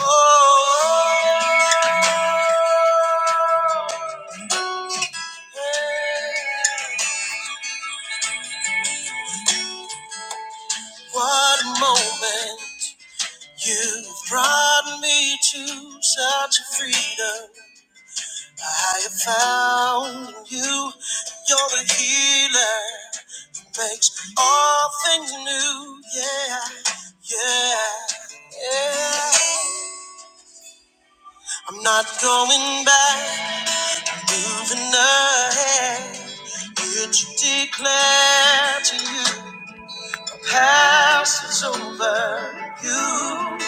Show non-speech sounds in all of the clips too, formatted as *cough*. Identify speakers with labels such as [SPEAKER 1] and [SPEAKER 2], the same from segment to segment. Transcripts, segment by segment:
[SPEAKER 1] Oh, hey, what a moment you've brought me to such a freedom. I have found in you, you're the healer, makes all things new. Yeah, yeah, yeah. I'm not going back, moving ahead. It you declare to you. Past is over you.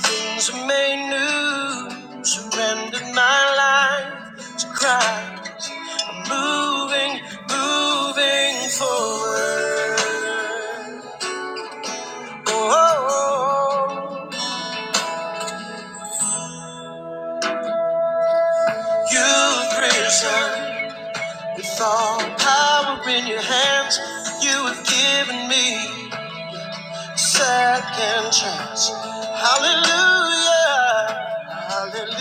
[SPEAKER 1] Things are made new. Surrendered my life to Christ. I'm moving, moving forward. Oh, you've risen with all power in your hands. You have given me. Second chance. Hallelujah. Hallelujah.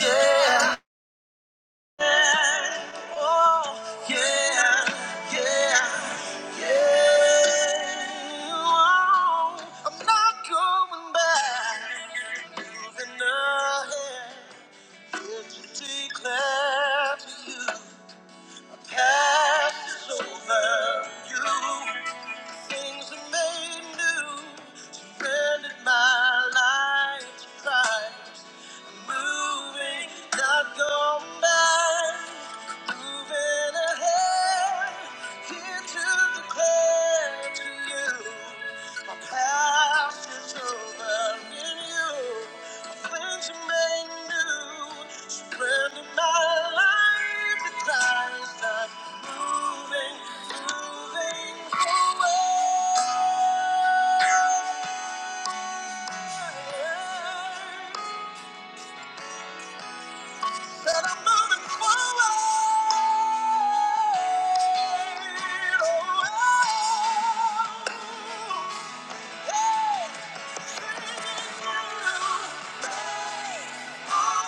[SPEAKER 1] Yeah. Oh, yeah. Yeah. Yeah. Oh, I'm not going back. Moving ahead. Here to declare to you. Past is over. you. things are made new. Surrendered my life to Christ. I'm moving, not going back. Moving ahead, here to declare to you. My past is over in you. My plans are made new. Surrender my life to Christ. I'm moving, moving forward. Said I'm moving forward. Oh, oh, oh. Hey, it's you. Oh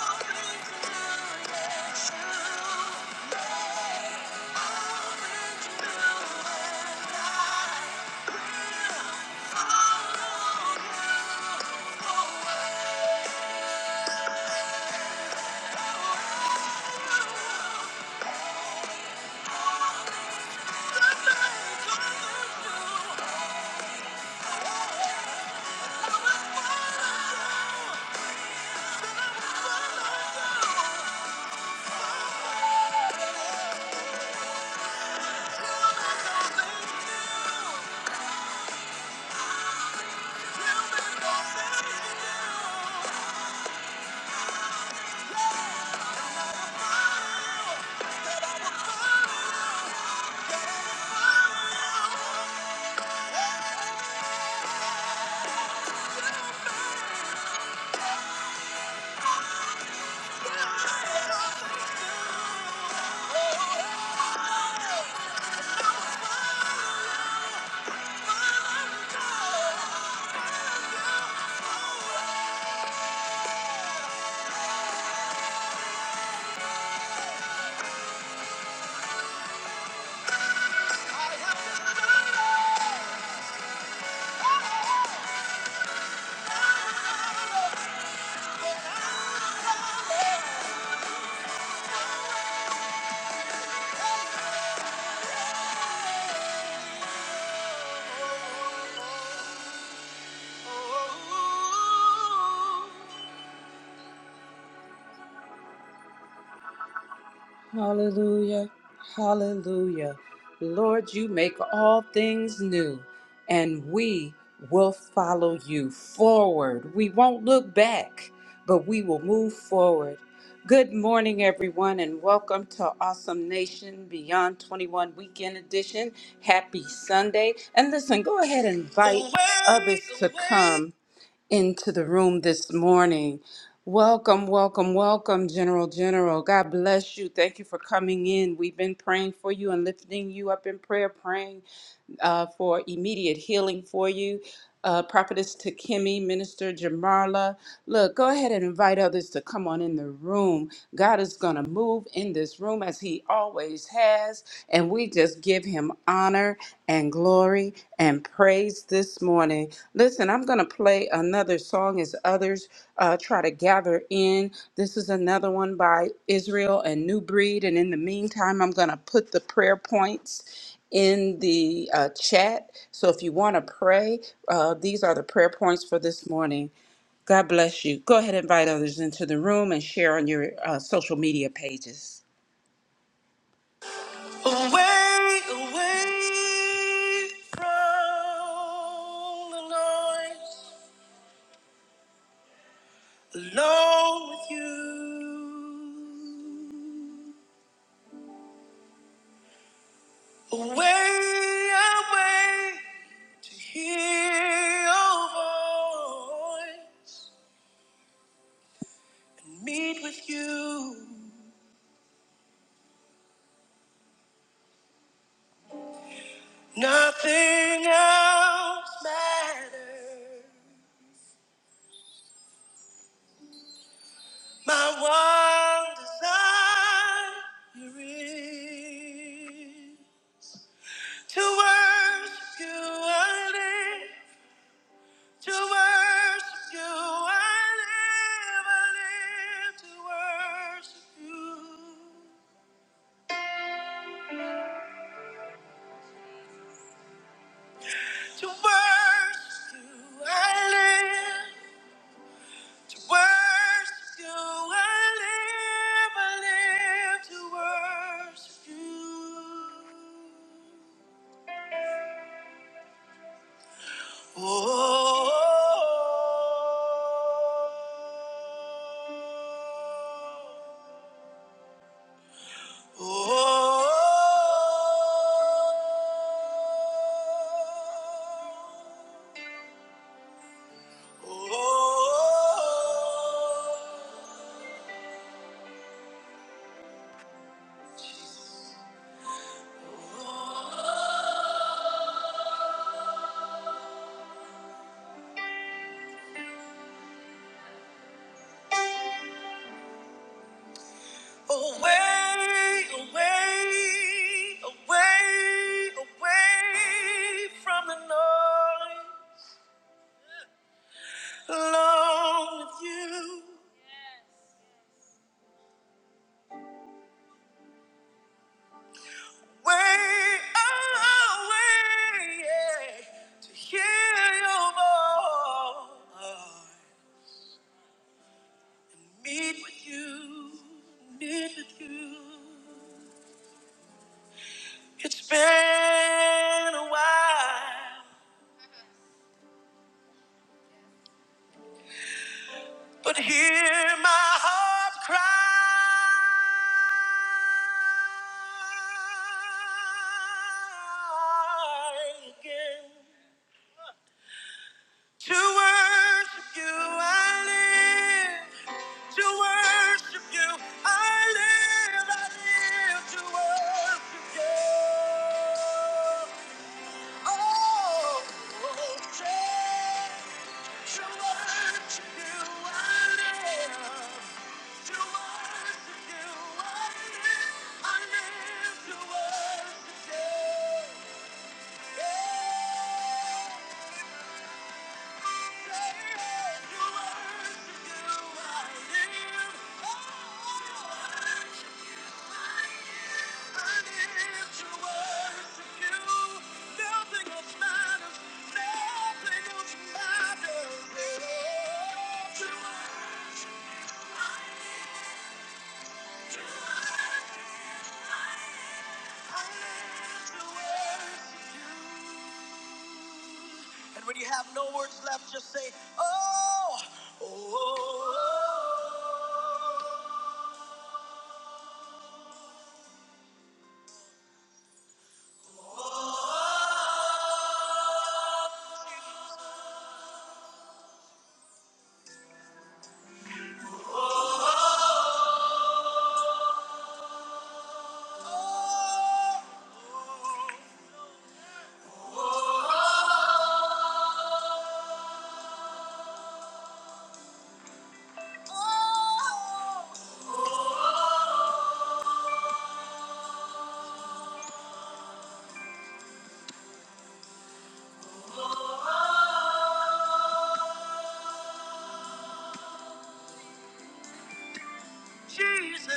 [SPEAKER 1] Hallelujah. Hallelujah. Lord, you make all things new, and we will follow you forward. We won't look back, but we will move forward. Good morning, everyone, and welcome to Awesome Nation Beyond 21 Weekend Edition. Happy Sunday. And listen, go ahead and invite others to come into the room this morning. Welcome, welcome, welcome, General General. God bless you. Thank you for coming in. We've been praying for you and lifting you up in prayer, praying uh, for immediate healing for you. Uh, Prophetess Takemi, Minister Jamarla. Look, go ahead and invite others to come on in the room. God is going to move in this room as he always has. And we just give him honor and glory and praise this morning. Listen, I'm going to play another song as others uh, try to gather in. This is another one by Israel and New Breed. And in the meantime, I'm going to put the prayer points in the uh, chat. So if you want to pray, uh, these are the prayer points for this morning. God bless you. Go ahead and invite others into the room and share on your uh, social media pages. Away, away from the noise, alone with you. Away, away to hear your voice. meet with you. Nothing else matters. My one desire is to worship you. I live. To worship you. I live. I live to worship you. To worship you. I live. To worship you, I live, I live to worship you. oh. oh, oh, oh. oh, oh, oh, oh, oh. Away, away, away, away from the noise. Alone with you. Way away, yeah, to hear your voice. Meet with you, meet with you. It's been a while. But hear my heart cry again. To worship you I live. To worship you I live. I live to worship you. Oh, oh, say, to worship you I live. To worship you, I live, I live to worship you. Yeah. Say it. To worship you, I live. Oh, to worship you, I live. I live to worship you. Nothing else matters. Nothing else matters. To worship you, I live. And when you have no words left, just say, Oh, oh, oh, oh, oh, Jesus.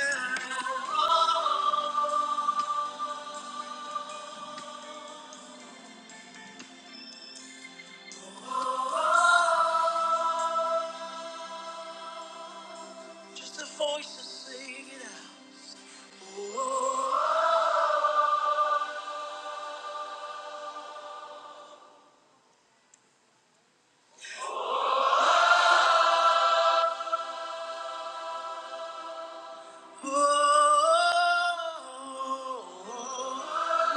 [SPEAKER 1] Just the voices singing out. Oh, oh, oh, oh.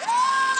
[SPEAKER 1] Oh!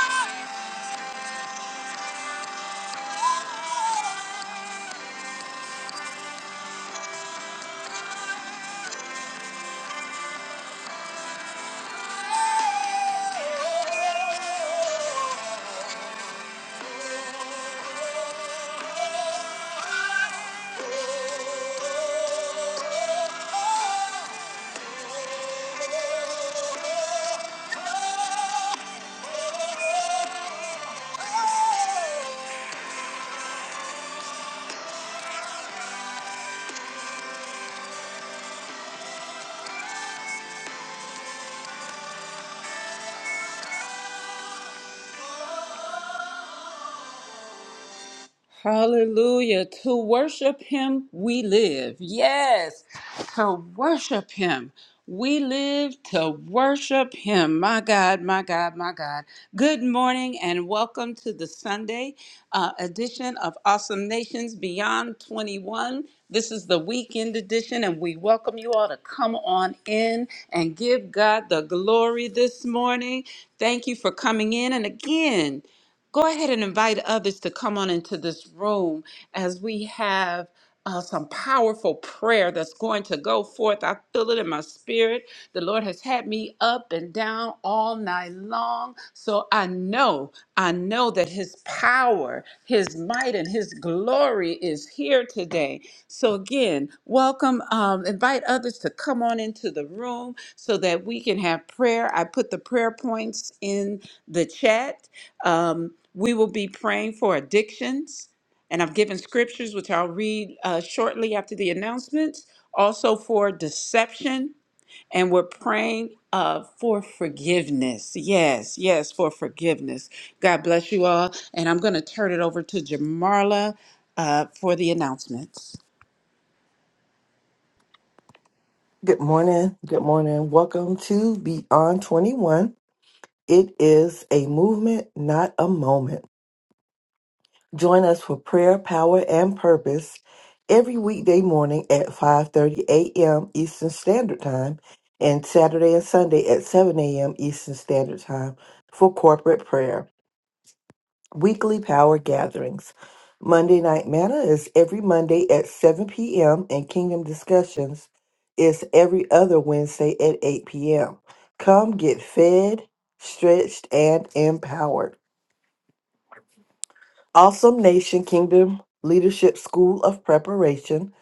[SPEAKER 1] Hallelujah. To worship him, we live. Yes. To worship him, we live to worship him. My God, my God, my God. Good morning and welcome to the Sunday uh, edition of Awesome Nations Beyond 21. This is the weekend edition, and we welcome you all to come on in and give God the glory this morning. Thank you for coming in. And again, Go ahead and invite others to come on into this room as we have uh, some powerful prayer that's going to go forth. I feel it in my spirit. The Lord has had me up and down all night long. So I know, I know that His power, His might, and His glory is here today. So again, welcome. Um, invite others to come on into the room so that we can have prayer. I put the prayer points in the chat um, we will be praying for addictions, and I've given scriptures, which I'll read uh, shortly after the announcements, also for deception and we're praying uh, for forgiveness. Yes, yes, for forgiveness. God bless you all. And I'm going to turn it over to Jamarla uh, for the announcements.
[SPEAKER 2] Good morning. Good morning. Welcome to Beyond 21. It is a movement, not a moment. Join us for prayer, power, and purpose every weekday morning at 5:30 a.m. Eastern Standard Time and Saturday and Sunday at 7 a.m. Eastern Standard Time for corporate prayer weekly power gatherings. Monday Night Manna is every Monday at 7 p.m., and Kingdom Discussions is every other Wednesday at 8 p.m. Come get fed, stretched, and empowered. Awesome Nation Kingdom Leadership School of Preparation,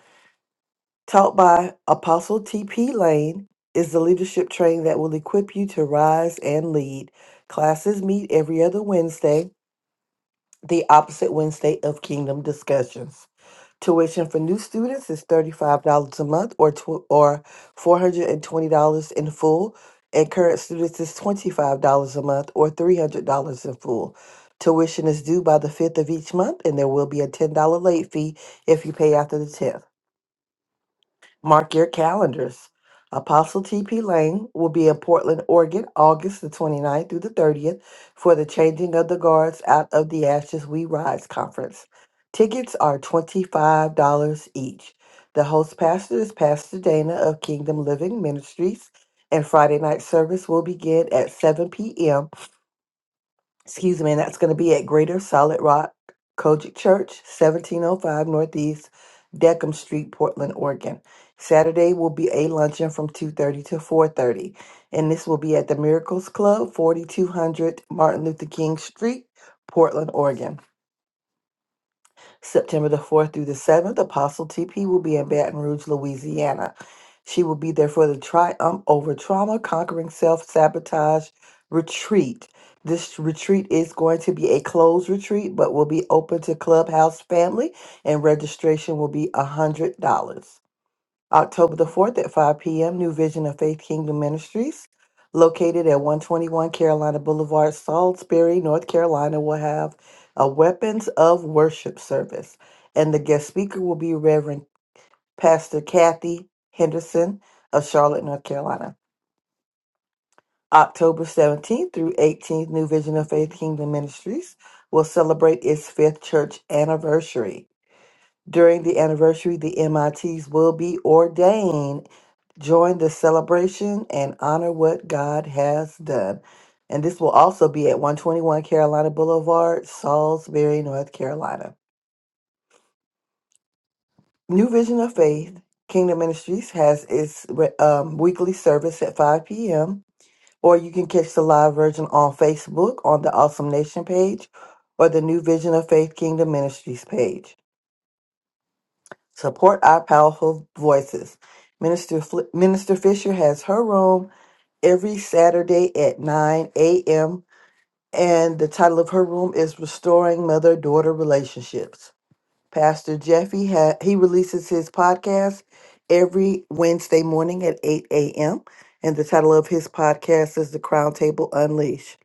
[SPEAKER 2] taught by Apostle T.P. Lane, is the leadership training that will equip you to rise and lead. Classes meet every other Wednesday the opposite Wednesday of Kingdom Discussions. Tuition for new students is $35 a month or tw- or $420 in full, and current students is $25 a month or $300 in full. Tuition is due by the 5th of each month, and there will be a $10 late fee if you pay after the 10th. Mark your calendars. Apostle T.P. Lane will be in Portland, Oregon, August the 29th through the 30th for the Changing of the Guards Out of the Ashes We Rise conference. Tickets are $25 each. The host pastor is Pastor Dana of Kingdom Living Ministries, and Friday night service will begin at 7 p.m excuse me, and that's going to be at Greater Solid Rock Kojic Church, 1705 Northeast Deckham Street, Portland, Oregon. Saturday will be a luncheon from 2:30 to 4:30, and this will be at the Miracles Club, 4200 Martin Luther King Street, Portland, Oregon. September the 4th through the 7th, Apostle TP will be in Baton Rouge, Louisiana. She will be there for the Triumph Over Trauma Conquering Self Sabotage Retreat. This retreat is going to be a closed retreat, but will be open to Clubhouse family, and registration will be $100. October the 4th at 5 p.m., New Vision of Faith Kingdom Ministries, located at 121 Carolina Boulevard, Salisbury, North Carolina, will have a Weapons of Worship service. And the guest speaker will be Reverend Pastor Kathy Henderson of Charlotte, North Carolina. October 17th through 18th, New Vision of Faith Kingdom Ministries will celebrate its fifth church anniversary. During the anniversary, the MITs will be ordained Join the celebration and honor what God has done. And this will also be at 121 Carolina Boulevard, Salisbury, North Carolina. New Vision of Faith Kingdom Ministries has its re- um, weekly service at 5 p.m. Or you can catch the live version on Facebook on the Awesome Nation page or the New Vision of Faith Kingdom Ministries page. Support our powerful voices. Minister, Fli Minister Fisher has her room every Saturday at 9 a.m. And the title of her room is Restoring Mother Daughter Relationships. Pastor Jeffy, ha- he releases his podcast every Wednesday morning at 8 a.m. And the title of his podcast is The Crown Table Unleashed.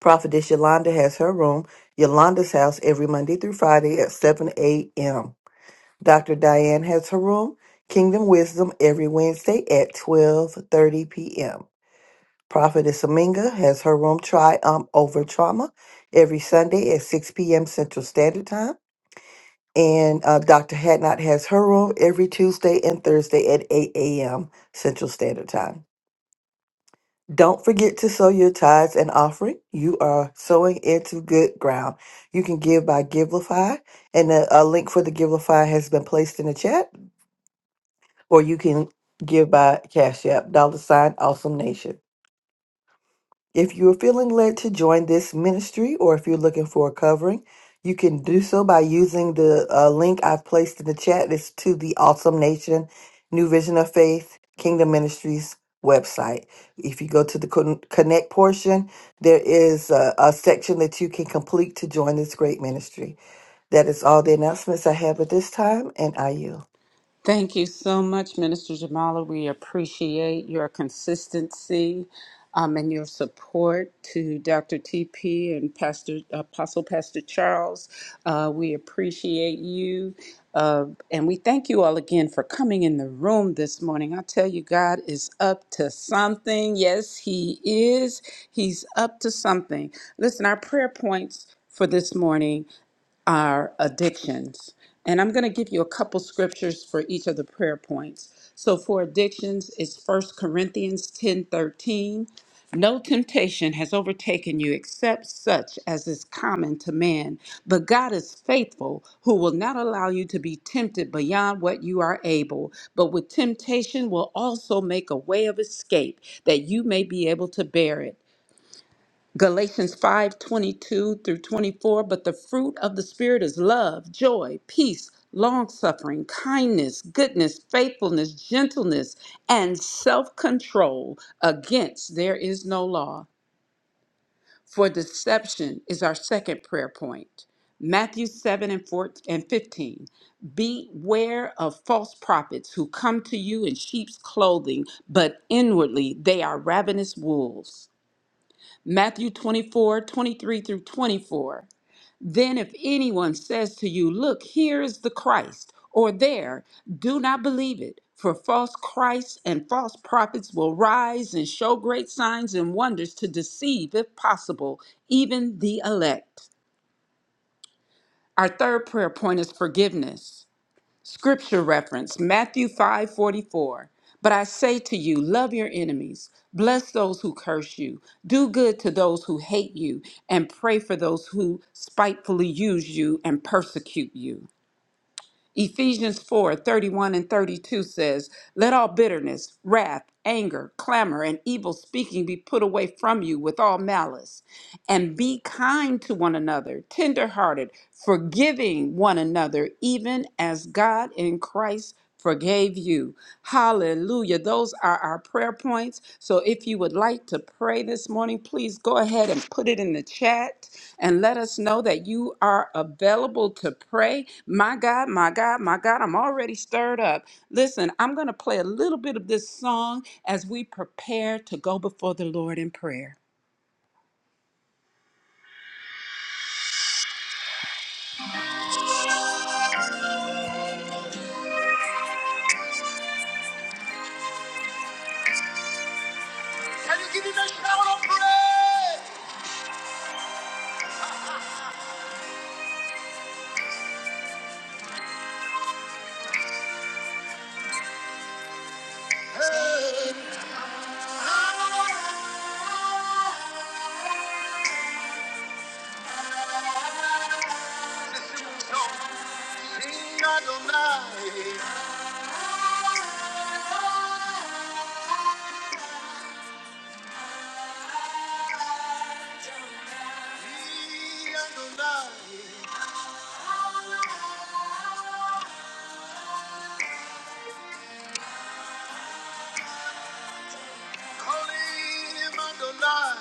[SPEAKER 2] Prophetess Yolanda has her room, Yolanda's house, every Monday through Friday at 7 a.m. Dr. Diane has her room, Kingdom Wisdom, every Wednesday at 12.30 p.m. Prophetess Aminga has her room Triumph Over Trauma every Sunday at 6 p.m. Central Standard Time. And uh, Dr. Hadnot has her room every Tuesday and Thursday at 8 a.m. Central Standard Time. Don't forget to sow your tithes and offering. You are sowing into good ground. You can give by Givelify, and the a link for the Givelify has been placed in the chat, or you can give by Cash App, dollar sign, awesome nation. If you're feeling led to join this ministry or if you're looking for a covering, you can do so by using the uh, link I've placed in the chat. It's to the Awesome Nation New Vision of Faith Kingdom Ministries website. If you go to the con- connect portion, there is a, a section that you can complete to join this great ministry. That is all the announcements I have at this time, and I yield.
[SPEAKER 1] Thank you so much, Minister Jamala. We appreciate your consistency um, and your support to Dr. TP and Pastor Apostle Pastor Charles. Uh, we appreciate you. Uh, and we thank you all again for coming in the room this morning. I tell you, God is up to something. Yes, He is. He's up to something. Listen, our prayer points for this morning our addictions. And I'm going to give you a couple scriptures for each of the prayer points. So for addictions, it's First Corinthians 10 13. No temptation has overtaken you except such as is common to man. But God is faithful, who will not allow you to be tempted beyond what you are able, but with temptation will also make a way of escape that you may be able to bear it. Galatians 5:22 through 24. But the fruit of the Spirit is love, joy, peace, long suffering, kindness, goodness, faithfulness, gentleness, and self control. Against there is no law. For deception is our second prayer point. Matthew 7 and, 4, and 15. Beware of false prophets who come to you in sheep's clothing, but inwardly they are ravenous wolves. Matthew 24 23 through 24. Then, if anyone says to you, Look, here is the Christ, or there, do not believe it, for false Christs and false prophets will rise and show great signs and wonders to deceive, if possible, even the elect. Our third prayer point is forgiveness. Scripture reference Matthew 5 44. But I say to you, love your enemies, bless those who curse you, do good to those who hate you, and pray for those who spitefully use you and persecute you. Ephesians 4:31 and 32 says, Let all bitterness, wrath, anger, clamor, and evil speaking be put away from you with all malice. And be kind to one another, tenderhearted, forgiving one another, even as God in Christ forgave you. Hallelujah. Those are our prayer points. So if you would like to pray this morning, please go ahead and put it in the chat and let us know that you are available to pray. My God, my God, my God, I'm already stirred up. Listen, I'm going to play a little bit of this song as we prepare to go before the Lord in prayer. Can you give him a shout of praise? Hey. Listen, don't Adonai, Adonai, call him Adonai.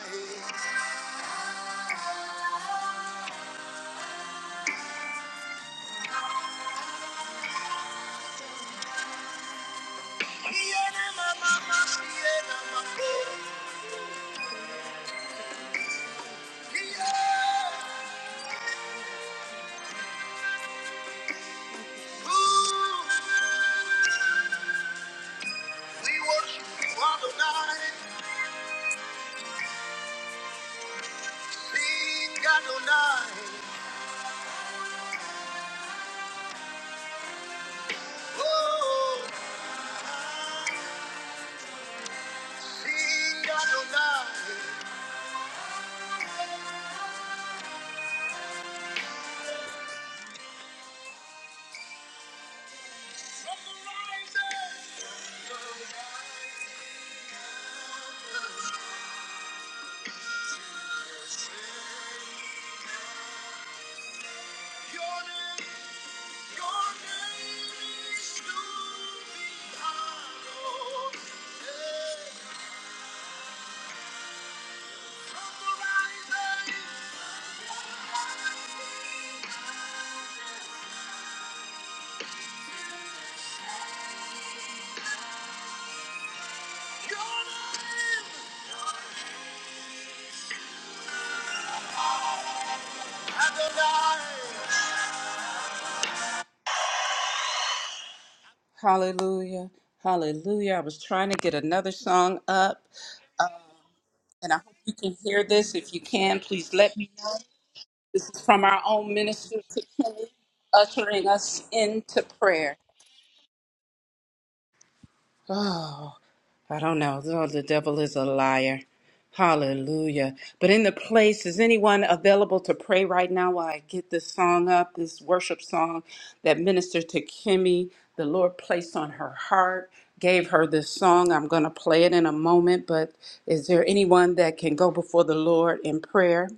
[SPEAKER 1] Oh, sing Adonai. Hallelujah. Hallelujah. I was trying to get another song up. and I hope you can hear this. If you can, please let me know. This is from our own minister to Kenny, ushering us into prayer. Oh, I don't know. Oh, the devil is a liar. Hallelujah. But in the place, is anyone available to pray right now while I get this song up, this worship song that Minister to Kimmy, the Lord placed on her heart, gave her this song. I'm going to play it in a moment, but is there anyone that can go before the Lord in prayer?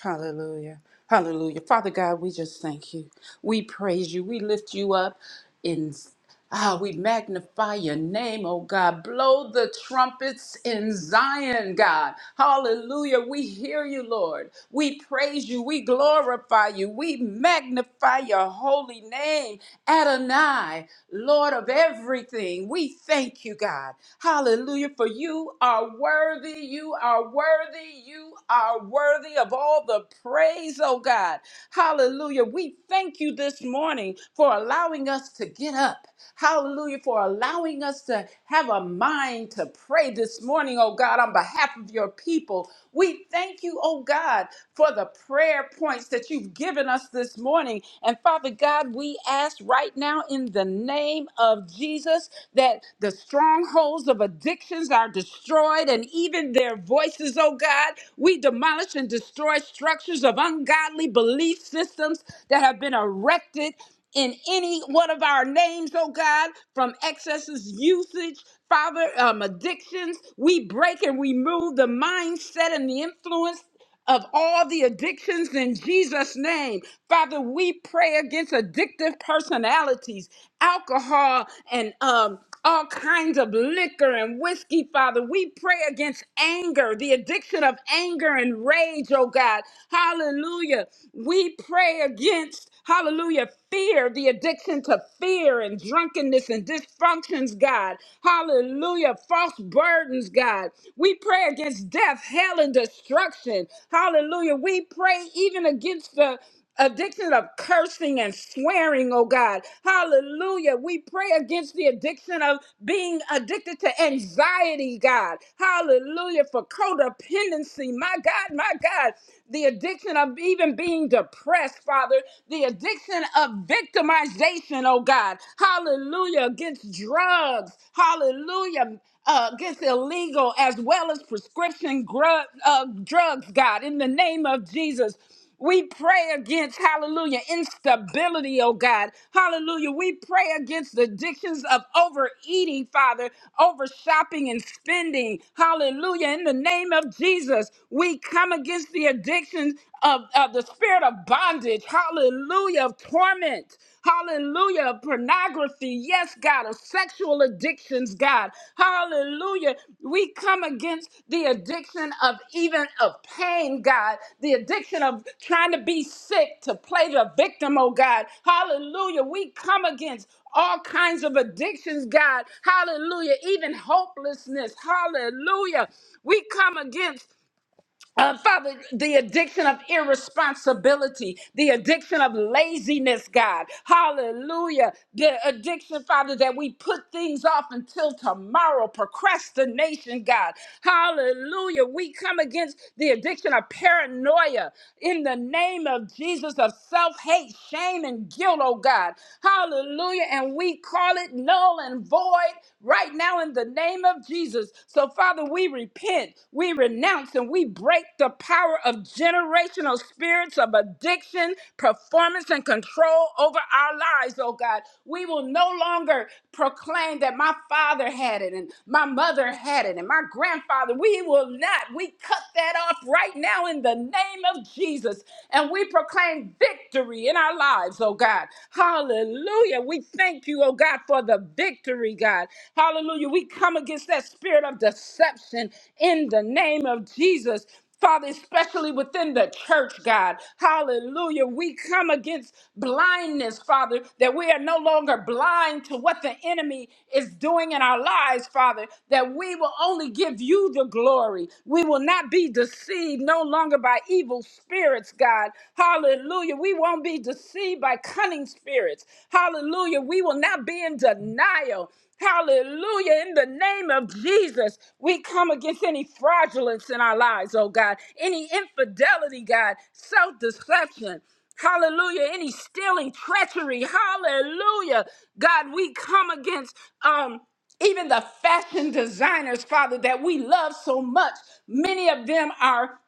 [SPEAKER 1] Hallelujah. Hallelujah. Father God, we just thank you. We praise you. We lift you up in ah, we magnify your name, oh God. Blow the trumpets in Zion, God. Hallelujah. We hear you, Lord. We praise you. We glorify you. We magnify magnify your holy name, Adonai, Lord of everything. We thank you, God. Hallelujah. For you are worthy. You are worthy. You are worthy of all the praise, oh God. Hallelujah. We thank you this morning for allowing us to get up. Hallelujah for allowing us to have a mind to pray this morning, oh God, on behalf of your people. We thank you, oh God, for the prayer points that you've given us this morning. And Father God, we ask right now in the name of Jesus that the strongholds of addictions are destroyed and even their voices, oh God. We demolish and destroy structures of ungodly belief systems that have been erected in any one of our names, oh God, from excesses, usage, Father, um, addictions. We break and remove the mindset and the influence of all the addictions in Jesus' name. Father, we pray against addictive personalities, alcohol, and um, all kinds of liquor and whiskey, Father. We pray against anger, the addiction of anger and rage, oh God. Hallelujah. We pray against, hallelujah, fear, the addiction to fear and drunkenness and dysfunctions, God. Hallelujah. False burdens, God. We pray against death, hell, and destruction. Hallelujah. We pray even against the addiction of cursing and swearing, oh God. Hallelujah. We pray against the addiction of being addicted to anxiety, God. Hallelujah. For codependency, my God, my God. The addiction of even being depressed, Father. The addiction of victimization, oh God. Hallelujah. Against drugs. Hallelujah uh, gets illegal as well as prescription grug, uh, drugs, God, in the name of Jesus. We pray against, hallelujah, instability, oh God. Hallelujah. We pray against the addictions of overeating, Father, over shopping and spending. Hallelujah. In the name of Jesus, we come against the addictions of, of the spirit of bondage. Hallelujah. Of torment. Hallelujah. Pornography. Yes, God. Of sexual addictions, God. Hallelujah. We come against the addiction of even of pain, God. The addiction of trying to be sick, to play the victim, oh God. Hallelujah. We come against all kinds of addictions, God. Hallelujah. Even hopelessness. Hallelujah. We come against uh, Father, the addiction of irresponsibility, the addiction of laziness, God. Hallelujah. The addiction, Father, that we put things off until tomorrow, procrastination, God. Hallelujah. We come against the addiction of paranoia in the name of Jesus, of self hate, shame, and guilt, oh God. Hallelujah. And we call it null and void right now in the name of Jesus. So, Father, we repent, we renounce, and we break the power of generational spirits of addiction, performance, and control over our lives, oh God. We will no longer proclaim that my father had it and my mother had it and my grandfather. We will not. We cut that off right now in the name of Jesus. And we proclaim victory in our lives, oh God. Hallelujah. Hallelujah. We thank you, oh God, for the victory, God. Hallelujah. We come against that spirit of deception in the name of Jesus. Father, especially within the church, God. Hallelujah. We come against blindness, Father, that we are no longer blind to what the enemy is doing in our lives, Father, that we will only give you the glory. We will not be deceived no longer by evil spirits, God. Hallelujah. Hallelujah. We won't be deceived by cunning spirits. Hallelujah. We will not be in denial. Hallelujah. In the name of Jesus, we come against any fraudulence in our lives, oh God, any infidelity, God, self deception. Hallelujah. Any stealing, treachery. Hallelujah. God, we come against um even the fashion designers, Father, that we love so much. Many of them are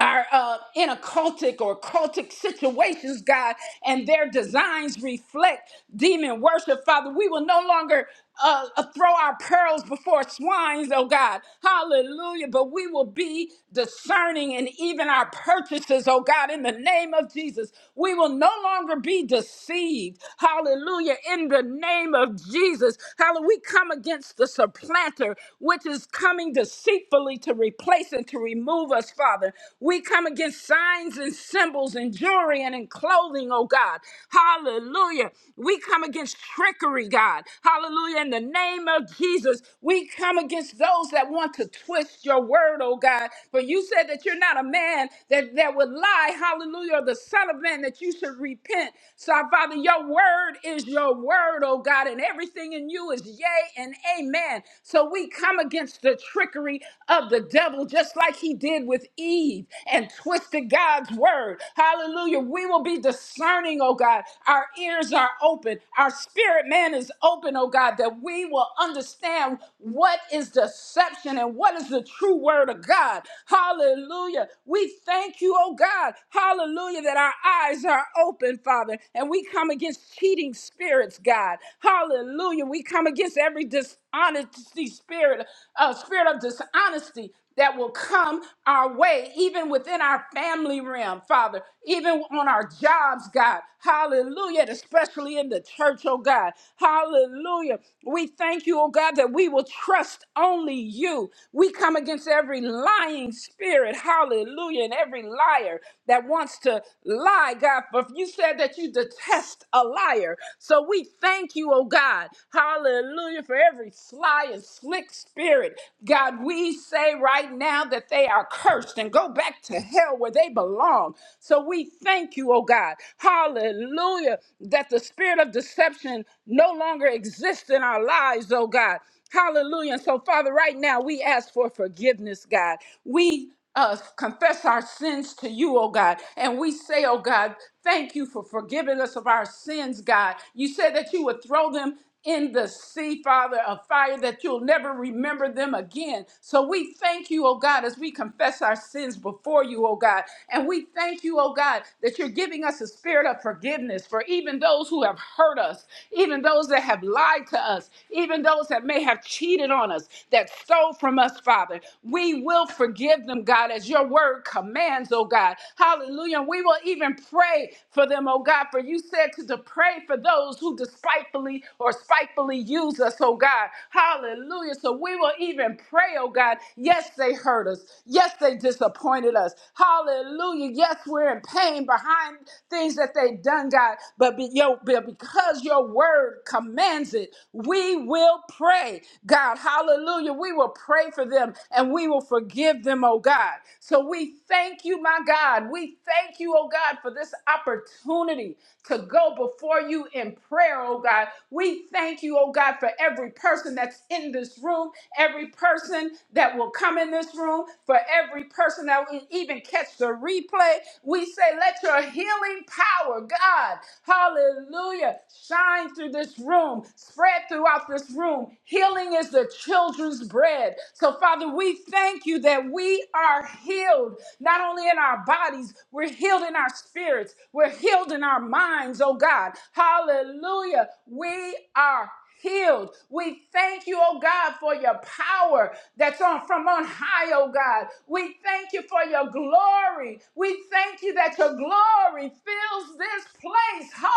[SPEAKER 1] are uh, in a cultic or cultic situations, God, and their designs reflect demon worship, Father. We will no longer uh, uh, throw our pearls before swines, oh God. Hallelujah. But we will be discerning in even our purchases, oh God, in the name of Jesus. We will no longer be deceived. Hallelujah. In the name of Jesus. Hallelujah. We come against the supplanter, which is coming deceitfully continually to replace and to remove us, Father. We come against signs and symbols and jewelry and in clothing, oh God. Hallelujah. We come against trickery, God. Hallelujah. In the name of Jesus, we come against those that want to twist your word, oh God. For you said that you're not a man that, that would lie. Hallelujah. Or the son of man that you should repent. So, Father, your word is your word, oh God, and everything in you is yea and amen man. So we come against the trickery of the devil, just like he did with Eve and twisted God's word. Hallelujah. We will be discerning, oh God. Our ears are open, our spirit man is open, oh God, that we will understand what is deception and what is the true word of God. Hallelujah. We thank you, oh God. Hallelujah, that our eyes are open, Father, and we come against cheating spirits, God. Hallelujah. We come against every dishonesty spirit, uh, spirit of dishonesty that will come our way, even within our family realm, Father, even on our jobs, God. Hallelujah. And especially in the church, oh God. Hallelujah. We thank you, oh God, that we will trust only you. We come against every lying spirit, hallelujah, and every liar that wants to lie, God. But you said that you test a liar. So we thank you, oh God. Hallelujah for every sly and slick spirit. God, we say right now that they are cursed and go back to hell where they belong. So we thank you, oh God. Hallelujah that the spirit of deception no longer exists in our lives, oh God. Hallelujah. And so, Father, right now we ask for forgiveness, God. We us confess our sins to you, oh God. And we say, oh God, thank you for forgiving us of our sins, God. You said that you would throw them in the sea, Father, of fire that you'll never remember them again. So we thank you, oh God, as we confess our sins before you, oh God. And we thank you, oh God, that you're giving us a spirit of forgiveness for even those who have hurt us, even those that have lied to us, even those that may have cheated on us, that stole from us, Father. We will forgive them, God, as your word commands, oh God. Hallelujah. And we will even pray for them, oh God, for you said to, to pray for those who despitefully or spitefully use us, oh God. Hallelujah. So we will even pray, oh God. Yes, they hurt us. Yes, they disappointed us. Hallelujah. Yes, we're in pain behind things that they've done, God. But, be, yo, but because your word commands it, we will pray. God. Hallelujah. We will pray for them and we will forgive them, oh God. So we thank you, my God. We thank you, oh God, for this opportunity to go before you in prayer, oh God. We thank you, oh God, for every person that's in this room, every person that will come in this room, for every person that will even catch the replay. We say, let your healing power, God, hallelujah, shine through this room spread throughout this room. Healing is the children's bread. So, Father, we thank you that we are healed, not only in our bodies, we're healed in our spirits, we're healed in our minds, oh God. Hallelujah. We are healed. We thank you, oh God, for your power that's on from on high, oh God. We thank you for your glory. We thank you that your glory fills this place. Hallelujah.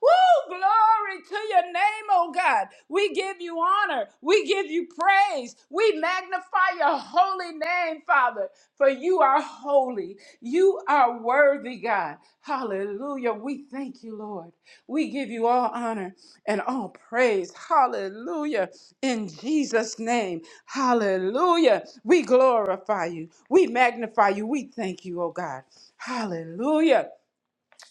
[SPEAKER 1] Woo! Glory to your name, oh God. We give you honor. We give you praise. We magnify your your holy name, Father, for you are holy. You are worthy, God. Hallelujah. We thank you, Lord. We give you all honor and all praise. Hallelujah. In Jesus' name. Hallelujah. We glorify you. We magnify you. We thank you, oh God. Hallelujah.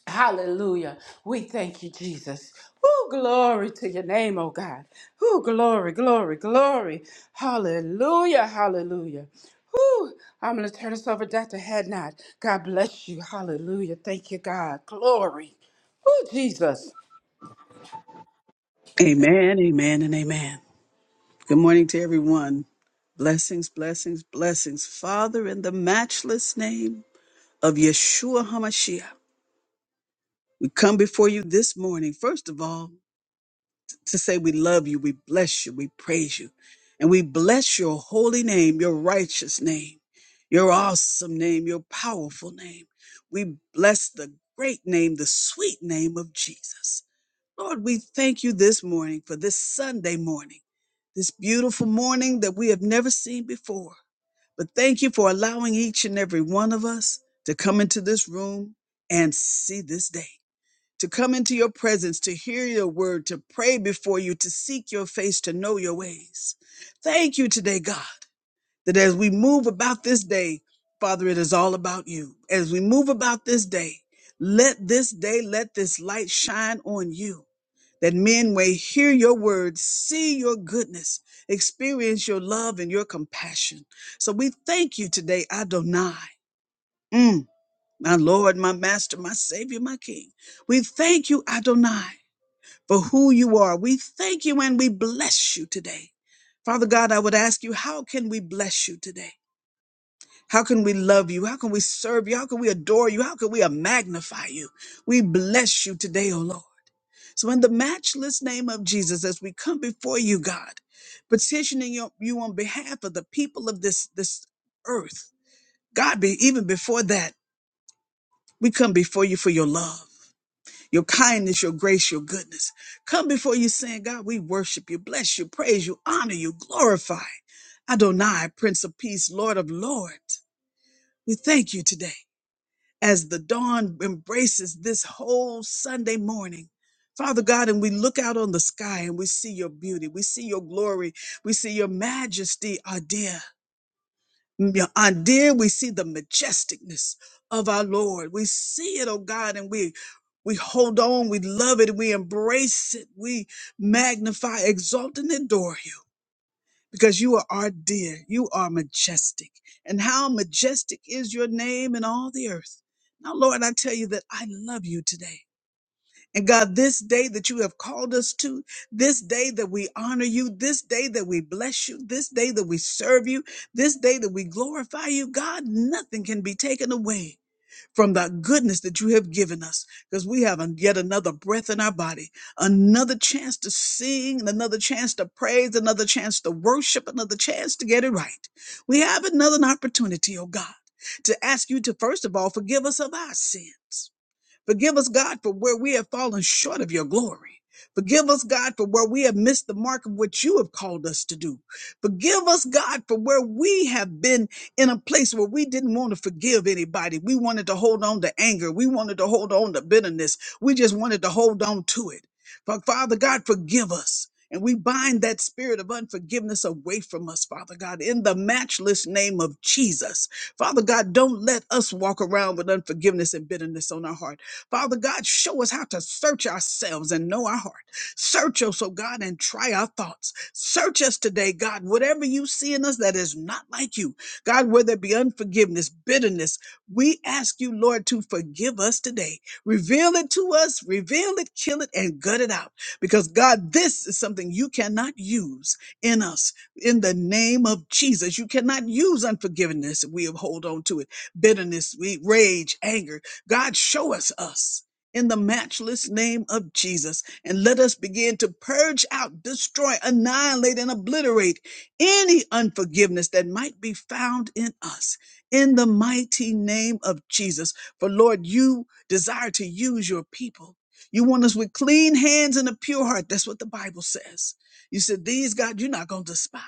[SPEAKER 1] Hallelujah. We thank you, Jesus. Oh, glory to your name, oh God. Oh, glory, glory, glory. Hallelujah, hallelujah. Whew. I'm going to turn this over to Dr. Hadnot. God bless you. Hallelujah. Thank you, God. Glory. Oh, Jesus.
[SPEAKER 3] Amen, amen, and amen. Good morning to everyone. Blessings, blessings, blessings. Father, in the matchless name of Yeshua HaMashiach, we come before you this morning, first of all, to say we love you, we bless you, we praise you, and we bless your holy name, your righteous name, your awesome name, your powerful name. We bless the great name, the sweet name of Jesus. Lord, we thank you this morning for this Sunday morning, this beautiful morning that we have never seen before. But thank you for allowing each and every one of us to come into this room and see this day, to come into your presence, to hear your word, to pray before you, to seek your face, to know your ways. Thank you today, God, that as we move about this day, Father, it is all about you. As we move about this day, let this day, let this light shine on you that men may hear your words, see your goodness, experience your love and your compassion. So we thank you today, Adonai. Mm, my Lord, my Master, my Savior, my King. We thank you, Adonai, for who you are. We thank you and we bless you today. Father God, I would ask you, how can we bless you today? How can we love you? How can we serve you? How can we adore you? How can we magnify you? We bless you today, O Lord. So, in the matchless name of Jesus, as we come before you, God, petitioning your- you on behalf of the people of this, this earth, God, be, even before that, we come before you for your love, your kindness, your grace, your goodness. Come before you saying, God, we worship you, bless you, praise you, honor you, glorify. Adonai, Prince of Peace, Lord of Lords. We thank you today. as the dawn embraces this whole Sunday morning. Father God, and we look out on the sky and we see your beauty, we see your glory, we see your majesty, our dear. Your- Our dear, we see the majesticness of our Lord. We see it, oh God, and we we hold on, we love it, we embrace it, we magnify, exalt, and adore you because you are our dear. You are majestic. And how majestic is your name in all the earth. Now, Lord, I tell you that I love you today. And God, this day that you have called us to, this day that we honor you, this day that we bless you, this day that we serve you, this day that we glorify you, God, nothing can be taken away from the goodness that you have given us because we have an- yet another breath in our body, another chance to sing, another chance to praise, another chance to worship, another chance to get it right. We have another opportunity, oh God, to ask you to, first of all, forgive us of our sins. Forgive us, God, for where we have fallen short of your glory. Forgive us, God, for where we have missed the mark of what you have called us to do. Forgive us, God, for where we have been in a place where we didn't want to forgive anybody. We wanted to hold on to anger. We wanted to hold on to bitterness. We just wanted to hold on to it. But Father God, forgive us. And we bind that spirit of unforgiveness away from us, Father God, in the matchless name of Jesus. Father God, don't let us walk around with unforgiveness and bitterness on our heart. Father God, show us how to search ourselves and know our heart. Search us, oh God, and try our thoughts. Search us today, God, whatever you see in us that is not like you. God, whether it be unforgiveness, bitterness, we ask you, Lord, to forgive us today. Reveal it to us, reveal it, kill it, and gut it out. Because, God, this is something you cannot use in us. In the name of Jesus, you cannot use unforgiveness. if We hold on to it. Bitterness, we- rage, anger. God, show us us in the matchless name of Jesus and let us begin to purge out, destroy, annihilate, and obliterate any unforgiveness that might be found in us in the mighty name of Jesus. For Lord, you desire to use your people. You want us with clean hands and a pure heart. That's what the Bible says. You said, These, God, you're not going to despise.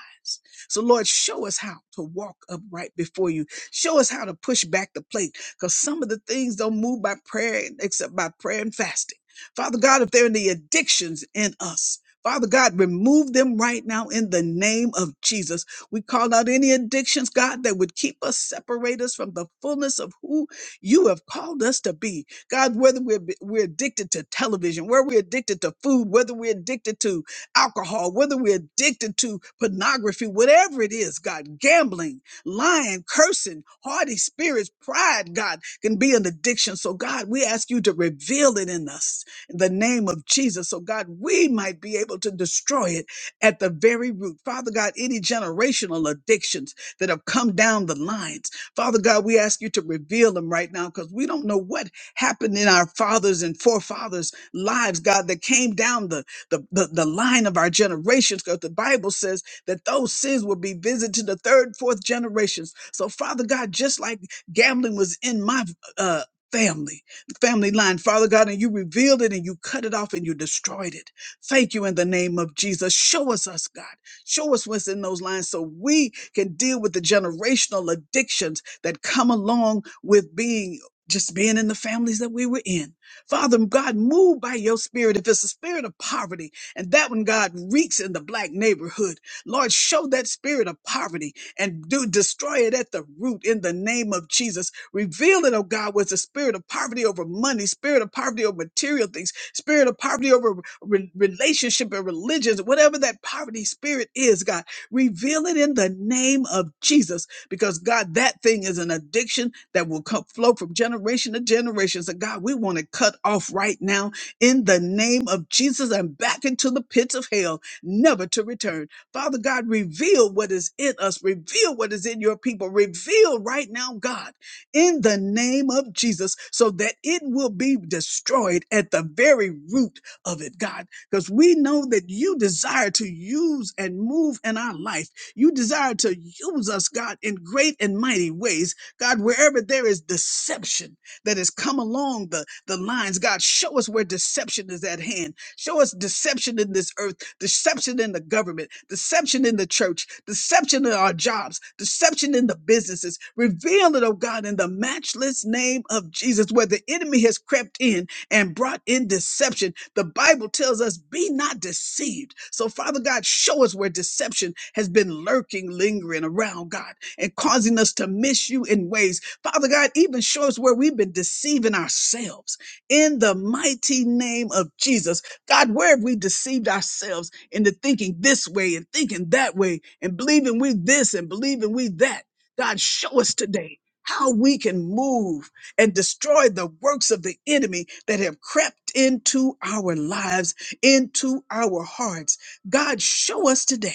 [SPEAKER 3] So, Lord, show us how to walk upright before you. Show us how to push back the plate because some of the things don't move by prayer except by prayer and fasting. Father God, if there are any addictions in us, Father God, remove them right now in the name of Jesus. We call out any addictions, God, that would keep us, separate us from the fullness of who you have called us to be. God, whether we're, we're addicted to television, whether we're addicted to food, whether we're addicted to alcohol, whether we're addicted to pornography, whatever it is, God, gambling lying, cursing, haughty spirits, pride, God, can be an addiction. So, God, we ask you to reveal it in us in the name of Jesus. So, God, we might be able to destroy it at the very root. Father God, any generational addictions that have come down the lines, Father God, we ask you to reveal them right now because we don't know what happened in our fathers and forefathers' lives, God, that came down the, the, the, the line of our generations because the Bible says, that those sins will be visited to the third, fourth generations. So, Father God, just like gambling was in my uh, family, family line, Father God, and you revealed it and you cut it off and you destroyed it. Thank you in the name of Jesus. Show us us, God. Show us what's in those lines so we can deal with the generational addictions that come along with being just being in the families that we were in. Father God, move by your spirit. If it's a spirit of poverty, and that one, God, reeks in the black neighborhood. Lord, show that spirit of poverty and do destroy it at the root in the name of Jesus. Reveal it, oh God, was the spirit of poverty over money, spirit of poverty over material things, spirit of poverty over re- relationship and religions, whatever that poverty spirit is, God, reveal it in the name of Jesus. Because God, that thing is an addiction that will come, flow from generation to generation. So God, we want to cut off right now in the name of Jesus and back into the pits of hell, never to return. Father God, reveal what is in us, reveal what is in your people, reveal right now, God, in the name of Jesus, so that it will be destroyed at the very root of it, God, because we know that you desire to use and move in our life. You desire to use us, God, in great and mighty ways. God, wherever there is deception that has come along the, the lines, God, show us where deception is at hand. Show us deception in this earth deception in the government, deception in the church, deception in our jobs, deception in the businesses. Reveal it, oh God, in the matchless name of Jesus, where the enemy has crept in and brought in deception. The Bible tells us, be not deceived. So, Father God, show us where deception has been lurking, lingering around, God, and causing us to miss you in ways. Father God, even show us where we've been deceiving ourselves in the mighty name of Jesus. God, where have we deceived ourselves? into thinking this way and thinking that way and believing we this and believing we that. God, show us today how we can move and destroy the works of the enemy that have crept into our lives, into our hearts. God, show us today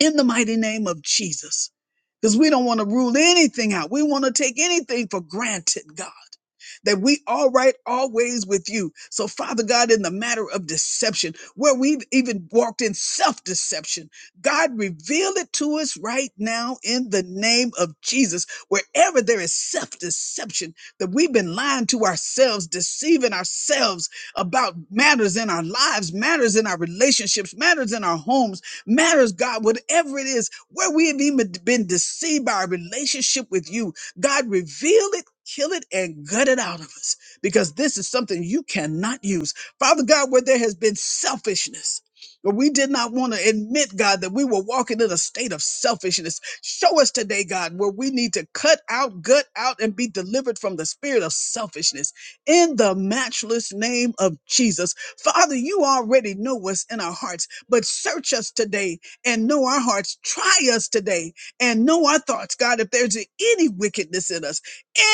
[SPEAKER 3] in the mighty name of Jesus. Because we don't want to rule anything out. We want to take anything for granted, God, that we all right always with you. So, Father God, in the matter of deception, where we've even walked in self deception, God, reveal it to us right now in the name of Jesus. Wherever there is self deception, that we've been lying to ourselves, deceiving ourselves about matters in our lives, matters in our relationships, matters in our homes matters, God, whatever it is, where we have even been deceived by our relationship with you, God, reveal it, kill it, and gut it out of us because this is something you cannot use. Father God, where there has been selfishness, where we did not want to admit, God, that we were walking in a state of selfishness. Show us today, God, where we need to cut out, gut out, and be delivered from the spirit of selfishness in the matchless name of Jesus. Father, you already know what's in our hearts. But search us today and know our hearts. Try us today and know our thoughts, God. If there's any wickedness in us,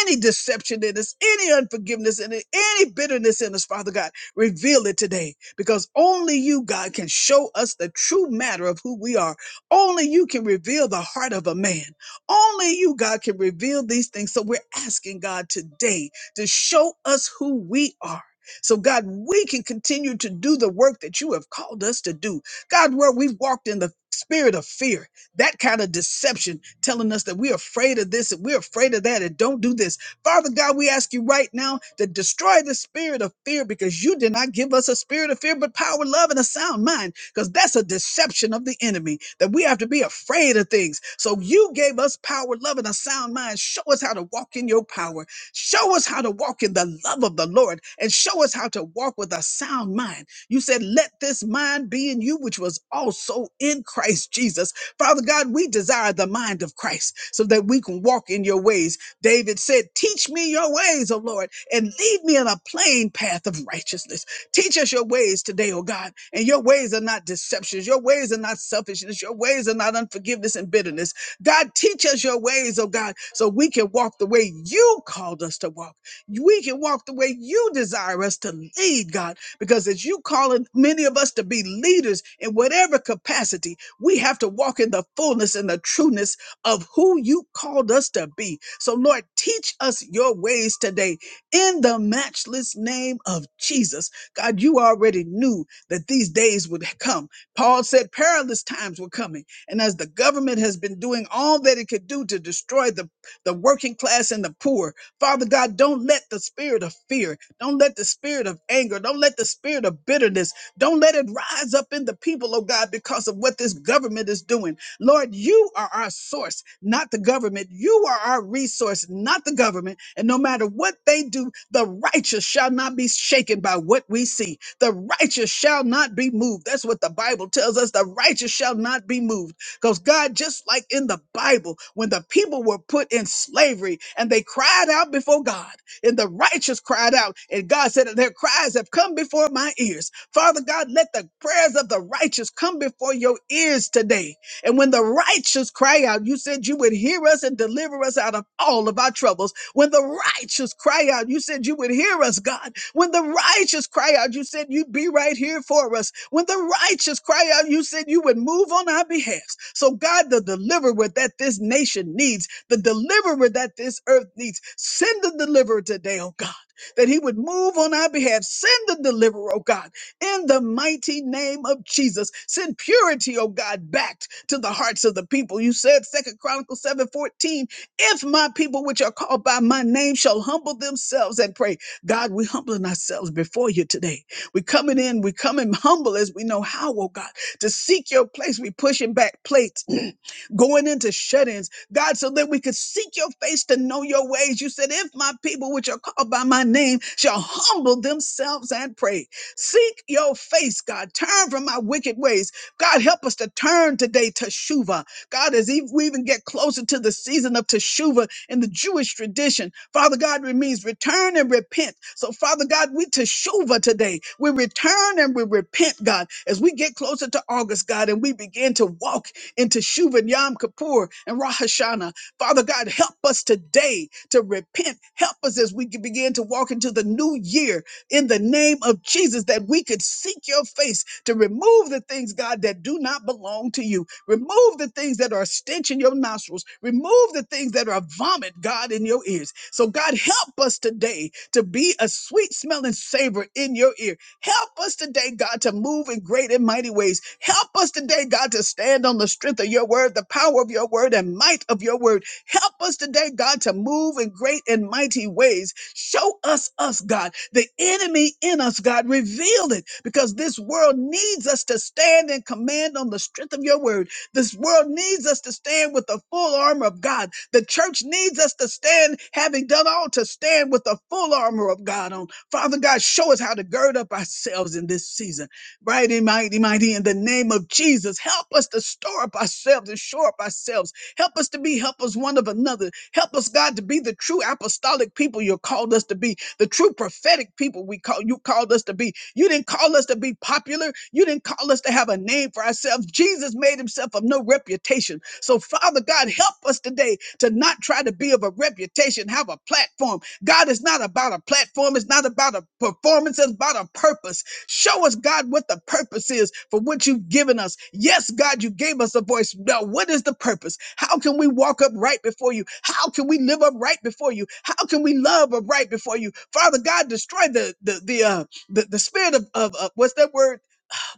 [SPEAKER 3] any deception in us, any unforgiveness in it, any bitterness in us, Father God, reveal it today because only you, God, can show us the true matter of who we are. Only you can reveal the heart of a man. Only you, God, can reveal these things. So we're asking God today to show us who we are. So, God, we can continue to do the work that you have called us to do God, where we've walked in the spirit of fear, that kind of deception telling us that we're afraid of this and we're afraid of that and don't do this. Father God, we ask you right now to destroy the spirit of fear because you did not give us a spirit of fear, but power, love, and a sound mind because that's a deception of the enemy that we have to be afraid of things. So you gave us power, love, and a sound mind. Show us how to walk in your power. Show us how to walk in the love of the Lord and show us how to walk with a sound mind you said, Let this mind be in you, which was also in Christ Jesus. Father God, we desire the mind of Christ so that we can walk in your ways. David said, Teach me your ways, O Lord, and lead me in a plain path of righteousness. Teach us your ways today, O God. And your ways are not deceptions, your ways are not selfishness, your ways are not unforgiveness and bitterness. God, teach us your ways, oh God, so we can walk the way you called us to walk. We can walk the way you desire us to lead, God. Because as you calling many of us to be leaders in whatever capacity, we have to walk in the fullness and the trueness of who you called us to be. So, Lord, teach us your ways today in the matchless name of Jesus. God, you already knew that these days would come. Paul said perilous times were coming. And as the government has been doing all that it could do to destroy the, the working class and the poor, Father God, don't let the spirit of fear don't let the spirit of anger, don't let the spirit of bitterness, don't let it rise up in the people, oh God, because of what this government is doing. Lord, you are our source, not the government. You are our resource, not the government. And no matter what they do, the righteous shall not be shaken by what we see. The righteous shall not be moved. That's what the Bible tells us. The righteous shall not be moved. Because God, just like in the Bible, when the people were put in slavery and they cried out before God, and the righteous cried out. And God said that their cries have come before my ears. Father God, let the prayers of the righteous come before your ears today. And when the righteous cry out, you said you would hear us and deliver us out of all of our troubles. When the righteous cry out, you said you would hear us, God when the righteous cry out, you said you'd be right here for us. When the righteous cry out, you said you would move on our behalf. So, God, the deliverer that this nation needs, the deliverer that this earth needs, send the deliverer today, oh God. That he would move on our behalf. Send the deliverer, oh God, in the mighty name of Jesus. Send purity, oh God, back to the hearts of the people. You said Second Chronicles 7 14: if my people which are called by my name shall humble themselves and pray God, we are humbling ourselves before you today. we are coming in, we coming *laughs* humble as we know how, oh God, to seek your place. we pushing back plates, *clears throat* going into shut ins, God, so that we could seek your face to know your ways. You said, if my people, which are called by my name, shall humble themselves and pray, seek your face, God, turn from my wicked ways. God, help us to turn today to Shuva. God, as ev- we even get closer to the season of Teshuvah in the Jewish tradition, Father God, it means return and repent. So, Father God, we teshuva today. We return and we repent, God, as we get closer to August, God, and we begin to walk into Shuvan Yom Kippur and Rosh Hashanah. Father God, help us today to repent. Help us as we begin to walk into the new year in the name of Jesus, that we could seek your face to remove the things, God, that do not belong to you. Remove the things that are a stench in your nostrils. Remove the things that are vomit, God, in your ears. So, God, help us today to be a sweet smelling savor in your ear. Help us today, God, to move in great and mighty ways. Help us today, God, to stand on the strength of your word, the power of your word, and might of your word. Help us today, God, to move in great and mighty ways. Show us us, God, the enemy in us, God. Reveal it because this world needs us to stand and command on the strength of your word. This world needs us to stand with the full armor of God. The church needs us to stand, having done all, to stand with the full armor of God on. Father God, show us how to gird up ourselves in this season. Right and mighty, mighty, in the name of Jesus, help us to store up ourselves and shore up ourselves Help us to be helpers one of another. Help us, God, to be the true apostolic people you called us to be, the true prophetic people we call you called us to be. You didn't call us to be popular. You didn't call us to have a name for ourselves. Jesus made himself of no reputation. So, Father God, help us today to not try to be of a reputation, have a platform. God is not about a platform. It's not about a performance. It's about a purpose. Show us, God, what the purpose is for what you've given us. Yes, God, you gave us a voice. Now, what is the purpose? How can we walk up right before you? How can we live up right before you? How can we love up right before you? Father God, destroy the the the uh, the, the spirit of, of, of what's that word?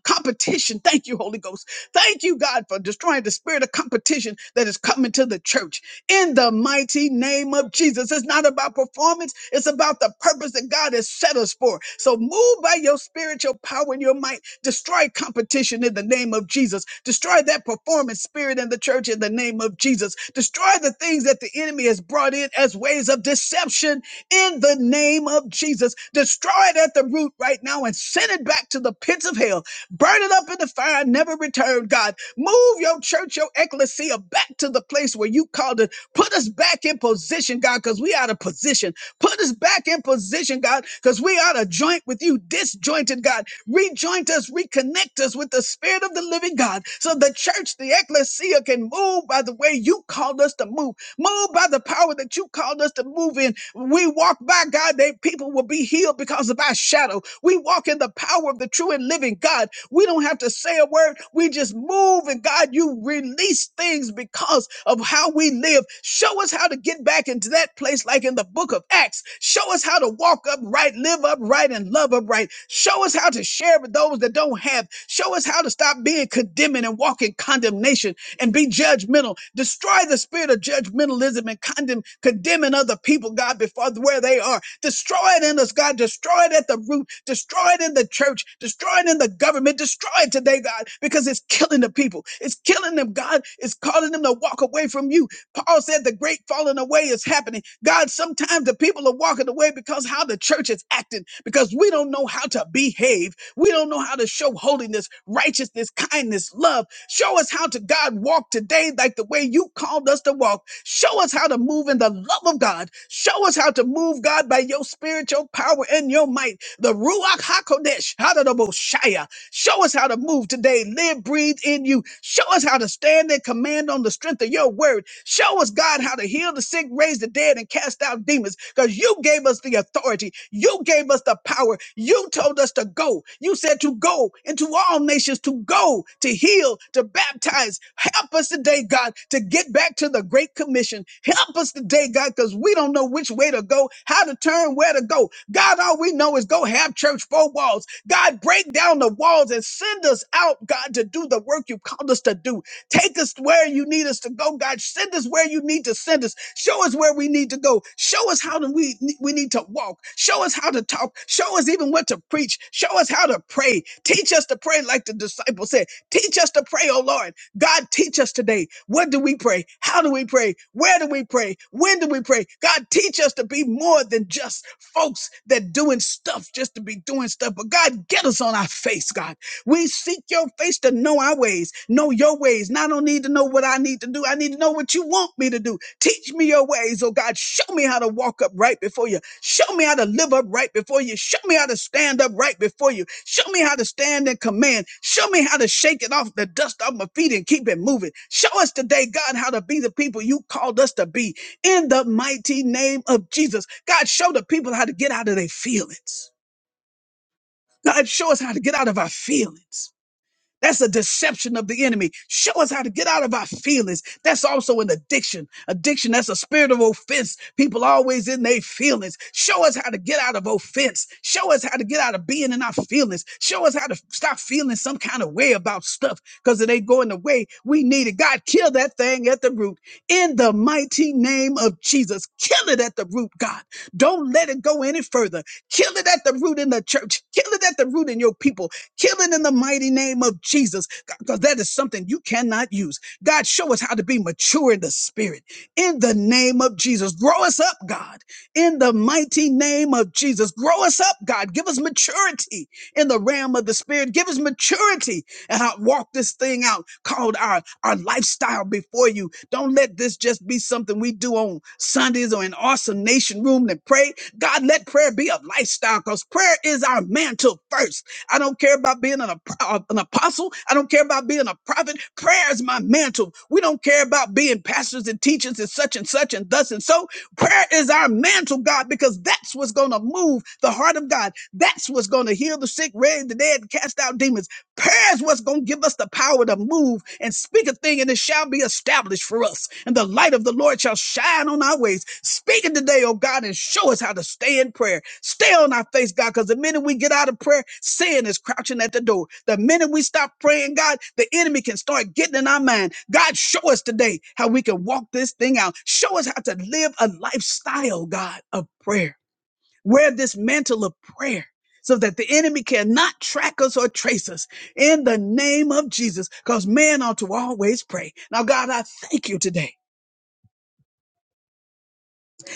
[SPEAKER 3] competition. Thank you, Holy Ghost. Thank you, God, for destroying the spirit of competition that is coming to the church in the mighty name of Jesus. It's not about performance, it's about the purpose that God has set us for. So move by your spiritual power and your might. Destroy competition in the name of Jesus. Destroy that performance spirit in the church in the name of Jesus. Destroy the things that the enemy has brought in as ways of deception in the name of Jesus. Destroy it at the root right now and send it back to the pits of hell Burn it up in the fire, and never return, God. Move your church, your ecclesia back to the place where you called it. Put us back in position, God, because we out of position. Put us back in position, God, because we out of joint with you, disjointed, God. Rejoint us, reconnect us with the spirit of the living God, so the church, the ecclesia can move by the way you called us to move. Move by the power that you called us to move in. We walk by God, they people will be healed because of our shadow. We walk in the power of the true and living God. We don't have to say a word. We just move and God, you release things because of how we live. Show us how to get back into that place like in the book of Acts. Show us how to walk upright, live upright, and love upright. Show us how to share with those that don't have. Show us how to stop being condemning and walk in condemnation and be judgmental. Destroy the spirit of judgmentalism and condemn, condemning other people, God, before where they are. Destroy it in us, God. Destroy it at the root. Destroy it in the church. Destroy it in the government. Destroy it today, God, because it's killing the people. It's killing them, God. It's calling them to walk away from you. Paul said the great falling away is happening. God, sometimes the people are walking away because how the church is acting, because we don't know how to behave we don't know how to show holiness, righteousness, kindness, love. Show us how to God walk today like the way you called us to walk. Show us how to move in the love of God. Show us how to move God by your spiritual power and your might. The Ruach HaKodesh, Shaya. Show us how to move today, live, breathe in you. Show us how to stand and command on the strength of your word. Show us, God, how to heal the sick, raise the dead, and cast out demons because you gave us the authority. You gave us the power. You told us to go. You said to go into all nations to go go, to heal, to baptize. Help us today, God, to get back to the Great Commission. Help us today, God, because we don't know which way to go, how to turn, where to go. God, all we know is go have church four walls. God, break down the walls and send us out, God, to do the work you called us to do. Take us where you need us to go, God. Send us where you need to send us. Show us where we need to go. Show us how to, we, we need to walk. Show us how to talk. Show us even what to preach. Show us how to pray. Teach us to pray like the disciples said. Teach us to pray, oh Lord. God, teach us today. What do we pray? How do we pray? Where do we pray? When do we pray? God, teach us to be more than just folks that doing stuff just to be doing stuff. But God, get us on our face, God. We seek your face to know our ways, know your ways. And I don't need to know what I need to do. I need to know what you want me to do. Teach me your ways, oh God. Show me how to walk up right before you. Show me how to live up right before you. Show me how to stand up right before you. Show me how to stand in command. Show me how to shake it off the dust off my feet and keep it moving. Show us today, God, how to be the people you called us to be in the mighty name of Jesus. God, show the people how to get out of their feelings. God, show us how to get out of our feelings. That's a deception of the enemy. Show us how to get out of our feelings. That's also an addiction. Addiction, that's a spirit of offense. People always in their feelings. Show us how to get out of offense. Show us how to get out of being in our feelings. Show us how to stop feeling some kind of way about stuff because it ain't going the way we need it. God, kill that thing at the root. In the mighty name of Jesus, kill it at the root, God. Don't let it go any further. Kill it at the root in the church. Kill it at the root in your people. Kill it in the mighty name of Jesus, because that is something you cannot use. God, show us how to be mature in the spirit. In the name of Jesus, grow us up, God. In the mighty name of Jesus, grow us up, God. Give us maturity in the realm of the spirit. Give us maturity and I walk this thing out called our, our lifestyle before you. Don't let this just be something we do on Sundays or in awesome nation room to pray. God, let prayer be a lifestyle because prayer is our mantle first. I don't care about being an, ap- uh, an apostle. I don't care about being a prophet. Prayer is my mantle. We don't care about being pastors and teachers and such and such and thus and so. Prayer is our mantle, God, because that's what's going to move the heart of God. That's what's going to heal the sick, raise the dead, cast out demons. Prayer is what's going to give us the power to move and speak a thing, and it shall be established for us. And the light of the Lord shall shine on our ways. Speak it today, oh God, and show us how to stay in prayer. Stay on our face, God, because the minute we get out of prayer, sin is crouching at the door. The minute we stop praying, God, the enemy can start getting in our mind. God, show us today how we can walk this thing out. Show us how to live a lifestyle, God, of prayer. Wear this mantle of prayer so that the enemy cannot track us or trace us in the name of Jesus, because man ought to always pray. Now, God, I thank you today.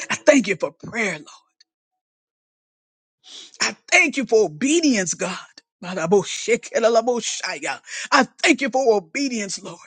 [SPEAKER 3] I thank you for prayer, Lord. I thank you for obedience, God. Baraboshekelalaboshaya. I thank you for obedience, Lord.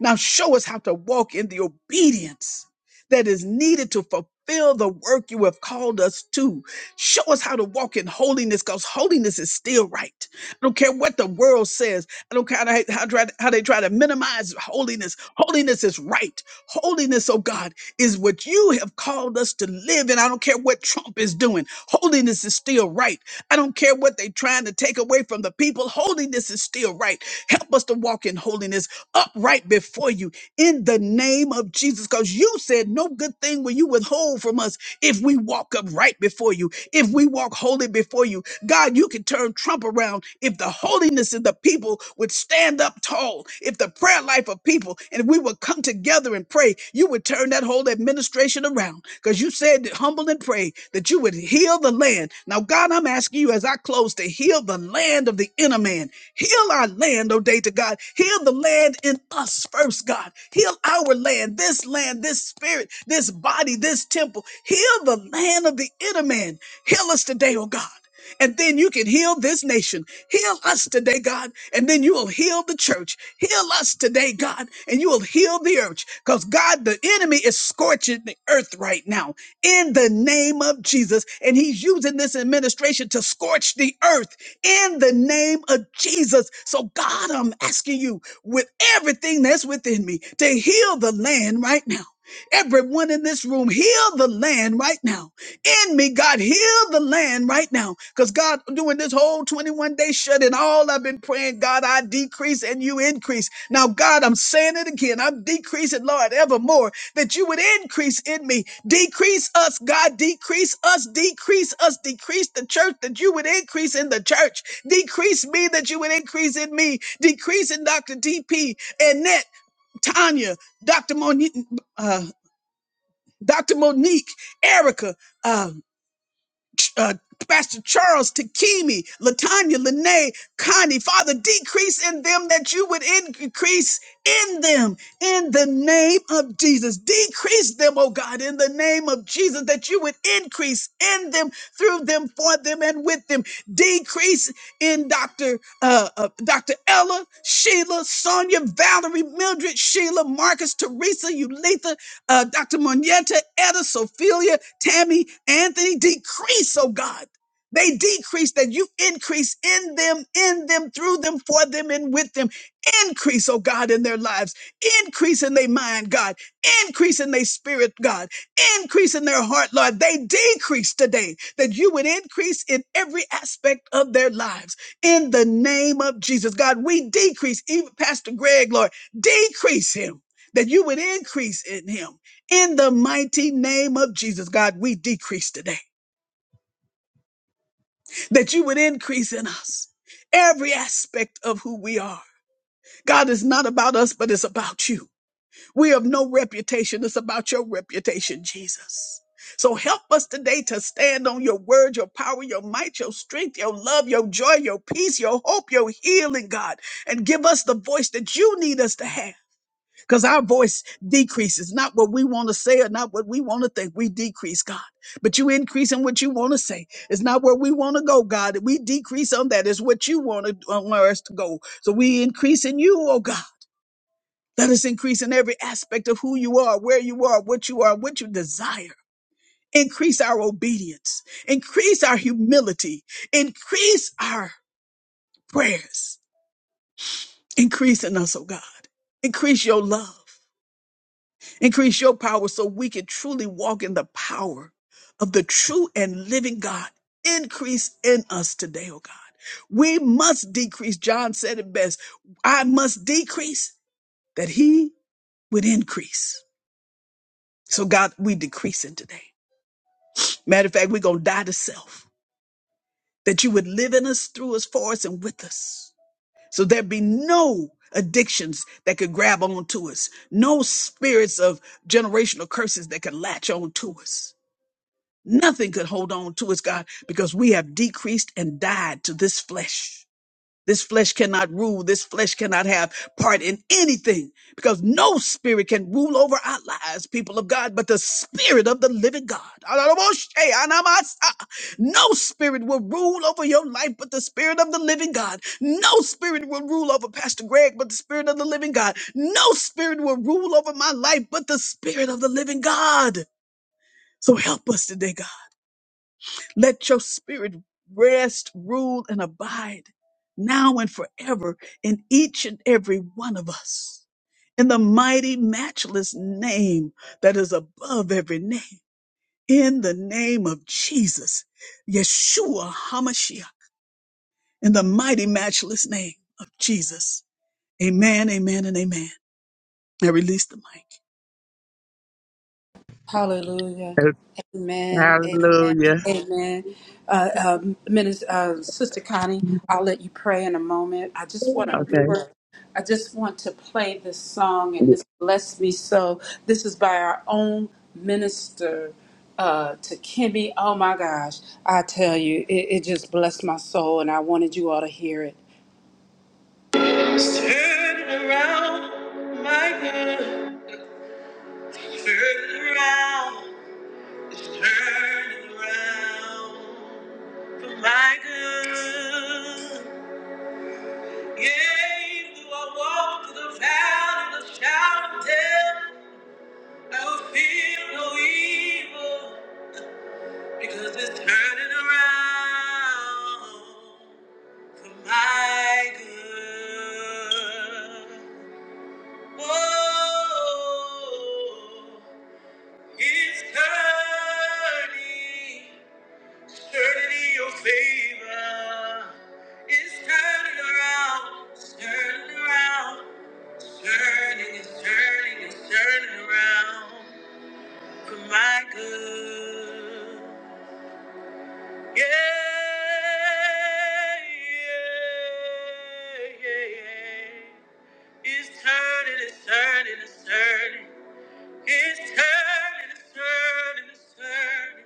[SPEAKER 3] Now show us how to walk in the obedience that is needed to fulfill the work you have called us to. Show us how to walk in holiness because holiness is still right. I don't care what the world says. I don't care how they, how, try, how they try to minimize holiness. Holiness is right. Holiness, oh God is what you have called us to live in. I don't care what Trump is doing. Holiness is still right. I don't care what they're trying to take away from the people. Holiness is still right. Help us to walk in holiness upright before you in the name of Jesus because you said no good thing will you withhold from us if we walk upright before you, if we walk holy before you, God, you can turn Trump around if the holiness of the people would stand up tall, if the prayer life of people and we would come together and pray, you would turn that whole administration around because you said, that humble and pray, that you would heal the land. Now, God, I'm asking you as I close to heal the land of the inner man Heal our land, oh day to God. Heal the land in us first, God. Heal our land, this land, this spirit, this body, this temple. Heal the land of the inner man. Heal us today, oh God. And then you can heal this nation. Heal us today, God. And then you will heal the church. Heal us today, God. And you will heal the earth. Because, God, the enemy is scorching the earth right now in the name of Jesus. And he's using this administration to scorch the earth in the name of Jesus. So, God, I'm asking you with everything that's within me to heal the land right now. Everyone in this room, heal the land right now. In me, God, heal the land right now. Because God, doing this whole 21 day shut in, all I've been praying, God, I decrease and you increase. Now, God, I'm saying it again. I'm decreasing, Lord, evermore that you would increase in me. Decrease us, God. Decrease us, decrease us, decrease the church that you would increase in the church. Decrease me that you would increase in me. Decrease in Dr. DP, Annette, Tanya, Dr. Monique, uh, Dr. Monique, Erica. uh, Ch- uh, Pastor Charles, Takimi, Latanya, Lene, Connie, Father, decrease in them that you would increase in them in the name of Jesus. Decrease them, oh God, in the name of Jesus, that you would increase in them, through them, for them, and with them. Decrease in Dr. Uh, uh, Dr. Ella, Sheila, Sonia, Valerie, Mildred, Sheila, Marcus, Teresa, Ulitha, uh, Dr. Monietta, Etta, Sophia, Tammy, Anthony, decrease, oh God. They decrease that you increase in them, in them, through them, for them, and with them. Increase, oh God, in their lives. Increase in their mind, God. Increase in their spirit, God. Increase in their heart, Lord. They decrease today that you would increase in every aspect of their lives. In the name of Jesus, God, we decrease, even Pastor Greg, Lord, decrease him that you would increase in him. In the mighty name of Jesus, God, we decrease today that you would increase in us every aspect of who we are. God, it's not about us, but it's about you. We have no reputation. It's about your reputation, Jesus. So help us today to stand on your word, your power, your might, your strength, your love, your joy, your peace, your hope, your healing, God, and give us the voice that you need us to have. because our voice decreases, not what we want to say or not what we want to think. We decrease, God, but you increase in what you want to say. It's not where we want to go, God. We decrease on that. It's what you want to uh, want us to go. So we increase in you, oh God. Let us increase in every aspect of who you are, where you are, what you are, what you desire. Increase our obedience. Increase our humility. Increase our prayers. Increase in us, oh God. Increase your love. Increase your power so we can truly walk in the power of the true and living God. Increase in us today, oh God. We must decrease. John said it best. I must decrease that he would increase. So God, we decreasing today. Matter of fact, we're going to die to self that you would live in us, through us, for us, and with us. So there be no addictions that could grab onto us, no spirits of generational curses that could latch on to us. Nothing could hold on to us, God, because we have decreased and died to this flesh. This flesh cannot rule. This flesh cannot have part in anything because no spirit can rule over our lives, people of God, but the spirit of the living God. No spirit will rule over your life, but the spirit of the living God. No spirit will rule over Pastor Greg, but the spirit of the living God. No spirit will rule over my life, but the spirit of the living God. So help us today, God. Let your spirit rest, rule, and abide now and forever in each and every one of us. In the mighty, matchless name that is above every name. In the name of Jesus, Yeshua HaMashiach. In the mighty, matchless name of Jesus. Amen, amen, and amen. I release the mic.
[SPEAKER 1] Hallelujah.
[SPEAKER 4] Hallelujah.
[SPEAKER 1] Amen. Amen. Amen. Uh, um, Minister, uh, Sister Connie, I'll let you pray in a moment. I just want
[SPEAKER 4] Okay.
[SPEAKER 1] to. I just want to play this song, and this blessed me so. This is by our own minister uh, to Kimmy. Oh my gosh, I tell you, it, it just blessed my soul, and I wanted you all to hear it. Turn it around. turning around for my good. Yea, though I walk through the valley of the shadow of death, I will fear no evil, because it's turning around for my good. Oh, it's turning. Eternity, your favor is turning around, it's turning around, it's turning, it's turning, it's turning around for my good. Yeah, yeah, yeah, yeah. It's turning, it's turning, it's turning, it's turning, it's turning, it's turning.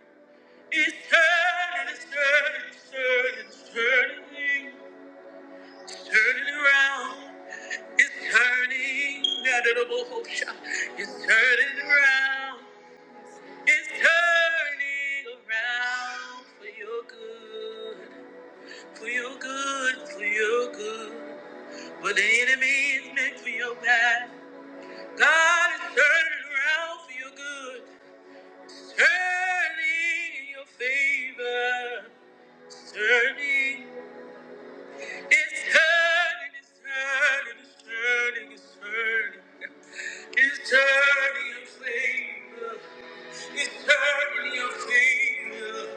[SPEAKER 1] It's turning, it's turning, it's turning, it's turning. turning around. It's turning. That edible It's turning around. It's turning around for your good. For your good. For your good. What the enemy is meant for your bad. God is turning around for your good. It's turning in your favor. It's turning. It's turning, it's turning, it's turning, it's turning. It's turning your favor. It's turning your favor.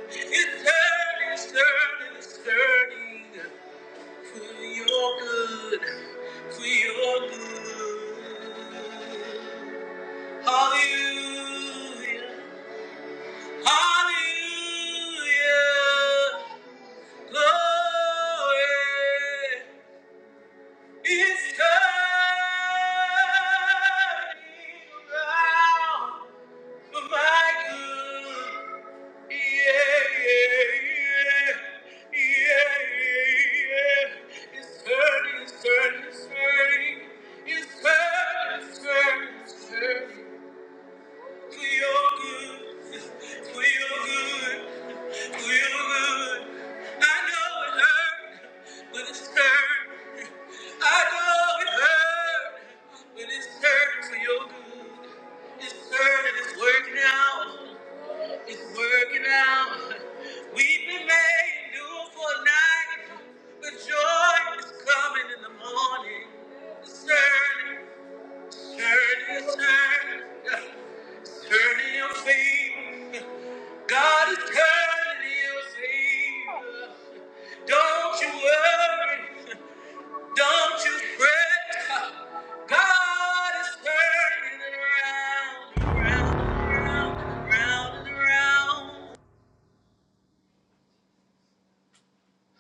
[SPEAKER 1] It's turning, it's turning, it's turning for your good, for your good. Hallelujah, hallelujah, glory. It's turning around for my good. Yeah, yeah, yeah, yeah, yeah. It's turning, it's turning, it's turning. It's turning, it's turning, it's turning. For your good, for your good, for your good. I know it hurt, but it's hurt. I know it hurt, but it's hurt for your good. It's hurt and it's working out. It's working out. We've been made new for a night, but joy is coming in the morning. It's hurt, it's hurt, it's hurt. Turn in your feet. God is turning your things. Don't you worry. Don't you fret. God is turning it around, around, around, around, and around.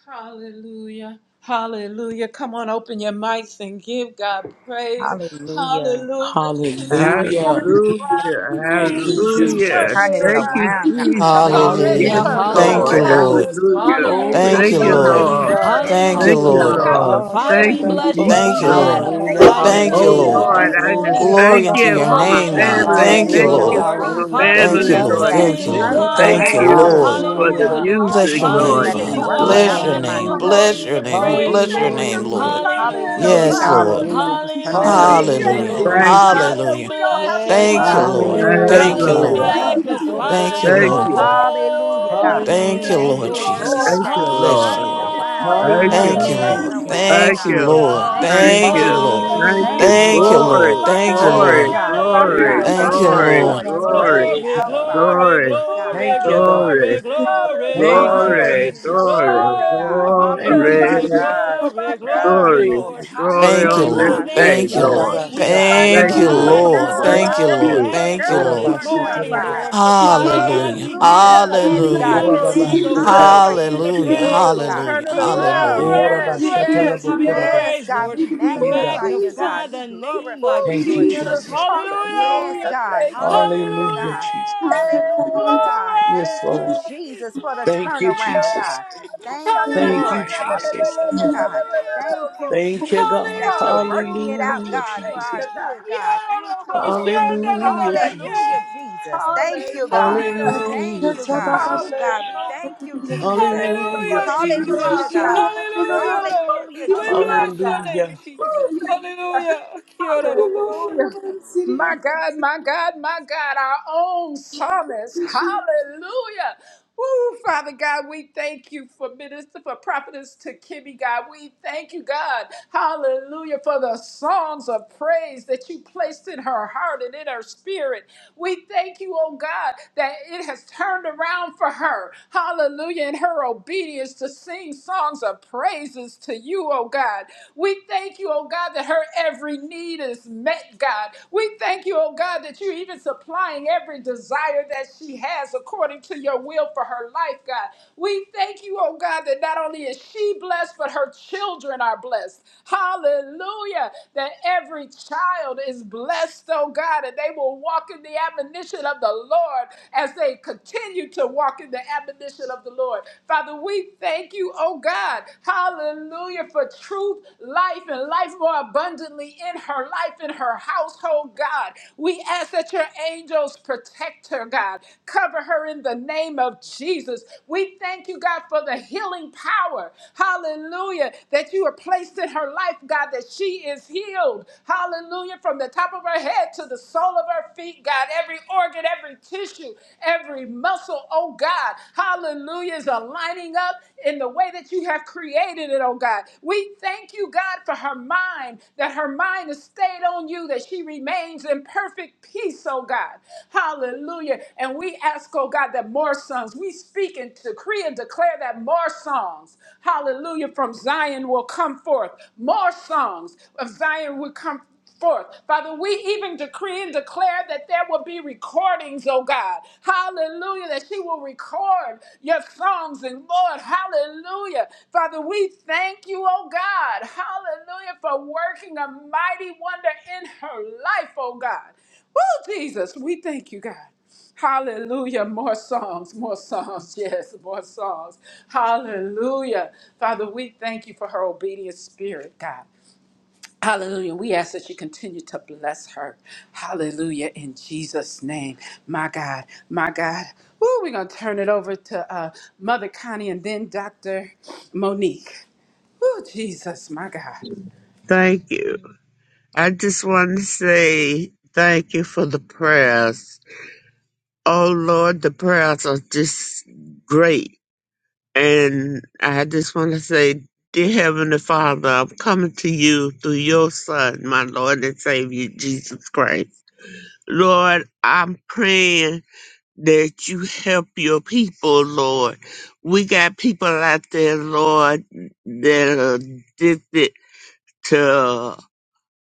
[SPEAKER 1] Hallelujah. Hallelujah. Come on, open your mics and give God praise.
[SPEAKER 5] Hallelujah.
[SPEAKER 1] Hallelujah. He's
[SPEAKER 5] God, we
[SPEAKER 6] Hallelujah.
[SPEAKER 1] turning
[SPEAKER 5] thank
[SPEAKER 1] around.
[SPEAKER 4] Hallelujah.
[SPEAKER 5] you,
[SPEAKER 6] Thank you,
[SPEAKER 1] He's
[SPEAKER 5] Jesus, for
[SPEAKER 4] Hallelujah.
[SPEAKER 1] turning
[SPEAKER 6] Jesus.
[SPEAKER 1] it
[SPEAKER 5] turning it
[SPEAKER 4] Thank you,
[SPEAKER 1] around.
[SPEAKER 5] around, God.
[SPEAKER 1] It's
[SPEAKER 4] Jesus.
[SPEAKER 1] already
[SPEAKER 4] Yes,
[SPEAKER 5] Thank
[SPEAKER 7] Hallelujah,
[SPEAKER 8] Hallelujah.
[SPEAKER 1] turned
[SPEAKER 5] you,
[SPEAKER 6] Hallelujah.
[SPEAKER 8] Thank
[SPEAKER 1] around.
[SPEAKER 8] you,
[SPEAKER 4] Lord.
[SPEAKER 5] Lord.
[SPEAKER 7] hallelujah,
[SPEAKER 8] Lord.
[SPEAKER 4] Hallelujah.
[SPEAKER 1] Hallelujah.
[SPEAKER 6] Glory
[SPEAKER 7] hallelujah,
[SPEAKER 8] Thank
[SPEAKER 1] We
[SPEAKER 6] to
[SPEAKER 4] Thank
[SPEAKER 8] you,
[SPEAKER 4] you,
[SPEAKER 6] your
[SPEAKER 1] don't have
[SPEAKER 7] Jesus,
[SPEAKER 5] Hallelujah,
[SPEAKER 8] Lord.
[SPEAKER 1] to
[SPEAKER 6] name,
[SPEAKER 4] Lord.
[SPEAKER 5] Jesus.
[SPEAKER 6] God.
[SPEAKER 1] worry.
[SPEAKER 8] Thank
[SPEAKER 5] Thank
[SPEAKER 8] you,
[SPEAKER 4] Thank
[SPEAKER 5] you,
[SPEAKER 7] hallelujah,
[SPEAKER 1] We
[SPEAKER 4] you,
[SPEAKER 5] God.
[SPEAKER 1] don't
[SPEAKER 8] Lord.
[SPEAKER 7] Lord.
[SPEAKER 9] Hallelujah.
[SPEAKER 1] have to
[SPEAKER 4] Lord.
[SPEAKER 6] Ah,
[SPEAKER 5] Turning
[SPEAKER 7] Father,
[SPEAKER 5] it
[SPEAKER 10] Thank
[SPEAKER 4] Thank
[SPEAKER 7] we
[SPEAKER 1] fret.
[SPEAKER 4] you,
[SPEAKER 5] around,
[SPEAKER 7] bless you,
[SPEAKER 5] Lord.
[SPEAKER 6] shatalaboku
[SPEAKER 8] Thank
[SPEAKER 7] we
[SPEAKER 8] you,
[SPEAKER 1] Woo,
[SPEAKER 4] Jesus.
[SPEAKER 8] Lord.
[SPEAKER 5] Thank
[SPEAKER 9] Hallelujah.
[SPEAKER 5] you,
[SPEAKER 7] magnify your
[SPEAKER 6] shatabasi.
[SPEAKER 1] hallelujah.
[SPEAKER 8] Thank you,
[SPEAKER 4] Oh,
[SPEAKER 7] name
[SPEAKER 9] Hallelujah.
[SPEAKER 7] on
[SPEAKER 8] Lord.
[SPEAKER 5] Jesus.
[SPEAKER 4] Lord,
[SPEAKER 7] this
[SPEAKER 1] Yes,
[SPEAKER 4] I just
[SPEAKER 9] Hallelujah.
[SPEAKER 7] morning,
[SPEAKER 1] yes. It's
[SPEAKER 4] thank
[SPEAKER 8] Glory
[SPEAKER 7] Lord.
[SPEAKER 8] unto
[SPEAKER 1] all
[SPEAKER 4] you
[SPEAKER 5] Oh,
[SPEAKER 8] your
[SPEAKER 4] for
[SPEAKER 5] God,
[SPEAKER 6] Itabandoku
[SPEAKER 1] working
[SPEAKER 4] my
[SPEAKER 8] name,
[SPEAKER 5] we
[SPEAKER 1] in
[SPEAKER 5] give you
[SPEAKER 1] our
[SPEAKER 8] Lord.
[SPEAKER 4] family.
[SPEAKER 8] Thank you,
[SPEAKER 5] praise,
[SPEAKER 1] favor.
[SPEAKER 4] Thank
[SPEAKER 7] Hallelujah,
[SPEAKER 9] Hallelujah.
[SPEAKER 1] Oh,
[SPEAKER 4] you
[SPEAKER 6] shalalabasi.
[SPEAKER 5] God.
[SPEAKER 8] Lord.
[SPEAKER 7] Lord.
[SPEAKER 4] for
[SPEAKER 1] God,
[SPEAKER 4] my
[SPEAKER 5] Thank you,
[SPEAKER 9] Hallelujah.
[SPEAKER 7] Father,
[SPEAKER 1] thank
[SPEAKER 7] we
[SPEAKER 8] Thank you,
[SPEAKER 4] family,
[SPEAKER 1] you.
[SPEAKER 7] lift
[SPEAKER 5] Jesus,
[SPEAKER 8] Lord.
[SPEAKER 7] your
[SPEAKER 4] Lord
[SPEAKER 5] that is
[SPEAKER 8] Thank
[SPEAKER 7] name
[SPEAKER 8] you,
[SPEAKER 7] on
[SPEAKER 4] Jesus.
[SPEAKER 8] Lord.
[SPEAKER 5] turning
[SPEAKER 7] high,
[SPEAKER 4] Thank
[SPEAKER 8] Thank you,
[SPEAKER 7] Lord.
[SPEAKER 5] around,
[SPEAKER 4] you
[SPEAKER 5] God.
[SPEAKER 8] Lord.
[SPEAKER 6] Ibandabashiketalalabosa.
[SPEAKER 4] for the
[SPEAKER 7] Hallelujah,
[SPEAKER 5] Thank
[SPEAKER 9] Hallelujah.
[SPEAKER 1] Hallelujah,
[SPEAKER 5] you,
[SPEAKER 7] Lord.
[SPEAKER 8] Bless
[SPEAKER 4] music,
[SPEAKER 8] your
[SPEAKER 7] Father,
[SPEAKER 5] Jesus,
[SPEAKER 8] name,
[SPEAKER 7] we
[SPEAKER 4] Lord
[SPEAKER 5] that is
[SPEAKER 7] give
[SPEAKER 1] hallelujah,
[SPEAKER 7] you
[SPEAKER 8] Father.
[SPEAKER 4] Jesus.
[SPEAKER 7] all
[SPEAKER 5] working
[SPEAKER 7] the
[SPEAKER 8] Bless
[SPEAKER 5] out
[SPEAKER 6] Hallelujah.
[SPEAKER 8] your
[SPEAKER 5] for
[SPEAKER 7] honor
[SPEAKER 5] my
[SPEAKER 7] and
[SPEAKER 8] name.
[SPEAKER 7] the
[SPEAKER 9] Hallelujah,
[SPEAKER 1] hallelujah.
[SPEAKER 5] good.
[SPEAKER 8] Bless
[SPEAKER 7] glory and
[SPEAKER 8] your
[SPEAKER 7] the
[SPEAKER 8] name.
[SPEAKER 9] Jesus.
[SPEAKER 8] We
[SPEAKER 5] Thank
[SPEAKER 1] We
[SPEAKER 7] praise,
[SPEAKER 5] you,
[SPEAKER 8] bless your
[SPEAKER 7] Lord.
[SPEAKER 1] thank
[SPEAKER 5] Lord
[SPEAKER 1] you
[SPEAKER 8] name,
[SPEAKER 1] for
[SPEAKER 5] Jesus.
[SPEAKER 8] Lord.
[SPEAKER 6] Hallelujah.
[SPEAKER 1] turning it
[SPEAKER 7] Hallelujah,
[SPEAKER 5] Hallelujah,
[SPEAKER 8] Yes,
[SPEAKER 7] Lord.
[SPEAKER 1] around,
[SPEAKER 5] God.
[SPEAKER 1] oh
[SPEAKER 8] Lord.
[SPEAKER 1] God.
[SPEAKER 9] Hallelujah.
[SPEAKER 1] We
[SPEAKER 9] Hallelujah.
[SPEAKER 7] Hallelujah,
[SPEAKER 5] Hallelujah,
[SPEAKER 1] thank
[SPEAKER 8] Hallelujah.
[SPEAKER 1] you,
[SPEAKER 6] Hallelujah,
[SPEAKER 5] Lord
[SPEAKER 7] Lord.
[SPEAKER 1] oh
[SPEAKER 4] Thank you.
[SPEAKER 1] God,
[SPEAKER 5] Jesus.
[SPEAKER 7] Father,
[SPEAKER 6] Jesus.
[SPEAKER 1] that
[SPEAKER 7] we
[SPEAKER 8] Hallelujah.
[SPEAKER 1] we don't
[SPEAKER 7] bless
[SPEAKER 1] have
[SPEAKER 7] your
[SPEAKER 1] to
[SPEAKER 5] Yes,
[SPEAKER 8] Thank you,
[SPEAKER 7] name,
[SPEAKER 5] God.
[SPEAKER 1] worry,
[SPEAKER 7] Lord.
[SPEAKER 5] Thank
[SPEAKER 8] Lord.
[SPEAKER 1] we
[SPEAKER 5] you,
[SPEAKER 1] don't
[SPEAKER 9] Hallelujah.
[SPEAKER 6] Hey,
[SPEAKER 1] have
[SPEAKER 7] Father,
[SPEAKER 8] Thank
[SPEAKER 1] to
[SPEAKER 8] you,
[SPEAKER 7] we
[SPEAKER 9] Hallelujah.
[SPEAKER 6] God.
[SPEAKER 5] Jesus.
[SPEAKER 4] Hallelujah.
[SPEAKER 1] fret,
[SPEAKER 8] Lord.
[SPEAKER 5] Thank
[SPEAKER 1] oh
[SPEAKER 5] you,
[SPEAKER 1] God.
[SPEAKER 5] Jesus.
[SPEAKER 8] Thank
[SPEAKER 7] magnify
[SPEAKER 8] you,
[SPEAKER 4] Thank
[SPEAKER 7] your
[SPEAKER 8] Lord.
[SPEAKER 4] you.
[SPEAKER 6] Abanshodadabasi.
[SPEAKER 5] Hallelujah,
[SPEAKER 1] Hallelujah,
[SPEAKER 5] God.
[SPEAKER 7] holy
[SPEAKER 1] we
[SPEAKER 8] Thank you,
[SPEAKER 1] thank
[SPEAKER 7] name,
[SPEAKER 5] Thank
[SPEAKER 6] Hallelujah,
[SPEAKER 8] Lord
[SPEAKER 1] you,
[SPEAKER 5] you,
[SPEAKER 1] oh
[SPEAKER 6] Jesus.
[SPEAKER 7] Lord.
[SPEAKER 5] Lord,
[SPEAKER 8] Jesus.
[SPEAKER 4] Thank
[SPEAKER 5] that
[SPEAKER 1] God,
[SPEAKER 4] you,
[SPEAKER 5] it's
[SPEAKER 4] Lord.
[SPEAKER 8] Bless you,
[SPEAKER 5] turning
[SPEAKER 1] for
[SPEAKER 8] Lord.
[SPEAKER 1] your
[SPEAKER 5] around,
[SPEAKER 1] grace,
[SPEAKER 4] Thank
[SPEAKER 5] God.
[SPEAKER 1] for
[SPEAKER 5] It's
[SPEAKER 8] Thank
[SPEAKER 1] your
[SPEAKER 4] you.
[SPEAKER 8] you,
[SPEAKER 6] Hallelujah,
[SPEAKER 5] turning
[SPEAKER 8] Lord.
[SPEAKER 1] mercy,
[SPEAKER 6] Jesus.
[SPEAKER 5] around,
[SPEAKER 4] Thank
[SPEAKER 8] Thank
[SPEAKER 1] Lord.
[SPEAKER 8] you,
[SPEAKER 5] God.
[SPEAKER 4] you.
[SPEAKER 8] Lord.
[SPEAKER 7] Hallelujah.
[SPEAKER 5] Thank
[SPEAKER 4] Thank
[SPEAKER 5] you,
[SPEAKER 8] Thank you,
[SPEAKER 4] you.
[SPEAKER 8] Lord.
[SPEAKER 5] Jesus.
[SPEAKER 1] Hallelujah.
[SPEAKER 4] Thank you.
[SPEAKER 5] Thank you,
[SPEAKER 6] Hallelujah,
[SPEAKER 8] Thank you,
[SPEAKER 5] Lord.
[SPEAKER 6] Jesus.
[SPEAKER 1] Woo!
[SPEAKER 8] Lord.
[SPEAKER 4] Glory,
[SPEAKER 1] My
[SPEAKER 8] Thank you,
[SPEAKER 1] God,
[SPEAKER 5] Yes,
[SPEAKER 1] my
[SPEAKER 4] glory,
[SPEAKER 8] Lord.
[SPEAKER 1] God,
[SPEAKER 5] God.
[SPEAKER 1] my
[SPEAKER 5] Oh,
[SPEAKER 1] God,
[SPEAKER 4] glory,
[SPEAKER 5] God.
[SPEAKER 1] my
[SPEAKER 8] Thank
[SPEAKER 5] Thank
[SPEAKER 8] you,
[SPEAKER 5] you,
[SPEAKER 1] God.
[SPEAKER 4] glory,
[SPEAKER 7] Hallelujah.
[SPEAKER 5] Lord.
[SPEAKER 8] Lord.
[SPEAKER 5] It's
[SPEAKER 1] Woo,
[SPEAKER 4] glory,
[SPEAKER 5] working
[SPEAKER 7] Glory,
[SPEAKER 1] Jesus.
[SPEAKER 5] out for
[SPEAKER 6] Erabashatamandabosha.
[SPEAKER 5] our
[SPEAKER 7] glory,
[SPEAKER 4] glory,
[SPEAKER 5] good, God.
[SPEAKER 7] glory,
[SPEAKER 6] Thank
[SPEAKER 1] Hallelujah.
[SPEAKER 6] you, God.
[SPEAKER 4] glory,
[SPEAKER 7] glory,
[SPEAKER 5] Hallelujah.
[SPEAKER 7] glory,
[SPEAKER 5] For
[SPEAKER 6] Thank
[SPEAKER 5] our
[SPEAKER 6] you,
[SPEAKER 1] Hallelujah.
[SPEAKER 7] glory.
[SPEAKER 5] good
[SPEAKER 4] glory,
[SPEAKER 5] and your
[SPEAKER 6] Jesus.
[SPEAKER 4] glory,
[SPEAKER 5] glory, God.
[SPEAKER 7] Glory,
[SPEAKER 1] Hallelujah.
[SPEAKER 6] Thank you,
[SPEAKER 1] My
[SPEAKER 5] Hallelujah,
[SPEAKER 7] glory,
[SPEAKER 4] glory,
[SPEAKER 6] Jesus.
[SPEAKER 1] God,
[SPEAKER 5] Jesus.
[SPEAKER 1] my
[SPEAKER 7] glory,
[SPEAKER 5] Thank
[SPEAKER 1] God.
[SPEAKER 5] you,
[SPEAKER 7] glory,
[SPEAKER 6] Thank
[SPEAKER 4] glory,
[SPEAKER 5] Lord.
[SPEAKER 7] Lord.
[SPEAKER 6] you,
[SPEAKER 7] We
[SPEAKER 6] Jesus.
[SPEAKER 4] glory
[SPEAKER 8] Thank you,
[SPEAKER 5] Hallelujah,
[SPEAKER 4] on
[SPEAKER 7] bless
[SPEAKER 4] this
[SPEAKER 7] your
[SPEAKER 8] Lord.
[SPEAKER 1] Woo,
[SPEAKER 5] God. We give
[SPEAKER 4] day,
[SPEAKER 7] name,
[SPEAKER 8] Thank
[SPEAKER 5] you
[SPEAKER 8] you,
[SPEAKER 1] Jesus.
[SPEAKER 7] Lord.
[SPEAKER 4] Lord.
[SPEAKER 8] Lord.
[SPEAKER 5] praise,
[SPEAKER 7] We
[SPEAKER 1] My
[SPEAKER 5] God.
[SPEAKER 4] Thank
[SPEAKER 8] Thank you,
[SPEAKER 1] God,
[SPEAKER 4] you.
[SPEAKER 7] magnify
[SPEAKER 1] my
[SPEAKER 5] Yes,
[SPEAKER 6] Ababashatalabahaya.
[SPEAKER 7] your
[SPEAKER 8] Lord.
[SPEAKER 1] God,
[SPEAKER 5] Lord
[SPEAKER 4] Thank
[SPEAKER 1] my
[SPEAKER 8] Thank you,
[SPEAKER 5] God, we
[SPEAKER 7] holy
[SPEAKER 1] God,
[SPEAKER 8] Lord.
[SPEAKER 4] you.
[SPEAKER 1] my
[SPEAKER 8] Thank
[SPEAKER 7] name
[SPEAKER 8] you,
[SPEAKER 5] magnify
[SPEAKER 7] on
[SPEAKER 5] you
[SPEAKER 1] God,
[SPEAKER 8] Lord.
[SPEAKER 7] this
[SPEAKER 5] this
[SPEAKER 1] my God,
[SPEAKER 5] morning,
[SPEAKER 7] morning,
[SPEAKER 1] my
[SPEAKER 5] God.
[SPEAKER 7] Lord.
[SPEAKER 1] God.
[SPEAKER 6] Orabashatalabokurabahaya.
[SPEAKER 7] Father
[SPEAKER 5] Yes,
[SPEAKER 7] God,
[SPEAKER 8] Hallelujah.
[SPEAKER 7] we give
[SPEAKER 5] Jesus.
[SPEAKER 7] you
[SPEAKER 1] Hallelujah.
[SPEAKER 7] all
[SPEAKER 5] Yes,
[SPEAKER 7] the
[SPEAKER 8] Hallelujah.
[SPEAKER 5] God. We
[SPEAKER 1] Woo,
[SPEAKER 7] honor
[SPEAKER 5] sing
[SPEAKER 7] and the
[SPEAKER 5] high
[SPEAKER 1] Jesus.
[SPEAKER 7] glory and
[SPEAKER 5] praises
[SPEAKER 7] the
[SPEAKER 5] to
[SPEAKER 8] Hallelujah.
[SPEAKER 5] your
[SPEAKER 6] Obababashatalabokushia.
[SPEAKER 7] praise,
[SPEAKER 5] name,
[SPEAKER 1] Woo,
[SPEAKER 7] Lord.
[SPEAKER 5] God.
[SPEAKER 1] turn
[SPEAKER 8] Hallelujah.
[SPEAKER 7] For
[SPEAKER 1] it
[SPEAKER 7] you are
[SPEAKER 5] Yes,
[SPEAKER 1] around.
[SPEAKER 8] Hallelujah.
[SPEAKER 7] great
[SPEAKER 5] Lord
[SPEAKER 7] and
[SPEAKER 1] Yes,
[SPEAKER 5] Jesus.
[SPEAKER 7] greatly
[SPEAKER 1] yes,
[SPEAKER 7] to be
[SPEAKER 5] Yes,
[SPEAKER 7] praised,
[SPEAKER 1] yes.
[SPEAKER 5] God.
[SPEAKER 6] Orabashatalabokurabasha.
[SPEAKER 7] Lord.
[SPEAKER 5] We
[SPEAKER 7] We
[SPEAKER 6] Yeah,
[SPEAKER 1] Woo,
[SPEAKER 5] magnify
[SPEAKER 6] God.
[SPEAKER 5] you, God.
[SPEAKER 7] magnify
[SPEAKER 1] Jesus.
[SPEAKER 5] We
[SPEAKER 7] the name
[SPEAKER 5] glorify
[SPEAKER 7] of
[SPEAKER 1] Oh,
[SPEAKER 5] you,
[SPEAKER 6] Thank you,
[SPEAKER 5] Lord
[SPEAKER 7] Jesus.
[SPEAKER 1] Jesus.
[SPEAKER 6] Jesus.
[SPEAKER 5] Jesus.
[SPEAKER 7] Hallelujah!
[SPEAKER 5] Yes,
[SPEAKER 1] Hallelujah.
[SPEAKER 5] God.
[SPEAKER 1] Thank you.
[SPEAKER 5] Hallelujah,
[SPEAKER 7] Hallelujah!
[SPEAKER 6] Hallelujah,
[SPEAKER 5] God.
[SPEAKER 6] Jesus.
[SPEAKER 5] Hallelujah,
[SPEAKER 1] Yes.
[SPEAKER 5] God.
[SPEAKER 6] Yes,
[SPEAKER 5] Thank you,
[SPEAKER 6] Lord.
[SPEAKER 1] Yes.
[SPEAKER 5] Jesus, for the
[SPEAKER 6] Thank you,
[SPEAKER 5] turnaround,
[SPEAKER 6] Jesus.
[SPEAKER 5] God.
[SPEAKER 7] Glory! Glory!
[SPEAKER 5] Thank you,
[SPEAKER 6] Thank
[SPEAKER 7] Hallelujah!
[SPEAKER 6] you,
[SPEAKER 5] Lord.
[SPEAKER 6] Jesus.
[SPEAKER 5] Hallelujah, God. Thank you,
[SPEAKER 6] Thank you,
[SPEAKER 5] Jesus,
[SPEAKER 6] God.
[SPEAKER 5] that you're
[SPEAKER 7] Hallelujah!
[SPEAKER 5] working it
[SPEAKER 1] Hallelujah.
[SPEAKER 5] out,
[SPEAKER 1] We
[SPEAKER 6] Hallelujah,
[SPEAKER 5] God, for
[SPEAKER 1] thank
[SPEAKER 5] our
[SPEAKER 6] Jesus.
[SPEAKER 1] you,
[SPEAKER 5] good,
[SPEAKER 1] God.
[SPEAKER 7] Yeah,
[SPEAKER 5] God. Thank you, Lord.
[SPEAKER 6] Hallelujah,
[SPEAKER 1] Hallelujah.
[SPEAKER 6] Jesus.
[SPEAKER 5] Hallelujah, Jesus. Thank you, God.
[SPEAKER 1] Hallelujah.
[SPEAKER 5] Thank
[SPEAKER 6] Hallelujah,
[SPEAKER 5] you, God.
[SPEAKER 6] Jesus.
[SPEAKER 5] Oh,
[SPEAKER 1] Hallelujah.
[SPEAKER 5] God, we thank you,
[SPEAKER 7] Hallelujah!
[SPEAKER 10] you.
[SPEAKER 5] Jesus.
[SPEAKER 1] Thank you
[SPEAKER 6] Hallelujah,
[SPEAKER 1] for
[SPEAKER 7] Hallelujah,
[SPEAKER 1] the
[SPEAKER 10] Amen.
[SPEAKER 7] Jesus!
[SPEAKER 5] Hallelujah,
[SPEAKER 1] turnaround,
[SPEAKER 6] Jesus.
[SPEAKER 1] God.
[SPEAKER 5] God.
[SPEAKER 1] Thank
[SPEAKER 7] Hallelujah,
[SPEAKER 1] you for
[SPEAKER 7] Lord!
[SPEAKER 5] Hallelujah,
[SPEAKER 1] the
[SPEAKER 7] We
[SPEAKER 5] Jesus.
[SPEAKER 7] bless
[SPEAKER 1] turnaround,
[SPEAKER 7] your
[SPEAKER 1] God.
[SPEAKER 7] name,
[SPEAKER 6] Hallelujah.
[SPEAKER 1] Woo,
[SPEAKER 7] Jesus!
[SPEAKER 1] thank
[SPEAKER 7] Hallelujah! Kiara
[SPEAKER 1] you.
[SPEAKER 7] robo
[SPEAKER 1] Hallelujah.
[SPEAKER 7] shata.
[SPEAKER 1] My God, my God, my God, our own psalmist. Hallelujah. Woo, Father God, we thank you for minister, for prophetess to Kimmy, God. We thank you, God. Hallelujah, for the songs of praise that you placed in her heart and in her spirit. We thank you, oh God, that it has turned around for her. Hallelujah, in her obedience to sing songs of praises to you, oh God. We we thank you, oh God, that her every need is met, God. We thank you, oh God, that you're even supplying every desire that she has according to your will for her life, God. We thank you, oh God, that not only is she blessed, but her children are blessed. Hallelujah. That every child is blessed, oh God, and they will walk in the admonition of the Lord as they continue to walk in the admonition of the Lord. Father, we thank thank you, oh God. Hallelujah for truth, life, and life more abundantly in her life, in her household, God. We ask that your angels protect her, God. Cover her in the name of Jesus. We thank you, God, for the healing power. Hallelujah. That you are placed in her life, God, that she is healed. Hallelujah. From the top of her head to the sole of her feet, God. Every organ, every tissue, every every muscle, oh God, hallelujah, is aligning up in the way that you have created it, oh God. We thank you, God, for her mind, that her mind is stayed on you, that she remains in perfect peace, oh God. Hallelujah. And we ask, oh God, that more sons, we speak and decree and declare that more songs, hallelujah, from Zion will come forth. More songs of Zion will come forth. Father, we even decree and declare that there will be recordings, oh God. Hallelujah, that she will record your songs and Lord, hallelujah. Father, we thank you, oh God. Hallelujah for working a mighty wonder in her life, oh God. Woo, Jesus, we thank you, God. Hallelujah. More songs, more songs. *laughs* Yes, more songs. Hallelujah. Father, we thank you for her obedient spirit, God. Hallelujah. We ask that you continue to bless her. Hallelujah. In Jesus' name. My God. My God. Woo, we're going to turn it over to uh, Mother Connie and then Dr. Monique. Oh, Jesus. My God.
[SPEAKER 4] Thank you. I just want to say thank you for the prayers. Oh Lord, the prayers are just great And I just want to say, Dear Heavenly Father, I'm coming to you through your Son, my Lord and Savior, Jesus Christ. Lord, I'm praying that you help your people, Lord. We got people out there, Lord, that are addicted to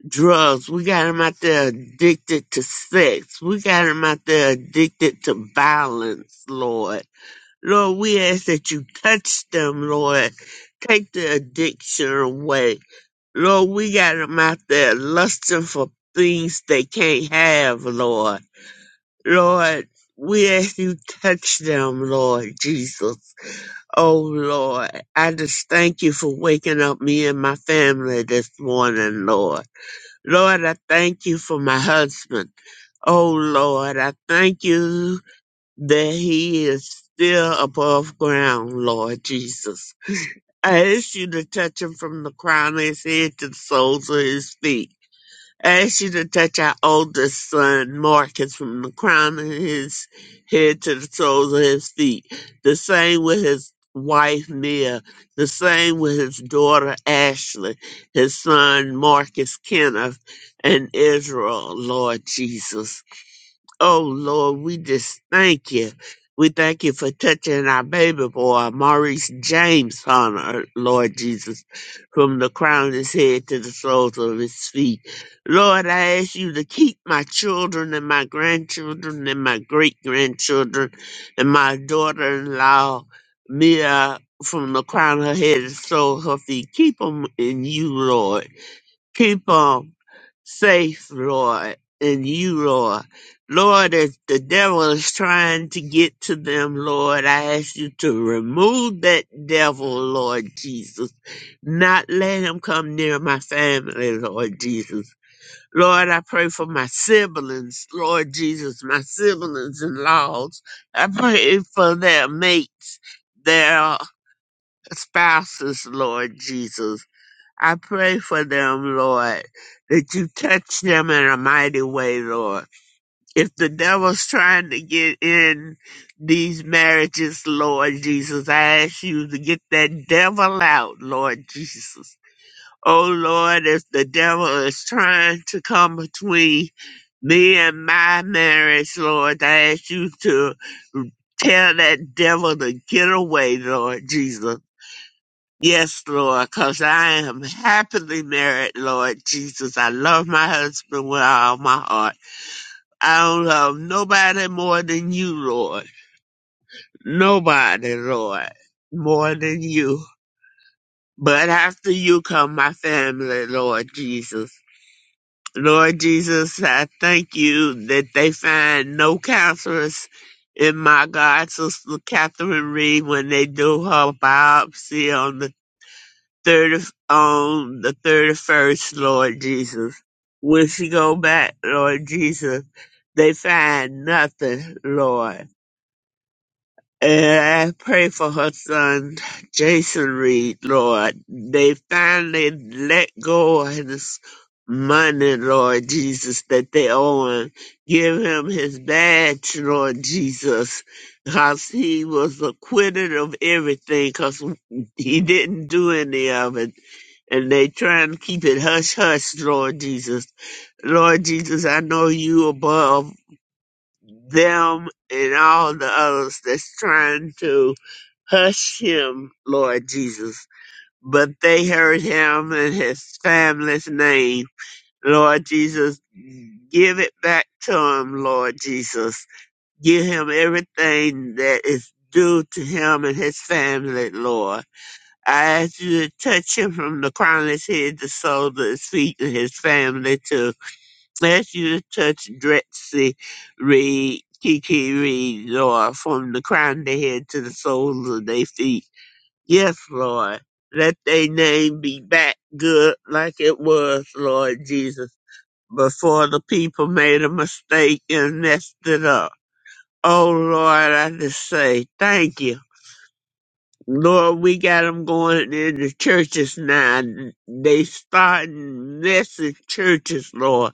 [SPEAKER 4] drugs. We got them out there addicted to sex. We got them out there addicted to violence, Lord. Lord, we ask that you touch them, Lord. Take the addiction away. Lord, we got them out there lusting for things they can't have, Lord. Lord, we ask you touch them, Lord Jesus. Oh, Lord, I just thank you for waking up me and my family this morning, Lord. Lord, I thank you for my husband. Oh, Lord, I thank you that he is still above ground, Lord Jesus. I ask you to touch him from the crown of his head to the soles of his feet. I ask you to touch our oldest son, Marcus, from the crown of his head to the soles of his feet. The same with his wife, Mia. The same with his daughter, Ashley. His son, Marcus Kenneth, and Israel, Lord Jesus. Oh Lord, we just thank you. We thank you for touching our baby boy, Maurice James, on earth, Lord Jesus, from the crown of his head to the soles of his feet. Lord, I ask you to keep my children and my grandchildren and my great grandchildren and my daughter in law, Mia, from the crown of her head to the sole of her feet. Keep them in you, Lord. Keep them safe, Lord, in you, Lord. Lord, if the devil is trying to get to them, Lord, I ask you to remove that devil, Lord Jesus. Not let him come near my family, Lord Jesus. Lord, I pray for my siblings, Lord Jesus, my siblings and laws. I pray for their mates, their spouses, Lord Jesus. I pray for them, Lord, that you touch them in a mighty way, Lord. If the devil's trying to get in these marriages, Lord Jesus, I ask you to get that devil out, Lord Jesus. Oh, Lord, if the devil is trying to come between me and my marriage, Lord, I ask you to tell that devil to get away, Lord Jesus. Yes, Lord, because I am happily married, Lord Jesus. I love my husband with all my heart. I don't love nobody more than you, Lord. Nobody, Lord, more than you. But after you come my family, Lord Jesus. Lord Jesus, I thank you that they find no counselors in my God, Sister Catherine Reed, when they do her biopsy on the thirty on the thirty first, Lord Jesus. When she go back, Lord Jesus, they find nothing, Lord. And I pray for her son, Jason Reed, Lord. They finally let go of his money, Lord Jesus, that they owe him. Give him his badge, Lord Jesus, because he was acquitted of everything, because he didn't do any of it and they try and keep it hush hush, Lord Jesus. Lord Jesus, I know you above them and all the others that's trying to hush him, Lord Jesus. But they heard him and his family's name. Lord Jesus, give it back to him, Lord Jesus. Give him everything that is due to him and his family, Lord. I ask you to touch him from the crown of his head, to the sole of his feet, and his family too. I ask you to touch Dretsy Reed, Kiki Reed, Lord, from the crown of their head to the soles of their feet. Yes, Lord. Let their name be back good like it was, Lord Jesus, before the people made a mistake and messed it up. Oh, Lord, I just say thank you. Lord, we got them going in the churches now. They starting messing churches, Lord.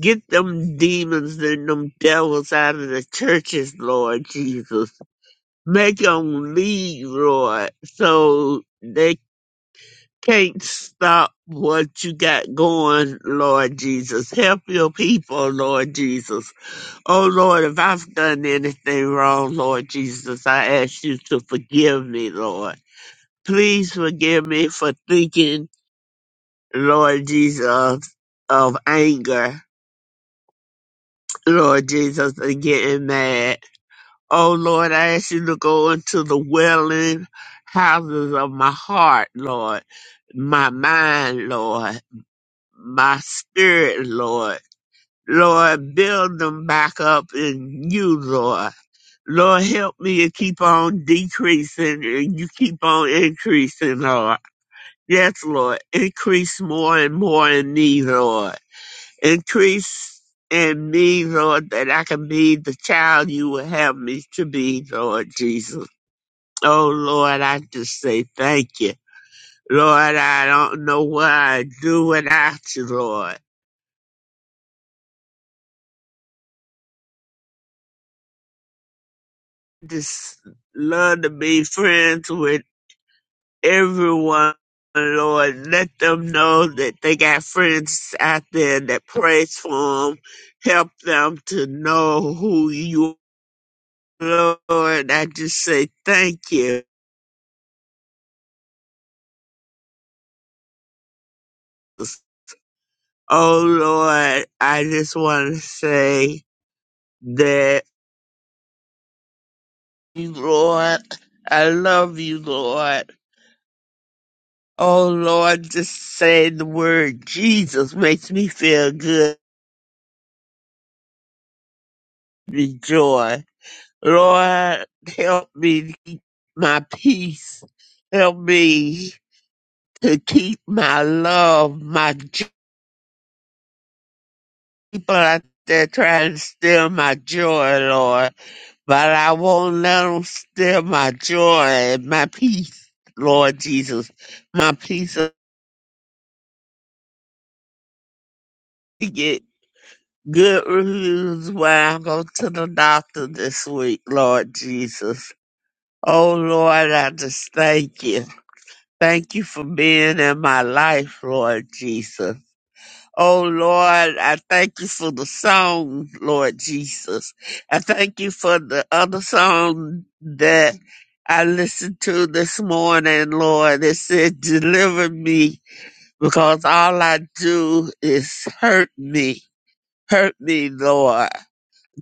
[SPEAKER 4] Get them demons and them devils out of the churches, Lord Jesus. Make them leave, Lord, so they can't stop what you got going, Lord Jesus. Help your people, Lord Jesus. Oh, Lord, if I've done anything wrong, Lord Jesus, I ask you to forgive me, Lord. Please forgive me for thinking, Lord Jesus, of anger, Lord Jesus, and getting mad. Oh Lord, I ask you to go into the welling houses of my heart, Lord, my mind, Lord, my spirit, Lord. Lord, build them back up in you, Lord. Lord, help me to keep on decreasing and you keep on increasing, Lord. Yes, Lord. Increase more and more in me, Lord. Increase in me, Lord, that I can be the child you would have me to be, Lord Jesus. Oh, Lord, I just say thank you. Lord, I don't know what I'd do without you, Lord. Just love to be friends with everyone, Lord. Let them know that they got friends out there that prays for them help them to know who you Lord, I just say thank you. Oh Lord, I just want to say that you, Lord, I love you, Lord. Oh Lord, just saying the word Jesus makes me feel good, with joy. Lord, help me to keep my peace. Help me to keep my love, my joy. People out there trying to steal my joy, Lord. But I won't let them steal my joy and my peace, Lord Jesus. My peace. I get good reviews when I go to the doctor this week, Lord Jesus. Oh, Lord, I just thank you. Thank you for being in my life, Lord Jesus. Oh Lord, I thank you for the song, Lord Jesus. I thank you for the other song that I listened to this morning, Lord. It said, deliver me because all I do is hurt me. Hurt me, Lord.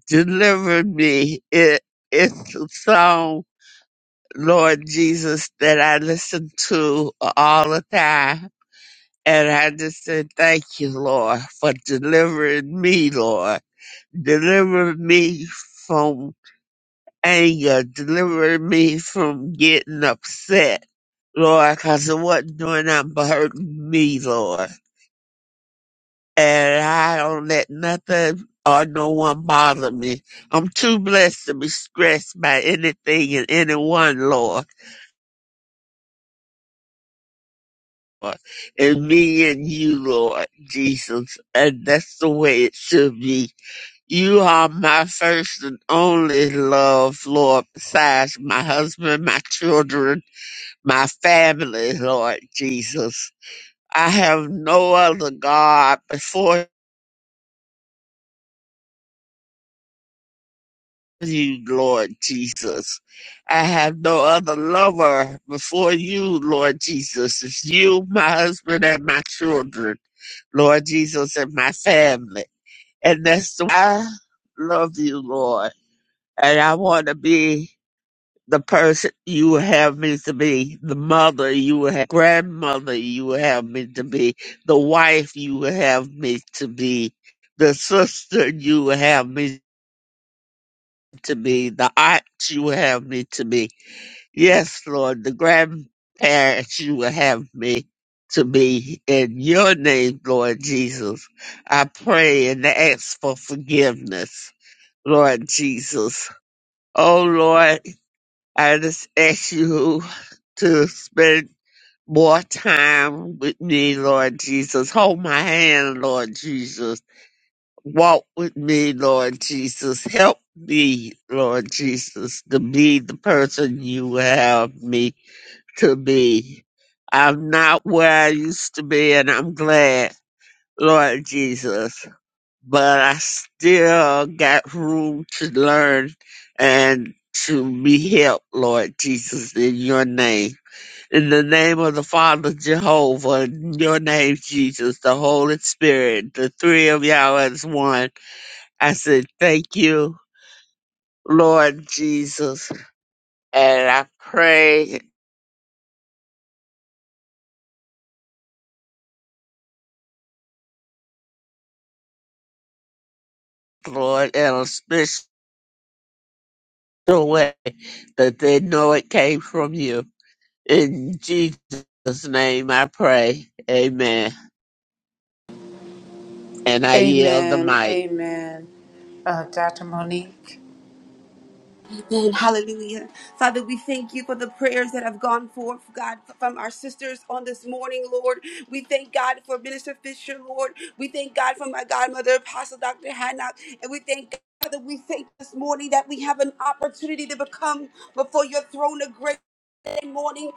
[SPEAKER 4] Deliver me. It, it's a song, Lord Jesus, that I listen to all the time and I just said, Thank you, Lord, for delivering me, Lord. Deliver me from anger. Deliver me from getting upset, Lord, because it wasn't doing nothing but hurting me, Lord. And I don't let nothing or no one bother me. I'm too blessed to be stressed by anything and anyone, Lord. And me and you, Lord Jesus. And that's the way it should be You are my first and only love, Lord, besides my husband, my children, my family, Lord Jesus. I have no other God before you, Lord Jesus. I have no other lover before you, Lord Jesus. It's you, my husband, and my children, Lord Jesus, and my family. And that's why I love you, Lord. And I want to be the person you would have me to be, the mother you would have, grandmother you would have me to be, the wife you would have me to be, the sister you would have me to be, the aunt you would have me to be. Yes, Lord, the grandparents you would have me to be. In your name, Lord Jesus, I pray and ask for forgiveness, Lord Jesus. Oh, Lord. I just ask you to spend more time with me, Lord Jesus. Hold my hand, Lord Jesus. Walk with me, Lord Jesus. Help me, Lord Jesus, to be the person you have me to be. I'm not where I used to be, and I'm glad, Lord Jesus but I still got room to learn and to be helped, Lord Jesus, in your name. In the name of the Father, Jehovah, in your name, Jesus, the Holy Spirit, the three of y'all as one. I said, thank you, Lord Jesus. And I pray, Lord, in a special way that they know it came from you. In Jesus' name I pray. Amen. And I yield the
[SPEAKER 1] Amen.
[SPEAKER 4] mic.
[SPEAKER 1] Amen. Uh, Dr. Monique.
[SPEAKER 10] Hallelujah. Father, we thank you for the prayers that have gone forth, God, from our sisters on this morning, Lord. We thank God for Minister Fisher, Lord. We thank God for my godmother, Apostle Dr. Hannah. And we thank God that we thank this morning that we have an opportunity to become before your throne of grace. morning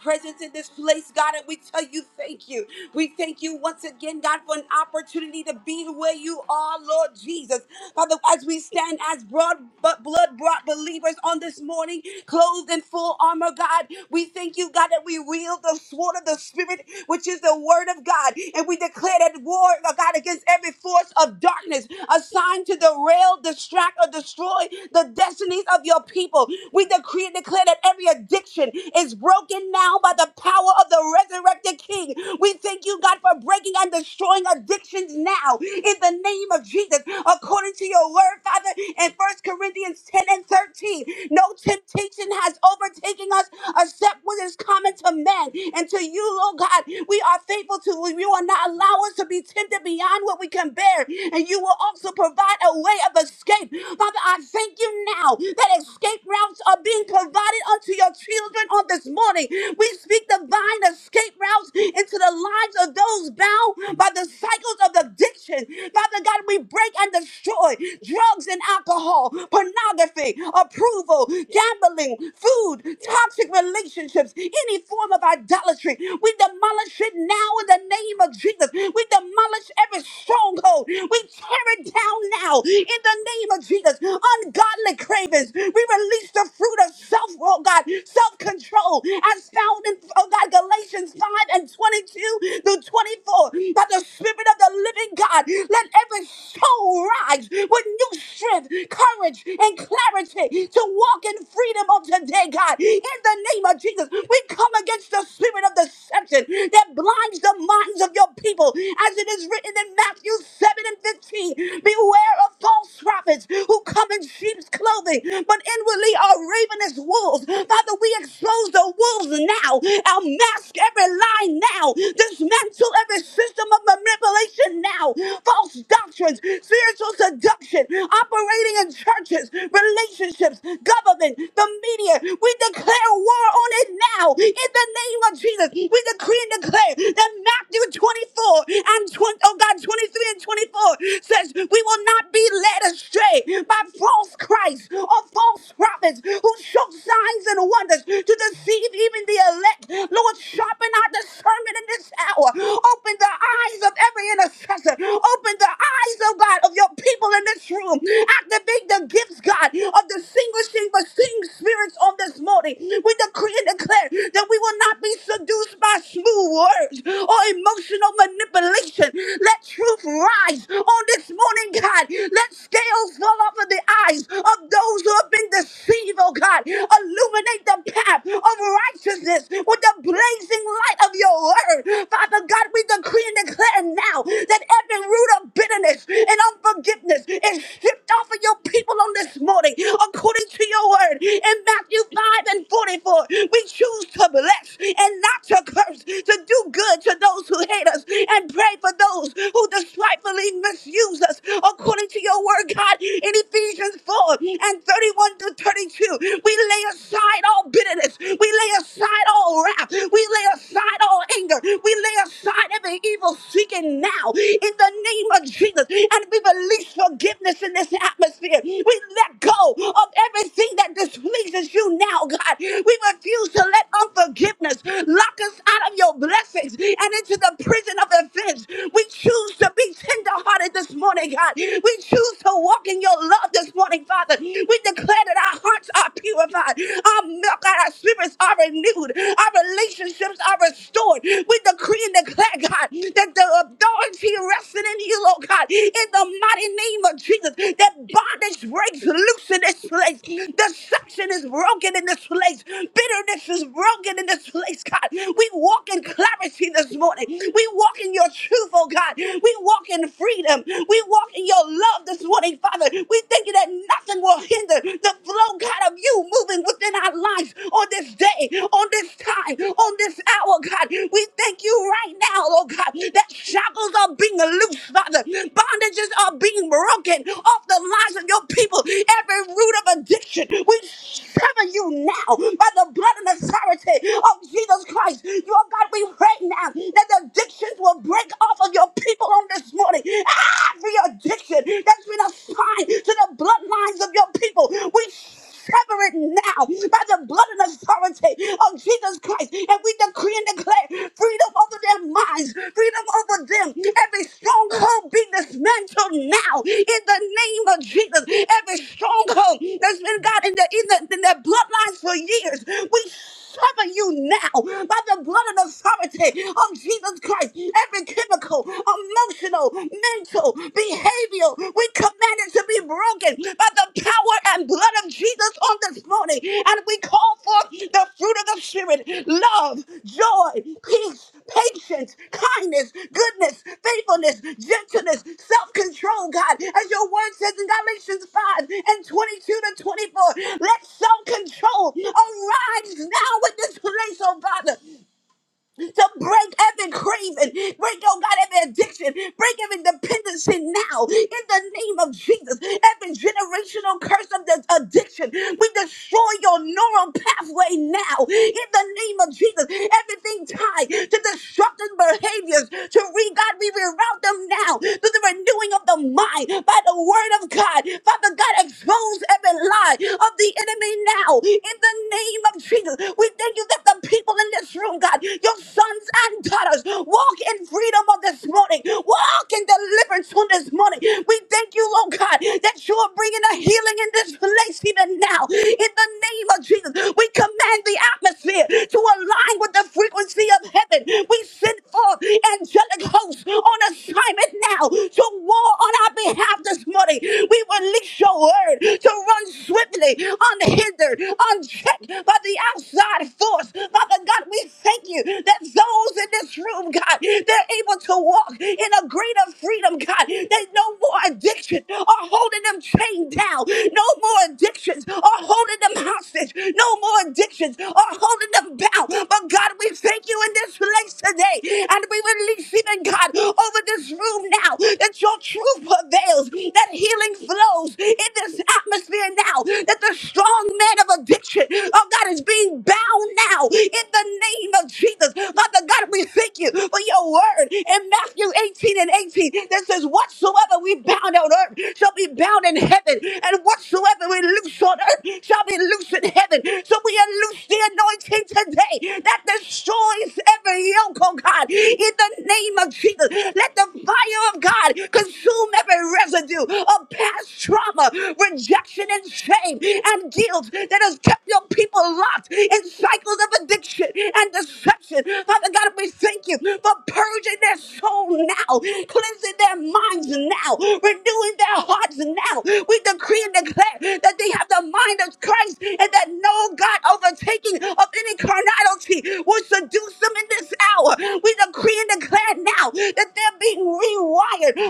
[SPEAKER 10] presence in this place, God, and we tell you thank you. We thank you once again, God, for an opportunity to be where you are, Lord Jesus. Father, as we stand as broad but blood brought believers on this morning, clothed in full armor, God, we thank you, God, that we wield the sword of the Spirit, which is the word of God, and we declare that war, oh God, against every force of darkness assigned to derail, distract, or destroy the destinies of your people. We decree and declare that every addiction, limitation is broken now by the power of the resurrected King. We thank you, God, for breaking and destroying addictions now in the name of Jesus, according to your word, Father, in First Corinthians 10 and 13. No temptation has overtaken us except what is common to man. And to you, Lord God, we are faithful to you. You will not allow us to be tempted beyond what we can bear. And you will also provide a way of escape. Father, I thank you now that escape routes are being provided allotted unto your children on this morning. We speak divine escape routes into the lives of those bound by the cycles of addiction. Father God, we break and destroy drugs and alcohol, pornography, approval, gambling, food, toxic relationships, any form of idolatry. We demolish it now in the name of Jesus. We demolish every stronghold. We tear it down now in the the name of Jesus. Ungodly cravings. We release the fruit of self, oh God, self control as found in, oh God, Galatians 5 and 22 through 24. By the Spirit of the living God, let every soul rise with new strength, courage, and clarity to walk in freedom of today, God. In the name of Jesus, we come against the spirit of deception that blinds the minds of your people, as it is written in Matthew 7 and 15. Beware Beware of false prophets who come in sheep's clothing, but inwardly are ravenous wolves. Father, we expose the wolves now. I'll mask every lie now. Dismantle every system of manipulation now. False doctrines, spiritual seduction, operating in churches, relationships, government, the media. We declare war on it now. In the name of Jesus, we decree and declare that Matthew 24 and 20, oh God, 23 and 24 says says we will not be led astray by false Christs or false prophets who show signs and wonders to deceive even the elect. Lord, sharpen our discernment in this hour. Open the eyes of every intercessor. Open the eyes, oh God, of your people in this room. Activate the gifts, God, of distinguishing but seeing spirits on this morning. We decree and declare that we will not be seduced by smooth words or emotional manipulation. Let truth rise eyes on this morning, God. Let scales fall off of the eyes of those who have been deceived, oh God. Illuminate the path of righteousness with the blazing light of your word. Father God, we decree and declare now that every root of bitterness and unforgiveness is stripped off of your people on this morning, according to your word. In Matthew 5 and 44, we choose to bless and not to curse, to do good to those who hate us and pray for those who despitefully misuse us according to your word, God, in Ephesians 4 and 31 to 32. We lay aside all bitterness. We lay aside all wrath. We lay aside all anger. We lay aside every evil seeking now in the name of Jesus. And we release forgiveness in this atmosphere. We let go of everything that displeases you now, God. We refuse to let unforgiveness lock us out of your blessings and into the prison of offense friends. We choose to be tenderhearted this morning, God. We choose to walk in your love this morning, Father. We declare that our hearts are purified, our milk and our spirits are renewed, our relationships are restored. We decree and declare, God, that the authority resting in you, Lord God, in the mighty name of Jesus, that bondage breaks loose in this place. Deception is broken in this place. Bitterness is broken in this place, God. We walk in clarity this morning. We we walk in your truth, oh God. We walk in freedom. We walk in your love this morning, Father. We thank you that nothing will hinder the flow, God, of you moving within our lives on this day, on this time, on this hour, God. We thank you right now, oh God, that shackles are being loose, Father. Bondages are being broken off the lives of your people. Every root of addiction, we sever you now by the blood and authority of Jesus Christ. Your God, we pray now that the addictions will break off of your people on this morning. Every addiction that's been assigned to the bloodlines of your people, we sever it now by the blood and authority of Jesus Christ. And we decree and declare freedom over their minds, freedom over them. Every stronghold be dismantled now in the name of Jesus. Every stronghold that's been God in, the, in, the, in their bloodlines for years, we sever you now by the blood and the authority of Jesus Christ. Every chemical, emotional, mental, behavioral, we command it to be broken by the power and blood of Jesus on this morning. And we call forth the fruit of the Spirit love, joy, peace, patience, kindness, goodness, faithfulness, gentleness, self control, God. As your word says in Galatians 5 and 22 to 24, let self control arise now in this place, oh Father to break every craving, break, oh God, every addiction, break every dependency now in the name of Jesus. Every generational curse of the addiction, we destroy your neural pathway now in the name of Jesus. Everything tied to destructive behaviors, to re God, we reroute them now to the renewing of the mind by the word of God. Father God, expose every lie of the enemy now in the name of Jesus. We thank you you that the people in this room, God, your sons and daughters, walk in freedom on this morning, walk in deliverance on this morning. We thank you, Lord God, that you are bringing a healing in this place even now. In the name of Jesus, we command the atmosphere to align with the frequency of heaven. We send forth angelic hosts on assignment now to war on our behalf this morning. We release your word to run swiftly, unhindered, unchecked by the outside force. Father God, we thank you that those in this room, God, they're able to walk in a greater freedom, God. That no more addiction are holding them chained down. No more addictions are holding them hostage. No more addictions are holding them bound. But God, we thank you in this place today. And we release even God over this room now that your truth prevails, that healing flows in this atmosphere declare now that the strong man of addiction, oh God, is being bound now in the name of Jesus. Father God, we thank you for your word in Matthew 18 and 18 that says, Whatsoever we bound on earth shall be bound in heaven, and whatsoever we loose on earth shall be loose in heaven. So we unloose the anointing today that destroys every yoke, oh God, in the name of Jesus. Let the fire of God consume every residue of past trauma, rejection, and shame and guilt that has kept your people locked in cycles of addiction and deception. Father God, we thank you for purging their soul now, cleansing their minds now, renewing their hearts now. We decree and declare that they have the mind of Christ and that no God overtaking of any carnality will seduce them in this hour. We decree and declare now that they're being rewired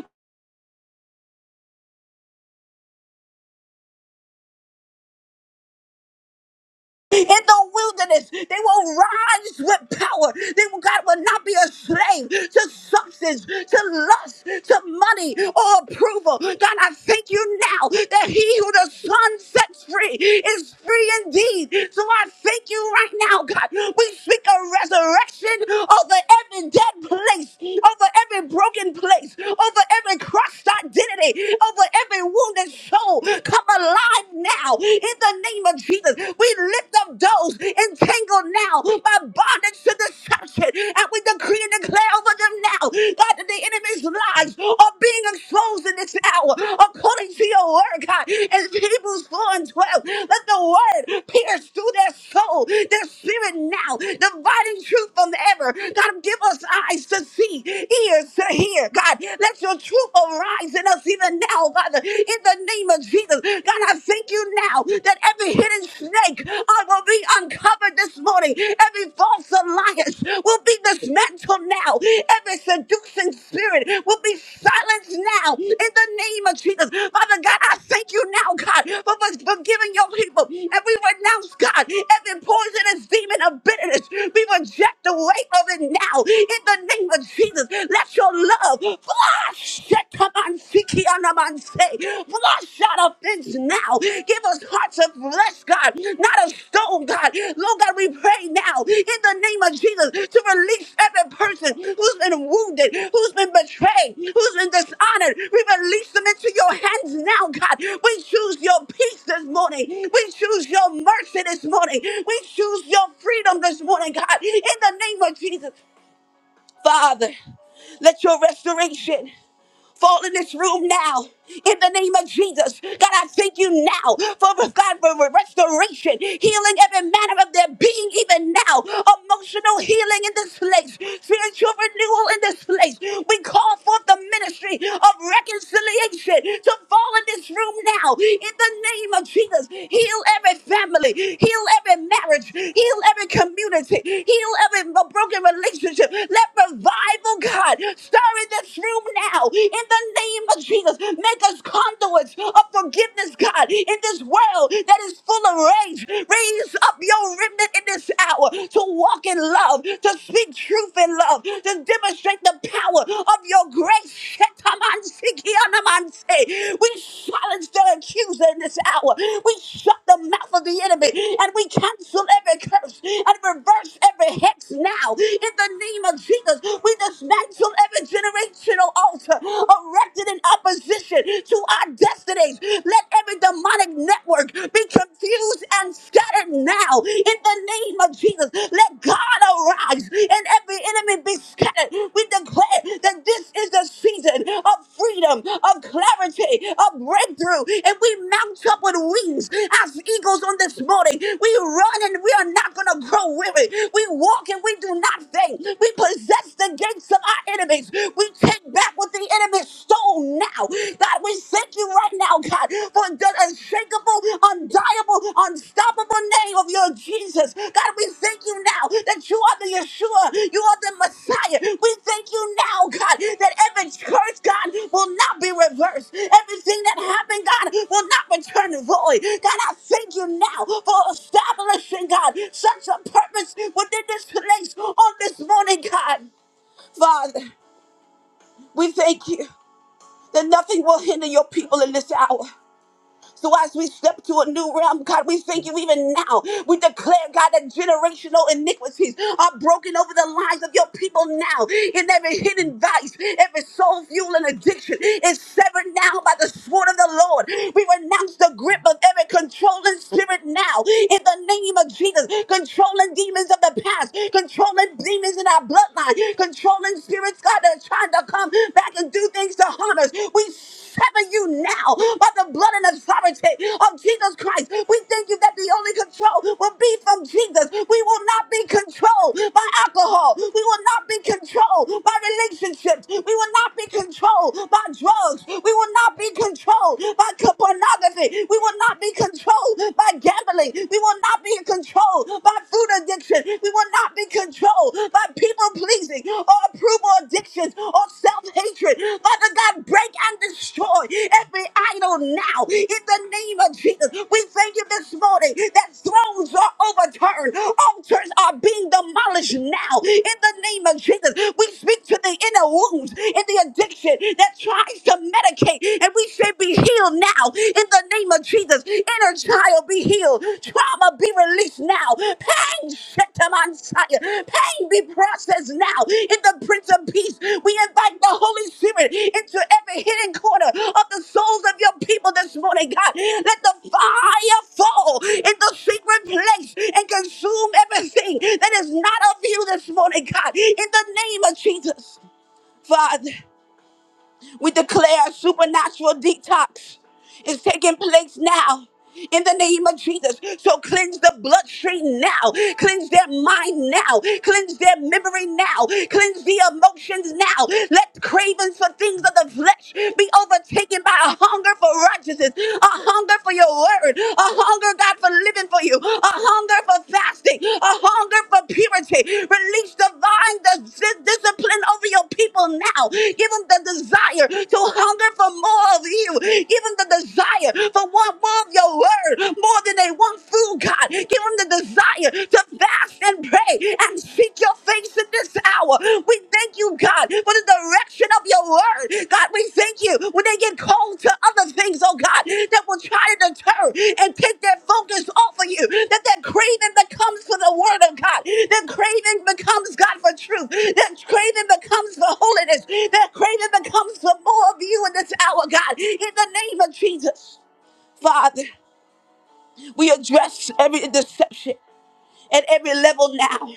[SPEAKER 10] in the wilderness. They will rise with power. They will, God will not be a slave to substance, to lust, to money or approval. God, I thank you now that he who the Son sets free is free indeed. So I thank you right now, God. We speak a resurrection over every dead place, over every broken place, over every crushed identity, over every wounded soul. Come alive right now in the name of Jesus. We lift up those entangled now by bondage to deception and we decree and declare over them now, God, that the enemy's lies are being exposed in this hour according to your word, God. In Hebrews 4 and 12, let the word pierce through their soul, their spirit now, dividing truth from error. God, give us eyes to see, ears to hear. God, let your truth arise in us even now, Father, in the name of Jesus. God, I thank you now that every hidden snake I will be uncovered this morning. Every false alliance will be dismantled now. Every seducing spirit will be silenced now in the name of Jesus. Father God, I thank you now, God, for for- for giving your people. And we renounce, God, every poisonous demon demon of bitterness be rejected away of it now. In the name of Jesus, let your love flush. that come on, Siki Anamanse. Flush out offense now. Give us hearts of flesh, God, not of stone, God. Lord God, we pray now in the name name of Jesus to release every person who's been wounded, who's been betrayed, who's been dishonored. We release them into your hands now, God. We choose your peace this morning. We choose your mercy this morning. We choose your freedom this morning, God. In the name of Jesus, Father, let your restoration fall in this room now in the name of Jesus. God, I thank you now for for God for restoration, healing every manner of their being, even now. Emotional healing in this place, spiritual renewal in this place. We call forth the ministry of reconciliation to fall in this room now in the name of Jesus. Heal every family, heal every marriage, heal every community, heal every broken relationship. Let revival, God, stir in this room room now in the name of Jesus. Make us conduits of forgiveness, God, in this world that is full of rage. Raise up your remnant in this hour to walk in love, to speak truth in love, to demonstrate the power of your grace. Shetamansiki-anamanse. We silence the accuser in this hour. We shut the mouth of the enemy and we cancel every curse and reverse every hex now in the name of Jesus. We dismantle every generational altar erected in opposition to our destinies. Let every demonic network be confused and scattered now in the name of Jesus. Let God arise and every enemy be scattered. We declare that this is the season of freedom, of clarity, of breakthrough, and we mount up with wings as eagles on this morning. We run and we are not going to grow weary. We walk and we do not faint. We possess the gates of of our enemies. We take back what the enemy stole now. God, we thank you right now, God, for the unshakable, undiable, unstoppable name of your Jesus. God, we thank you now that you are the Yeshua. You are the Messiah. We thank you now, God, that every curse, God, will not be reversed. Everything that happened, God, will not return void. God, I thank you now for establishing, God, such a purpose within this place on this morning, God. Father, we thank you that nothing will hinder your people in this hour. So as we step to a new realm, God, we thank you even now. We declare, God, that generational iniquities are broken over the lives of your people now. In every hidden vice, every soul fueling addiction is severed now by the sword of the Lord. We renounce the grip of every controlling spirit now. In the name of Jesus, controlling demons of the past, controlling demons in our bloodline, controlling spirits, God, that are trying trying to come back and do things to harm us. We sever you now by the blood and authority of Jesus Christ. We thank you that the only control will be from Jesus. We will not be controlled by alcohol. We will not be controlled by relationships. We will not be controlled by drugs. We will not be controlled by co- pornography. We will not be controlled by gambling. We will not be controlled by food food addiction. We will not be controlled by people pleasing or approval addictions or self hatred. Father God, break and destroy every idol now in the name of Jesus. We thank you this morning that thrones are overturned, altars are being demolished now in the name of Jesus. We speak to the inner wounds and the addiction that tries to medicate, and we say, Be healed now in the name of Jesus. Inner child be healed. Trauma be released now. Pain, shit them on fire. Pain be processed now. In the Prince of Peace, we invite the Holy Spirit into every hidden corner of the souls of your people this morning, God. Let the fire fall in the secret place and consume everything that is not of you this morning, God. In the name of Jesus, Father. We declare a supernatural detox is taking place now. In the name of Jesus. So cleanse the bloodstream now. Cleanse their mind now. Cleanse their memory now. Cleanse the emotions now. Let cravings for things of the flesh be overtaken by a hunger for righteousness, a hunger for your word, a hunger, God, for living driven for you, a hunger for fasting, a hunger for purity. Release divine dis- discipline over your people now. Give them the desire to hunger for more of you. Give them the desire for want more of your word, more than they want food, God. Give them the desire to fast and pray and seek your face in this hour. We thank you, God, for the direction of your word. God, we thank you when they get called to other things, oh God, that will try to deter and take their focus off of you. That that craving becomes for the word of God. That craving becomes, God, for truth. That craving becomes for holiness. That craving becomes for more of you in this hour, God, in the name of Jesus. Father, we address every deception at every level now.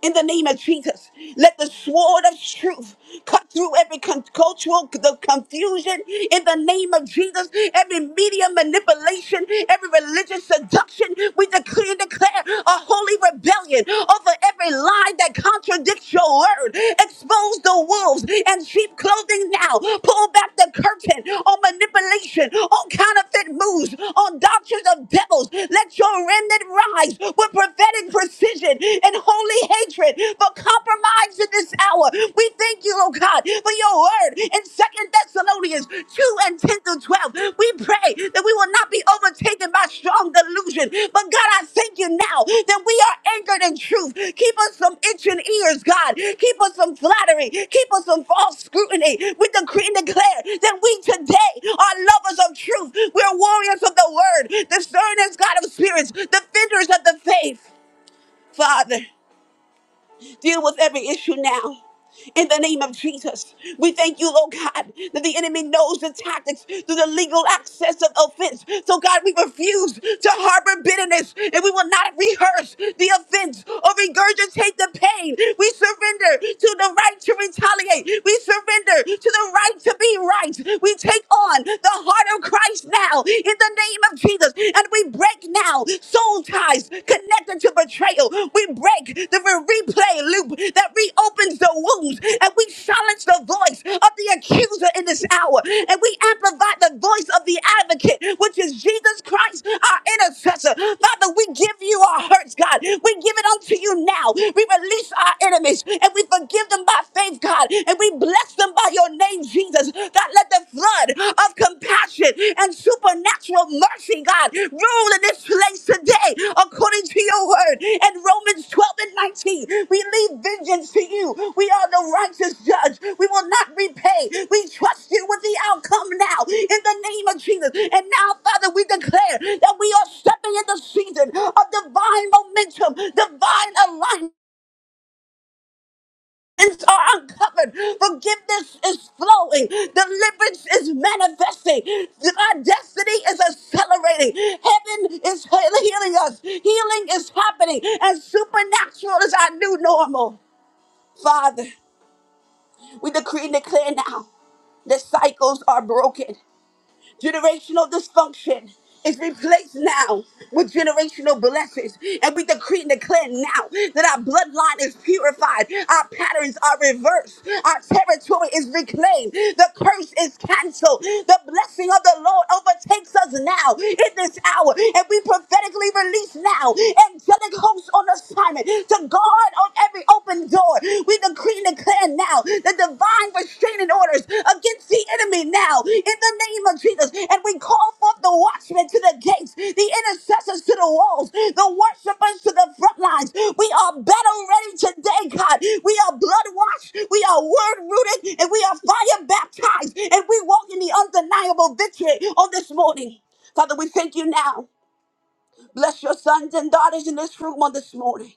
[SPEAKER 10] In the name of Jesus, let the sword of truth cut through every con- cultural the confusion. In the name of Jesus, every media manipulation, every religious seduction, we decree and declare a holy rebellion over every lie that contradicts your word. Expose the wolves and sheep clothing now. Pull back the curtain on manipulation, on counterfeit moves, on doctrines of devils. Let your remnant rise with prophetic prophetic precision and holy hatred for compromise in this hour. We thank you, oh God, for your word in Second Thessalonians 2 and 10 through 12. We pray that we will not be overtaken by strong delusion. But God, I thank you now that we are anchored in truth. Keep us from itching ears, God. Keep us from flattery. Keep us from false scrutiny. We decree and declare that we today are lovers of truth. We're warriors of the word, discerners, God of spirits, defenders of the faith. Father, deal with every issue now. In the name of Jesus, we thank you, Lord God, that the enemy knows the tactics through the legal access of offense. So, God, we refuse to harbor bitterness and we will not rehearse the offense or regurgitate the pain. We surrender to the right to retaliate, we surrender to the right to be right. We take on the heart of Christ now in the name of Jesus and we we break now soul ties connected to betrayal. We break the re- replay loop that reopens the wounds and we silence the voice of the accuser in this hour and we amplify the voice of the advocate, which is Jesus Christ, our intercessor. Father, we give you our hurts, God. We give it unto you now. We release our enemies and we forgive them by faith, God, and we bless them by your name, Jesus. Jesus, God, let the flood of compassion and supernatural mercy, God, rule in this place today according to your word. In Romans 12 and 19, we leave vengeance to you. We are the righteous judge. We will not repay. We trust you with the outcome now in the name of Jesus. And now, Father, we declare that we are stepping in the season of divine momentum, divine alignment mountains are uncovered. Forgiveness is flowing. Deliverance is manifesting. Our destiny is accelerating. Heaven is he- healing us. Healing is happening. And supernatural is our new normal. Father, we decree and declare now that cycles are broken. Generational dysfunction is replaced now with generational blessings. And we decree and declare now that our bloodline is purified, our patterns are reversed, our territory is reclaimed, the curse is canceled, the blessing of the Lord overtakes us now in this hour. And we prophetically release now angelic hosts on assignment to guard on every open door. We decree and declare now the divine restraining orders against the enemy now in the name of Jesus. And we call forth the watchmen to the gates, the intercessors to the walls, the worshipers to the front lines. We are battle ready today, God. We are blood washed, we are word rooted, and we are fire baptized. And we walk in the undeniable victory on this morning. Father, we thank you now. Bless your sons and daughters in this room on this morning.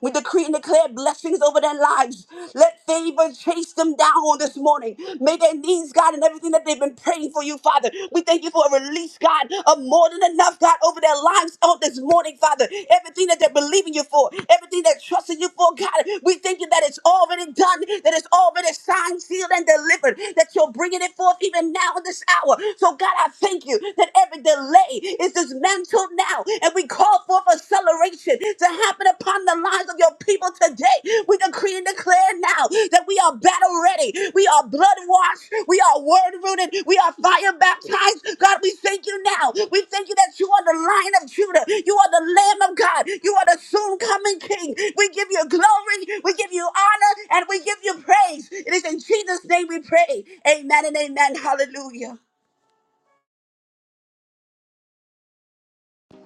[SPEAKER 10] We decree and declare blessings over their lives. Let favor chase them down on this morning. May their needs, God, and everything that they've been praying for you, Father. We thank you for a release, God, of more than enough, God, over their lives on this morning, Father. Everything that they're believing you for, everything they're trusting you for, God, we thank you that it's already done, that it's already signed, sealed, and delivered, that you're bringing it forth even now in this hour. So, God, I thank you that every delay is dismantled now and we call forth acceleration to happen upon the lives of your people today. We decree and declare now that we are battle ready, we are blood washed, we are word rooted, we are fire baptized. God, we thank you now. We thank you that you are the lion of Judah, you are the lamb of God, you are the soon coming king. We give you glory, we give you honor, and we give you praise. It is in Jesus' name we pray. Amen and amen. Hallelujah.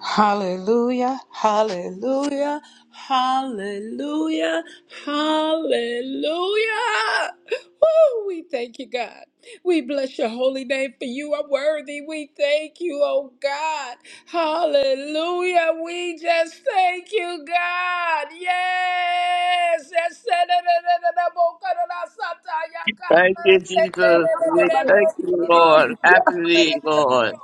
[SPEAKER 1] Hallelujah, hallelujah, hallelujah, hallelujah. Woo, we thank you, God. We bless your holy name for you are worthy. We thank you, oh God. Hallelujah. We just thank you, God. Yes.
[SPEAKER 4] Thank you, Jesus. We Thank you, Lord.
[SPEAKER 1] Yes.
[SPEAKER 4] Happily, Lord.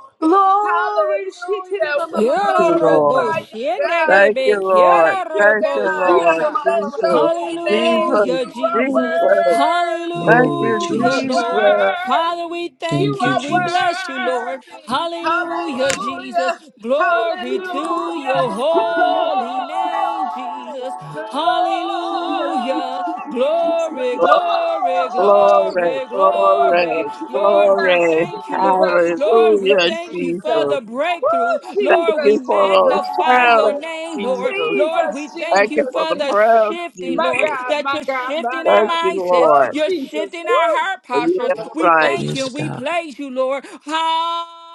[SPEAKER 1] Hallelujah. We
[SPEAKER 4] Thank
[SPEAKER 7] Kiara
[SPEAKER 4] you, Lord.
[SPEAKER 7] robo
[SPEAKER 1] glorify you,
[SPEAKER 7] shende
[SPEAKER 1] God.
[SPEAKER 4] Thank you,
[SPEAKER 7] debe.
[SPEAKER 1] We
[SPEAKER 4] Lord.
[SPEAKER 1] thank
[SPEAKER 7] Kiara
[SPEAKER 1] you,
[SPEAKER 4] Thank
[SPEAKER 7] robo
[SPEAKER 4] you,
[SPEAKER 1] God. We
[SPEAKER 4] Lord.
[SPEAKER 7] shata.
[SPEAKER 1] bless your
[SPEAKER 4] Jesus.
[SPEAKER 1] holy name.
[SPEAKER 4] Jesus.
[SPEAKER 7] Hallelujah,
[SPEAKER 1] You are
[SPEAKER 7] Jesus.
[SPEAKER 4] Jesus.
[SPEAKER 1] worthy.
[SPEAKER 4] Thank
[SPEAKER 6] Glory,
[SPEAKER 4] you,
[SPEAKER 1] You
[SPEAKER 7] Hallelujah,
[SPEAKER 1] are
[SPEAKER 6] Jesus.
[SPEAKER 7] Lord.
[SPEAKER 4] Jesus.
[SPEAKER 1] worthy.
[SPEAKER 7] Father, we thank
[SPEAKER 6] Thank you,
[SPEAKER 7] you.
[SPEAKER 1] You are
[SPEAKER 7] We bless
[SPEAKER 6] Jesus.
[SPEAKER 7] you, Lord.
[SPEAKER 1] worthy.
[SPEAKER 7] Hallelujah, Jesus.
[SPEAKER 1] Hallelujah.
[SPEAKER 7] Glory to
[SPEAKER 1] Hallelujah.
[SPEAKER 7] your holy name,
[SPEAKER 1] Glory.
[SPEAKER 7] Jesus. Hallelujah. Glory,
[SPEAKER 1] Glory.
[SPEAKER 7] glory,
[SPEAKER 1] Glory.
[SPEAKER 4] Glory,
[SPEAKER 7] glory, glory.
[SPEAKER 1] Oh,
[SPEAKER 4] glory,
[SPEAKER 7] Lord, we
[SPEAKER 1] Jesus,
[SPEAKER 4] glory.
[SPEAKER 7] thank you, Lord.
[SPEAKER 1] Jesus,
[SPEAKER 7] Lord, we
[SPEAKER 4] Hallelujah,
[SPEAKER 1] Jesus,
[SPEAKER 7] thank you for
[SPEAKER 1] Jesus,
[SPEAKER 4] Jesus.
[SPEAKER 7] the breakthrough.
[SPEAKER 4] Thank
[SPEAKER 7] Lord,
[SPEAKER 1] Jesus,
[SPEAKER 7] we
[SPEAKER 4] you
[SPEAKER 1] Jesus,
[SPEAKER 4] for
[SPEAKER 1] Jesus,
[SPEAKER 4] those
[SPEAKER 7] magnify your
[SPEAKER 4] trials,
[SPEAKER 7] name name,
[SPEAKER 4] Jesus.
[SPEAKER 7] Lord. Lord, we
[SPEAKER 1] Jesus,
[SPEAKER 7] thank
[SPEAKER 4] Thank
[SPEAKER 7] you
[SPEAKER 4] you
[SPEAKER 1] Jesus,
[SPEAKER 4] for
[SPEAKER 7] for
[SPEAKER 4] the
[SPEAKER 7] the
[SPEAKER 1] Jesus.
[SPEAKER 4] prayers,
[SPEAKER 7] shifting,
[SPEAKER 4] Jesus.
[SPEAKER 1] My
[SPEAKER 7] Lord,
[SPEAKER 1] God,
[SPEAKER 7] that
[SPEAKER 1] my
[SPEAKER 7] you're
[SPEAKER 1] God,
[SPEAKER 7] shifting
[SPEAKER 1] my
[SPEAKER 7] our
[SPEAKER 4] Thank
[SPEAKER 1] God.
[SPEAKER 4] you,
[SPEAKER 7] mindsets,
[SPEAKER 1] Woo,
[SPEAKER 4] Lord.
[SPEAKER 7] you're
[SPEAKER 1] Jesus,
[SPEAKER 7] shifting our
[SPEAKER 1] woo.
[SPEAKER 7] heart
[SPEAKER 4] Yes,
[SPEAKER 7] postures. We
[SPEAKER 4] right.
[SPEAKER 7] thank you
[SPEAKER 6] Yes,
[SPEAKER 7] we
[SPEAKER 6] God.
[SPEAKER 7] praise you, Lord.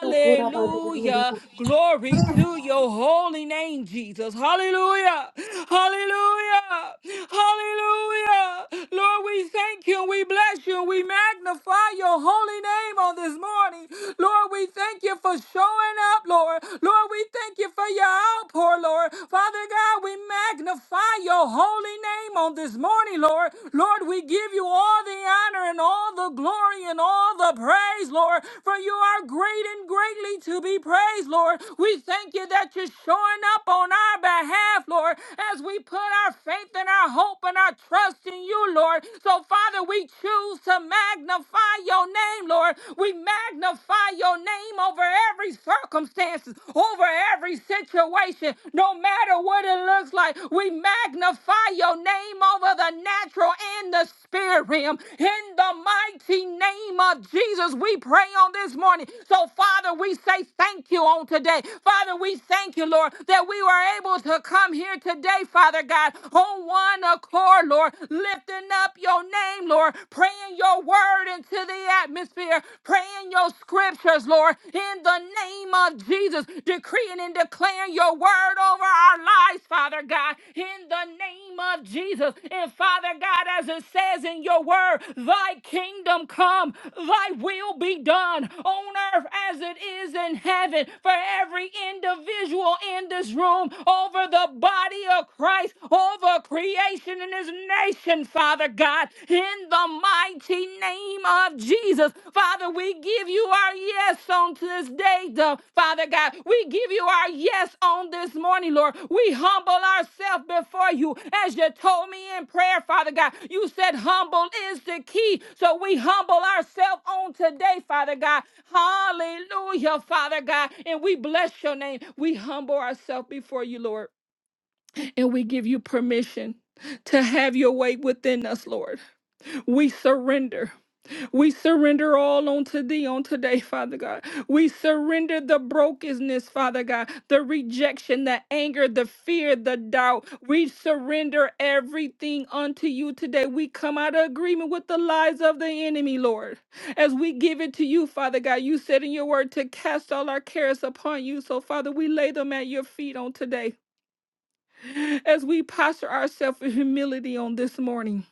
[SPEAKER 10] Glory.
[SPEAKER 7] Glory to your holy name, Jesus. Hallelujah. Hallelujah. Hallelujah. Lord, we thank you we bless you we magnify your holy name on this morning. Lord, we thank you for showing up up, Lord. Lord, we thank you for your outpour, Lord. Father God, we magnify your holy name on this morning, Lord. Lord, we give you all the honor and all the glory and all the praise, Lord, for you are great and greatly to be praised, Lord. We thank you that you're showing up on our behalf, Lord, as we put our faith and our hope and our trust in you, Lord. So, Father, we choose to magnify your name, Lord. We magnify your name over every circumstance, over every situation, no matter what it looks like. We magnify your name over the natural and the spirit realm. In the mighty name of Jesus, we pray on this morning. So, Father, we say thank you on today. Father, we thank you, Lord, that we were able to come here today, Father God, on one accord, Lord, lifting up your name, Lord, praying your word into the atmosphere, praying your scriptures, Lord, in the name of Jesus, decreeing and declaring your word over our lives, Father God, in the name of Jesus. And Father God, as it says in your word, thy kingdom come, thy will be done on earth as it is in heaven for every individual in this room over the body of Christ, over creation nation and his nation, Father God, in the mighty name of Jesus. Father, we give you our yes on this day, though. Father God. We give you our yes on this morning, Lord. We humble ourselves before you as you told me in prayer, Father God. You said humble is the key. So we humble ourselves on today, Father God. Hallelujah, Father God. And we bless your name. We humble ourselves before you, Lord and we give you permission to have your way within us, Lord. We surrender. We surrender all unto thee on today, Father God. We surrender the brokenness, Father God, the rejection, the anger, the fear, the doubt. We surrender everything unto you today. We come out of agreement with the lies of the enemy, Lord. As we give it to you, Father God, you said in your word to cast all our cares upon you. So, Father, we lay them at your feet on today as we posture ourselves in humility on this morning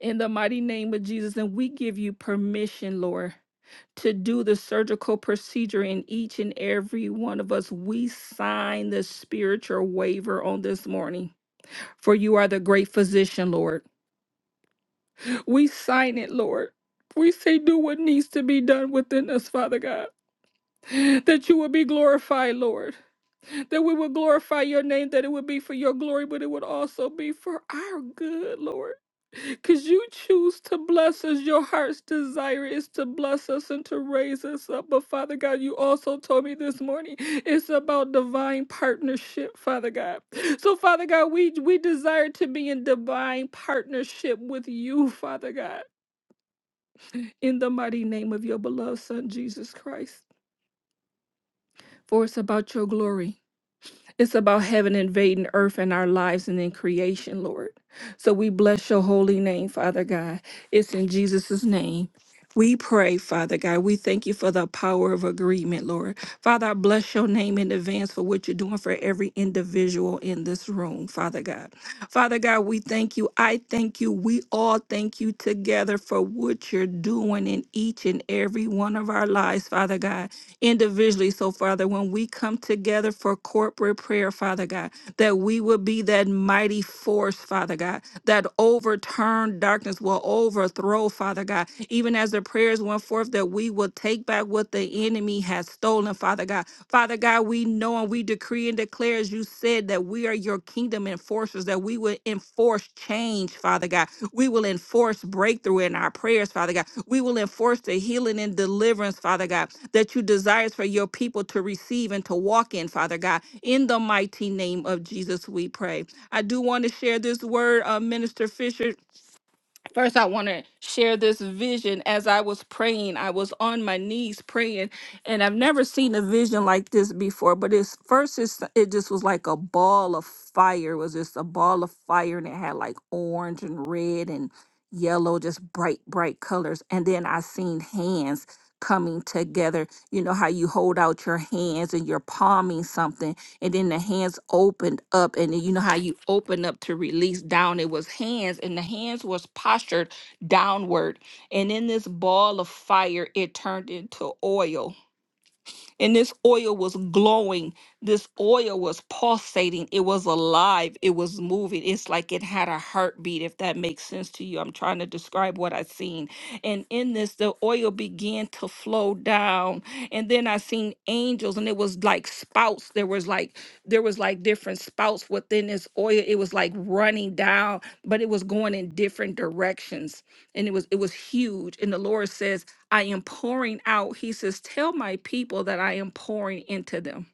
[SPEAKER 7] in the mighty name of Jesus. And we give you permission, Lord, to do the surgical procedure in each and every one of us. We sign the spiritual waiver on this morning, for you are the great physician, Lord. We sign it, Lord. We say, do what needs to be done within us, Father God, that you will be glorified, Lord, that we will glorify your name, that it would be for your glory, but it would also be for our good, Lord. Because you choose to bless us. Your heart's desire is to bless us and to raise us up. But Father God, you also told me this morning it's about divine partnership, Father God. So, Father God, we, we desire to be in divine partnership with you, Father God, in the mighty name of your beloved Son, Jesus Christ. For it's about your glory. It's about heaven invading earth in our lives and in creation, Lord. So we bless your holy name, Father God. It's in Jesus' name. We pray, Father God. We thank you for the power of agreement, Lord. Father, I bless your name in advance for what you're doing for every individual in this room, Father God. Father God, we thank you. I thank you. We all thank you together for what you're doing in each and every one of our lives, Father God individually. So, Father, when we come together for corporate prayer, Father God, that we will be that mighty force, Father God, that overturned darkness will overthrow, Father God. Even as the prayers went forth, that we will take back what the enemy has stolen, Father God. Father God, we know and we decree and declare, as you said, that we are your kingdom enforcers, that we will enforce change, Father God we will enforce breakthrough in our prayers, Father God. We will enforce the healing and deliverance, Father God, that you desires for your people to receive and to walk in, Father God. In the mighty name of Jesus, we pray. I do want to share this word, uh, Minister Fisher First, I want to share this vision. As I was praying, I was on my knees praying, and I've never seen a vision like this before. But it's first, it's, it just was like a ball of fire. It was just a ball of fire, and it had like orange and red and yellow, just bright, bright colors. And then I seen hands coming together. You know how you hold out your hands and you're palming something, and then the hands opened up and then you know how you open up to release down it was hands and the hands was postured downward and in this ball of fire it turned into oil and this oil was glowing. This oil was pulsating. It was alive. It was moving. It's like it had a heartbeat, if that makes sense to you. I'm trying to describe what I seen. And in this, the oil began to flow down. And then I seen angels, and it was like spouts. There was like there was like different spouts within this oil. It was like running down, but it was going in different directions. And it was it was huge. And the Lord says I am pouring out. He says, Tell my people that I am pouring into them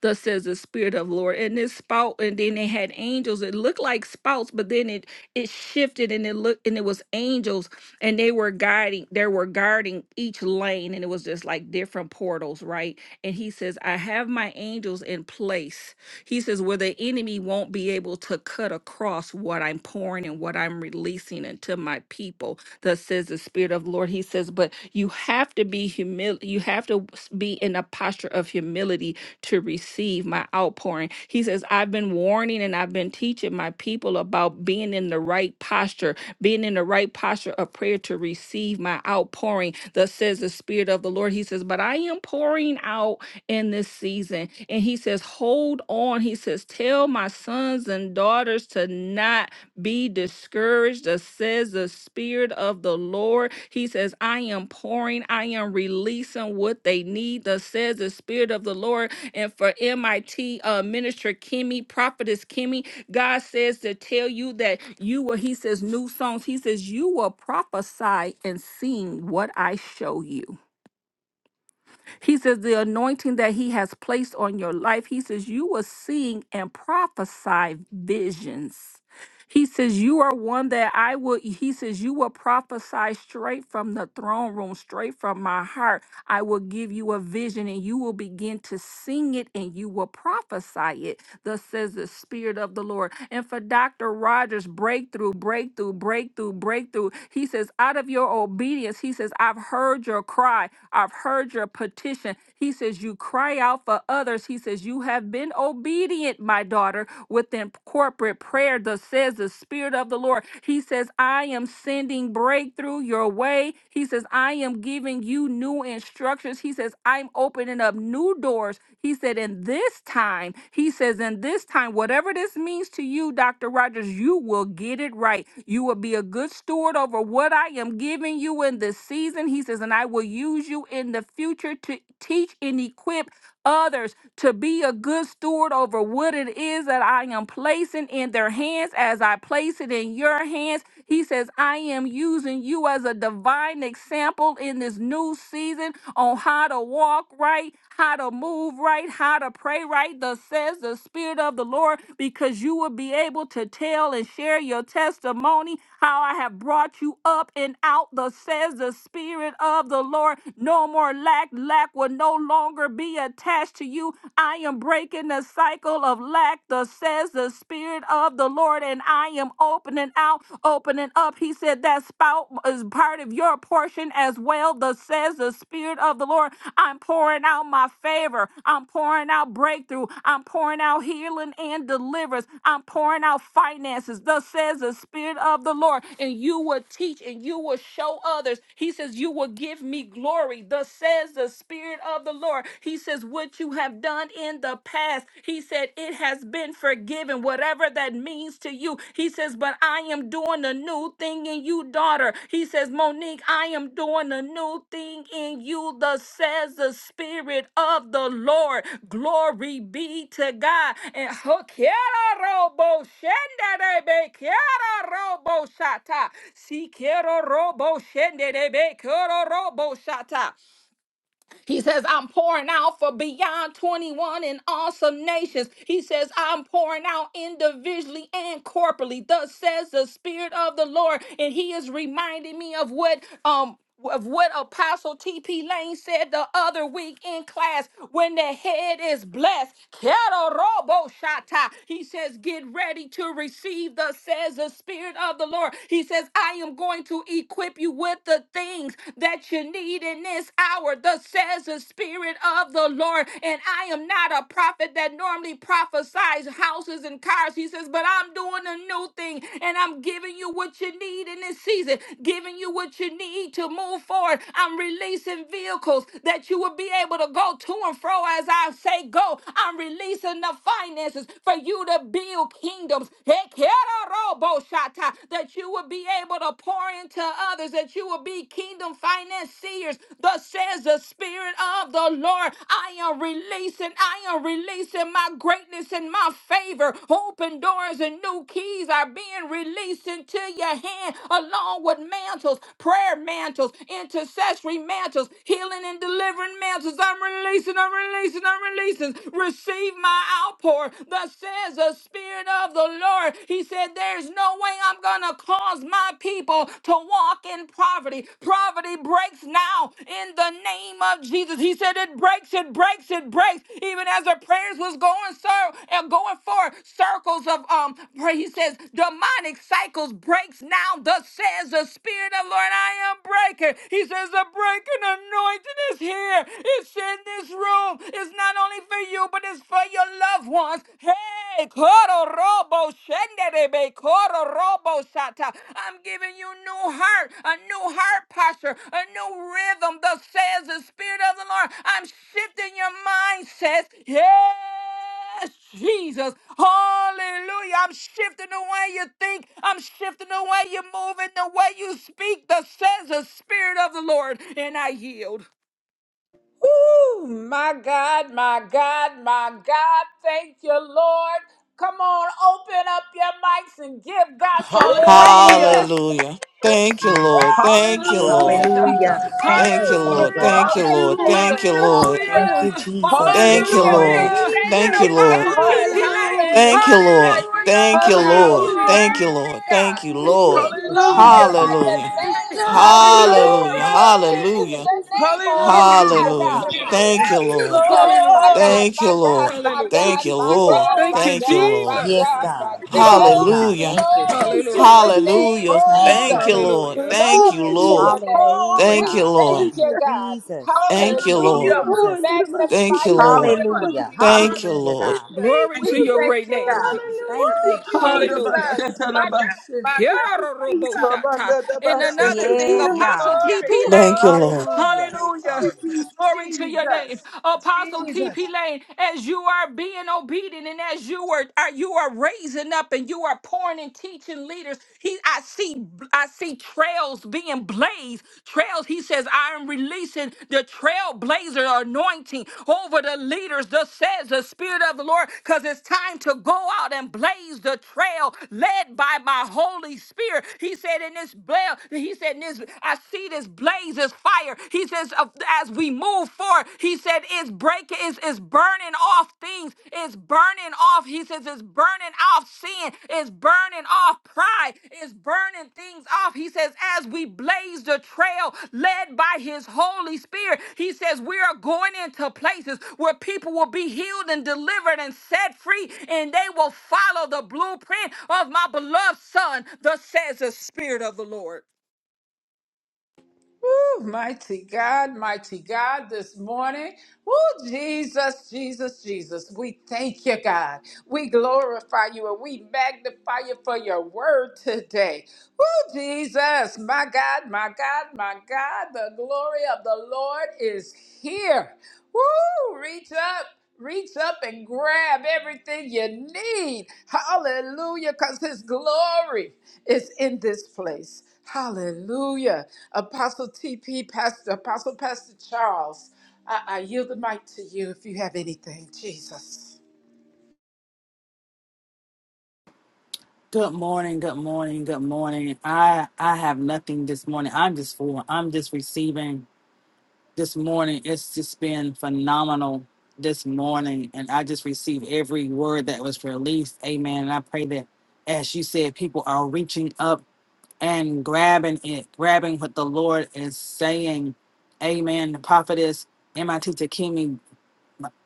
[SPEAKER 7] thus says the Spirit of Lord. And this spout, and then they had angels. It looked like spouts, but then it it shifted and it looked and it was angels, and they were guiding, they were guarding each lane, and it was just like different portals, right? And he says, I have my angels in place. He says, where the enemy won't be able to cut across what I'm pouring and what I'm releasing into my people. Thus says the Spirit of the Lord. He says, but you have to be humil you have to s- be in a posture of humility to receive my outpouring. He says, I've been warning and I've been teaching my people about being in the right posture, being in the right posture of prayer to receive my outpouring. Thus says the Spirit of the Lord. He says, But I am pouring out in this season. And he says, Hold on. He says, Tell my sons and daughters to not be discouraged. Thus says the Spirit of the Lord. He says, I am pouring, I am releasing what they need. Thus says the Spirit of the Lord and for MIT uh, Minister Kimmy, Prophetess Kimmy. God says to tell you that you will, He says, new songs. He says, you will prophesy and sing what I show you. He says, The anointing that He has placed on your life, He says, you will sing and prophesy visions. He says, You are one that I will, he says, You will prophesy straight from the throne room, straight from my heart. I will give you a vision and you will begin to sing it and you will prophesy it. Thus says the Spirit of the Lord. And for Dr. Rogers, breakthrough, breakthrough, breakthrough, breakthrough. He says, Out of your obedience, he says, I've heard your cry. I've heard your petition. He says, You cry out for others. He says, You have been obedient, my daughter within corporate prayer, thus says the Spirit of the Lord. He says, I am sending breakthrough your way. He says, I am giving you new instructions. He says, I'm opening up new doors. He said, in this time, he says, in this time, whatever this means to you, Dr. Rogers, you will get it right. You will be a good steward over what I am giving you in this season. He says, and I will use you in the future to teach and equip others to be a good steward over what it is that I am placing in their hands as I place it in your hands he says, I am using you as a divine example in this new season on how to walk right, how to move right, how to pray right, thus says the Spirit of the Lord, because you will be able to tell and share your testimony how I have brought you up and out, thus says the Spirit of the Lord. No more lack, lack will no longer be attached to you. I am breaking the cycle of lack, thus says the the Spirit of the Lord and I am opening out, opening up. He said that spout is part of your portion as well. Thus says the Spirit of the Lord. I'm pouring out my favor. I'm pouring out breakthrough. I'm pouring out healing and deliverance. I'm pouring out finances. Thus says the Spirit of the Lord. And you will teach and you will show others. He says, You will give me glory. Thus says the Spirit of the Lord. He says, What you have done done in the past. He said, It has been forgiven, whatever that means to you. He says, But I am doing a new thing in you, daughter. He says, Monique, I am doing a new thing in you, thus says the Spirit of the Lord. Glory be to God. And ho- quiero robo shende de robo shata. Si quiero robo shende de robo shata. He says, I'm pouring out for beyond 21 and awesome nations. He says, I'm pouring out individually and corporately. Thus says the Spirit of the Lord. And he is reminding me of what um of what Apostle TP Lane said the other week in class when the head is blessed. Kero robo shata. He says, Get ready to receive, thus says the Spirit of the Lord. He says, I am going to equip you with the the things that you need in this hour. Thus says the Spirit of the Lord. And I am not a prophet that normally prophesies houses and cars. He says, but I'm doing a new thing and I'm giving you what you need in this season, giving you what you need to move forward. I'm releasing vehicles that you will be able to go to and fro as I say go. I'm releasing the finances for you to build kingdoms. Hekeroboshata that you would be able to pour into others, that you will be kingdom financiers. Thus says the Spirit of the Lord. I am releasing, I am releasing my greatness and my favor. Open doors and new keys are being released into your hand, along with mantles, prayer mantles, intercessory mantles, healing and delivering mantles. I'm releasing, I'm releasing, I'm releasing. Receive my outpour. Thus says the the Spirit of the Lord. He said, There's no way I'm going to cause my people to walk in poverty. Poverty breaks now in the name of Jesus. He said, It breaks, it breaks, it breaks. Even as the prayers was going, sir, and going for circles of um, prayer. He says, Demonic cycles breaks now. Thus says the Spirit of the Lord, I am breaking. He says, The breaking anointing is here. It's in this room. It's not on only for you, but it's for your loved ones. Hey, Koro Robo Shenderebe, Koro Robo Shata. I'm giving you new heart, a new heart posture, a new rhythm. Thus says the Spirit of the Lord. I'm shifting your mindset. Yes, Jesus. Hallelujah. I'm shifting the way you think. I'm shifting the way you move and the way you speak. Thus says the Spirit of the Lord. And I yield.
[SPEAKER 1] Ooh, my God, my God, my God. Thank you, Lord. Come on, open up your mics and give God some praise this
[SPEAKER 6] Hallelujah.
[SPEAKER 1] morning.
[SPEAKER 8] Hallelujah. Thank you, Lord. Thank you,
[SPEAKER 6] Hallelujah,
[SPEAKER 8] Lord.
[SPEAKER 6] Jesus.
[SPEAKER 7] Shata.
[SPEAKER 5] Hallelujah.
[SPEAKER 7] Hallelujah.
[SPEAKER 5] Thank
[SPEAKER 8] Thank
[SPEAKER 5] you,
[SPEAKER 8] you, Lord.
[SPEAKER 5] Jesus.
[SPEAKER 8] Thank you, Lord. Thank
[SPEAKER 6] Hallelujah.
[SPEAKER 8] you, Lord.
[SPEAKER 5] Thank you,
[SPEAKER 7] Hallelujah!
[SPEAKER 5] Jesus. Yes,
[SPEAKER 8] Thank you,
[SPEAKER 1] Hallelujah.
[SPEAKER 6] Hallelujah.
[SPEAKER 5] God.
[SPEAKER 1] We
[SPEAKER 8] Lord.
[SPEAKER 7] Hallelujah! In
[SPEAKER 1] thank
[SPEAKER 8] Thank you,
[SPEAKER 1] you,
[SPEAKER 8] Lord.
[SPEAKER 7] Apostle
[SPEAKER 5] Hallelujah.
[SPEAKER 1] God.
[SPEAKER 7] TP
[SPEAKER 10] Hallelujah.
[SPEAKER 7] Lane!
[SPEAKER 6] Hallelujah.
[SPEAKER 8] Thank you, Lord.
[SPEAKER 1] Hallelujah. You
[SPEAKER 8] Thank you,
[SPEAKER 10] Thank
[SPEAKER 7] Hallelujah!
[SPEAKER 10] you,
[SPEAKER 1] are
[SPEAKER 8] Lord.
[SPEAKER 10] Jesus.
[SPEAKER 6] Hallelujah,
[SPEAKER 8] Thank
[SPEAKER 6] Jesus.
[SPEAKER 8] you,
[SPEAKER 1] worthy,
[SPEAKER 8] Lord.
[SPEAKER 1] God.
[SPEAKER 8] Thank you,
[SPEAKER 7] Glory!
[SPEAKER 1] We
[SPEAKER 8] Lord.
[SPEAKER 5] Thank you,
[SPEAKER 6] Hallelujah.
[SPEAKER 1] glorify
[SPEAKER 5] Jesus.
[SPEAKER 1] your
[SPEAKER 8] Hallelujah.
[SPEAKER 7] Glory!
[SPEAKER 1] name.
[SPEAKER 10] hallelujah.
[SPEAKER 8] Hallelujah.
[SPEAKER 6] Hallelujah.
[SPEAKER 1] Hallelujah. We
[SPEAKER 10] Thank you,
[SPEAKER 1] lift
[SPEAKER 8] Hallelujah.
[SPEAKER 7] Glory!
[SPEAKER 1] your name on
[SPEAKER 7] Glory to
[SPEAKER 1] high,
[SPEAKER 6] Hallelujah.
[SPEAKER 8] Hallelujah.
[SPEAKER 7] the
[SPEAKER 1] God.
[SPEAKER 7] Lord.
[SPEAKER 8] Thank
[SPEAKER 1] Oh,
[SPEAKER 8] you, Lord.
[SPEAKER 1] Jesus, my
[SPEAKER 6] Glory,
[SPEAKER 7] Hallelujah!
[SPEAKER 1] God,
[SPEAKER 8] Thank
[SPEAKER 1] my
[SPEAKER 8] you,
[SPEAKER 1] God,
[SPEAKER 8] Lord.
[SPEAKER 1] my
[SPEAKER 7] Hallelujah!
[SPEAKER 1] God,
[SPEAKER 8] Thank you,
[SPEAKER 1] my
[SPEAKER 8] Lord.
[SPEAKER 1] God,
[SPEAKER 7] Thank
[SPEAKER 6] glory,
[SPEAKER 1] my
[SPEAKER 7] you,
[SPEAKER 8] Thank you,
[SPEAKER 1] God, my
[SPEAKER 8] Lord.
[SPEAKER 5] Yes,
[SPEAKER 7] Jesus!
[SPEAKER 1] God, my
[SPEAKER 5] God.
[SPEAKER 1] God.
[SPEAKER 5] Yes,
[SPEAKER 6] glory to
[SPEAKER 5] God.
[SPEAKER 6] you.
[SPEAKER 8] Hallelujah.
[SPEAKER 5] Thank you,
[SPEAKER 1] Glory
[SPEAKER 10] thank
[SPEAKER 1] to
[SPEAKER 5] Jesus.
[SPEAKER 10] you,
[SPEAKER 1] your
[SPEAKER 7] Hallelujah!
[SPEAKER 10] Jesus.
[SPEAKER 1] name,
[SPEAKER 8] Hallelujah.
[SPEAKER 5] Thank
[SPEAKER 6] Glory
[SPEAKER 5] you,
[SPEAKER 8] Thank you,
[SPEAKER 1] Jesus.
[SPEAKER 6] to you.
[SPEAKER 5] Jesus.
[SPEAKER 8] Lord.
[SPEAKER 7] Hallelujah!
[SPEAKER 8] Thank
[SPEAKER 10] Thank
[SPEAKER 8] you,
[SPEAKER 10] you,
[SPEAKER 1] Glory to
[SPEAKER 10] Jesus.
[SPEAKER 1] your
[SPEAKER 8] Lord.
[SPEAKER 1] name.
[SPEAKER 5] Hallelujah,
[SPEAKER 6] Glory to
[SPEAKER 8] Thank
[SPEAKER 1] We
[SPEAKER 8] you,
[SPEAKER 5] God.
[SPEAKER 1] thank
[SPEAKER 8] Lord.
[SPEAKER 5] Thank
[SPEAKER 1] you,
[SPEAKER 5] you,
[SPEAKER 1] God.
[SPEAKER 5] Jesus.
[SPEAKER 6] you.
[SPEAKER 5] Thank
[SPEAKER 8] Thank you,
[SPEAKER 5] you,
[SPEAKER 10] Thank
[SPEAKER 8] Lord.
[SPEAKER 10] you,
[SPEAKER 1] Hallelujah.
[SPEAKER 6] Hallelujah.
[SPEAKER 1] We
[SPEAKER 5] Jesus.
[SPEAKER 10] Lord. Let him unseat
[SPEAKER 8] Thank
[SPEAKER 1] magnify
[SPEAKER 8] you,
[SPEAKER 10] the
[SPEAKER 1] you,
[SPEAKER 10] other
[SPEAKER 8] Lord.
[SPEAKER 10] of
[SPEAKER 1] Lord.
[SPEAKER 10] us.
[SPEAKER 5] Hallelujah.
[SPEAKER 6] Hallelujah.
[SPEAKER 8] Thank you,
[SPEAKER 5] Hallelujah,
[SPEAKER 8] Lord.
[SPEAKER 5] God.
[SPEAKER 1] Hallelujah.
[SPEAKER 10] Thank
[SPEAKER 7] Glory
[SPEAKER 1] We
[SPEAKER 6] Thank
[SPEAKER 7] to
[SPEAKER 10] you,
[SPEAKER 6] you,
[SPEAKER 7] your
[SPEAKER 1] thank
[SPEAKER 7] great
[SPEAKER 1] you,
[SPEAKER 10] Lord.
[SPEAKER 7] name,
[SPEAKER 6] Jesus.
[SPEAKER 1] God.
[SPEAKER 5] Hallelujah.
[SPEAKER 7] Jesus.
[SPEAKER 10] Hallelujah.
[SPEAKER 5] Thank you.
[SPEAKER 10] Thank you,
[SPEAKER 1] Woo,
[SPEAKER 10] Jesus.
[SPEAKER 7] Hallelujah.
[SPEAKER 1] Jesus. My God,
[SPEAKER 6] Hadabashetarabashe.
[SPEAKER 1] my God, my
[SPEAKER 10] Jesus.
[SPEAKER 1] God.
[SPEAKER 7] Kia-ra-ra-ra-bo-shata. And another
[SPEAKER 10] Thank
[SPEAKER 7] thing,
[SPEAKER 6] Rabandadabashe.
[SPEAKER 5] Yes,
[SPEAKER 1] Hallelujah.
[SPEAKER 10] you,
[SPEAKER 7] Apostle
[SPEAKER 5] God.
[SPEAKER 7] TP
[SPEAKER 1] Glory,
[SPEAKER 8] Thank you,
[SPEAKER 7] Lane.
[SPEAKER 8] Lord.
[SPEAKER 5] Hallelujah.
[SPEAKER 1] glory,
[SPEAKER 7] Hallelujah.
[SPEAKER 1] glory,
[SPEAKER 10] Lord.
[SPEAKER 7] Glory
[SPEAKER 1] glory.
[SPEAKER 7] to your name.
[SPEAKER 1] Jesus.
[SPEAKER 7] Apostle TP
[SPEAKER 1] Jesus.
[SPEAKER 7] Lane, as you are being obedient and as you are, are you are raising up and you are pouring and teaching leaders. He, I see, I see trails being blazed. Trails. He says, I am releasing the trailblazer anointing over the leaders. Thus says the Spirit of the Lord, because it's time to go out and blaze the trail led by my Holy Spirit. He said, in this blaze, he said, in this, I see this blaze, this fire. He says, "Of- as we move forward, he said, it's breaking, it's burning off things. It's burning off. He says it's burning off sin. It's burning off pride. It's burning things off. He says, as we blaze the trail led by his Holy Spirit, he says, we are going into places where people will be healed and delivered and set free, and they will follow the blueprint of my beloved Son, thus says the Spirit of the Lord.
[SPEAKER 1] Woo, mighty God, mighty God, this morning. Woo, Jesus, Jesus, Jesus. We thank you, God. We glorify you and we magnify you for your word today. Oh, Jesus, my God, my God, my God, the glory of the Lord is here. Woo! Reach up. Reach up and grab everything you need. Hallelujah, because His glory is in this place. Hallelujah. Apostle TP, Pastor, Apostle Pastor Charles, I, I yield the mic to you if you have anything, Jesus.
[SPEAKER 9] Good morning. Good morning. Good morning. I I have nothing this morning. I'm just full. I'm just receiving this morning. It's just been phenomenal this morning. And I just received every word that was released. Amen. And I pray that as you said, people are reaching up and grabbing it, grabbing what the Lord is saying. Amen. The prophetess MIT Takimi,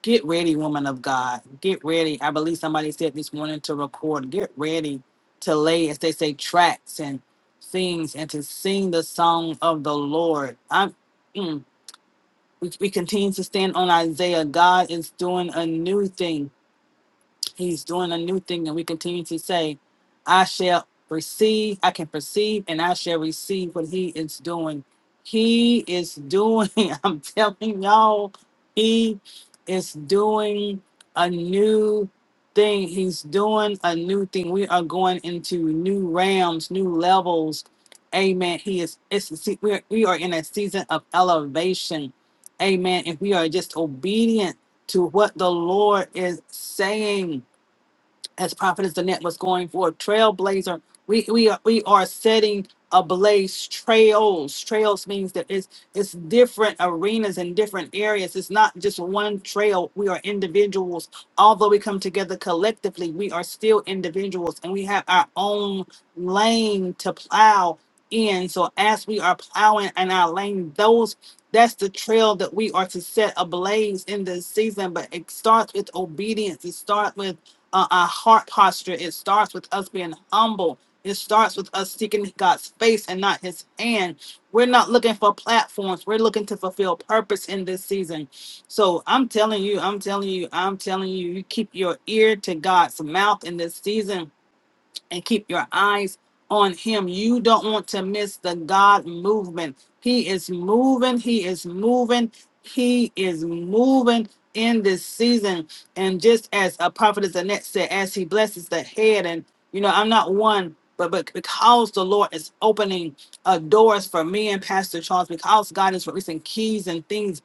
[SPEAKER 9] get ready, woman of God. Get ready. I believe somebody said this morning to record. Get ready to lay, as they say, tracks and things and to sing the song of the Lord. I'm mm, we, we continue to stand on Isaiah. God is doing a new thing. He's doing a new thing, and we continue to say, I shall receive, I can perceive, and I shall receive what he is doing. He is doing, *laughs* I'm telling y'all, he is doing a new thing. He's doing a new thing. We are going into new realms, new levels. Amen. He is, it's, see, we, are, we are in a season of elevation. Amen. If we are just obedient to what the Lord is saying, as Prophetess Danette was going for trailblazer. We we are we are setting ablaze trails. Trails means that it's it's different arenas and different areas. It's not just one trail. We are individuals. Although we come together collectively, we are still individuals and we have our own lane to plow in. So as we are plowing in our lane, those that's the trail that we are to set ablaze in this season. But it starts with obedience. It starts with uh, our heart posture. It starts with us being humble. It starts with us seeking God's face and not His hand. We're not looking for platforms. We're looking to fulfill purpose in this season. So I'm telling you, I'm telling you, I'm telling you, you keep your ear to God's mouth in this season and keep your eyes on him. You don't want to miss the God movement. He is moving, he is moving, he is moving in this season. And just as a prophetess Annette said, as he blesses the head, and you know, I'm not one. But, but because the Lord is opening uh, doors for me and Pastor Charles, because God is releasing keys and things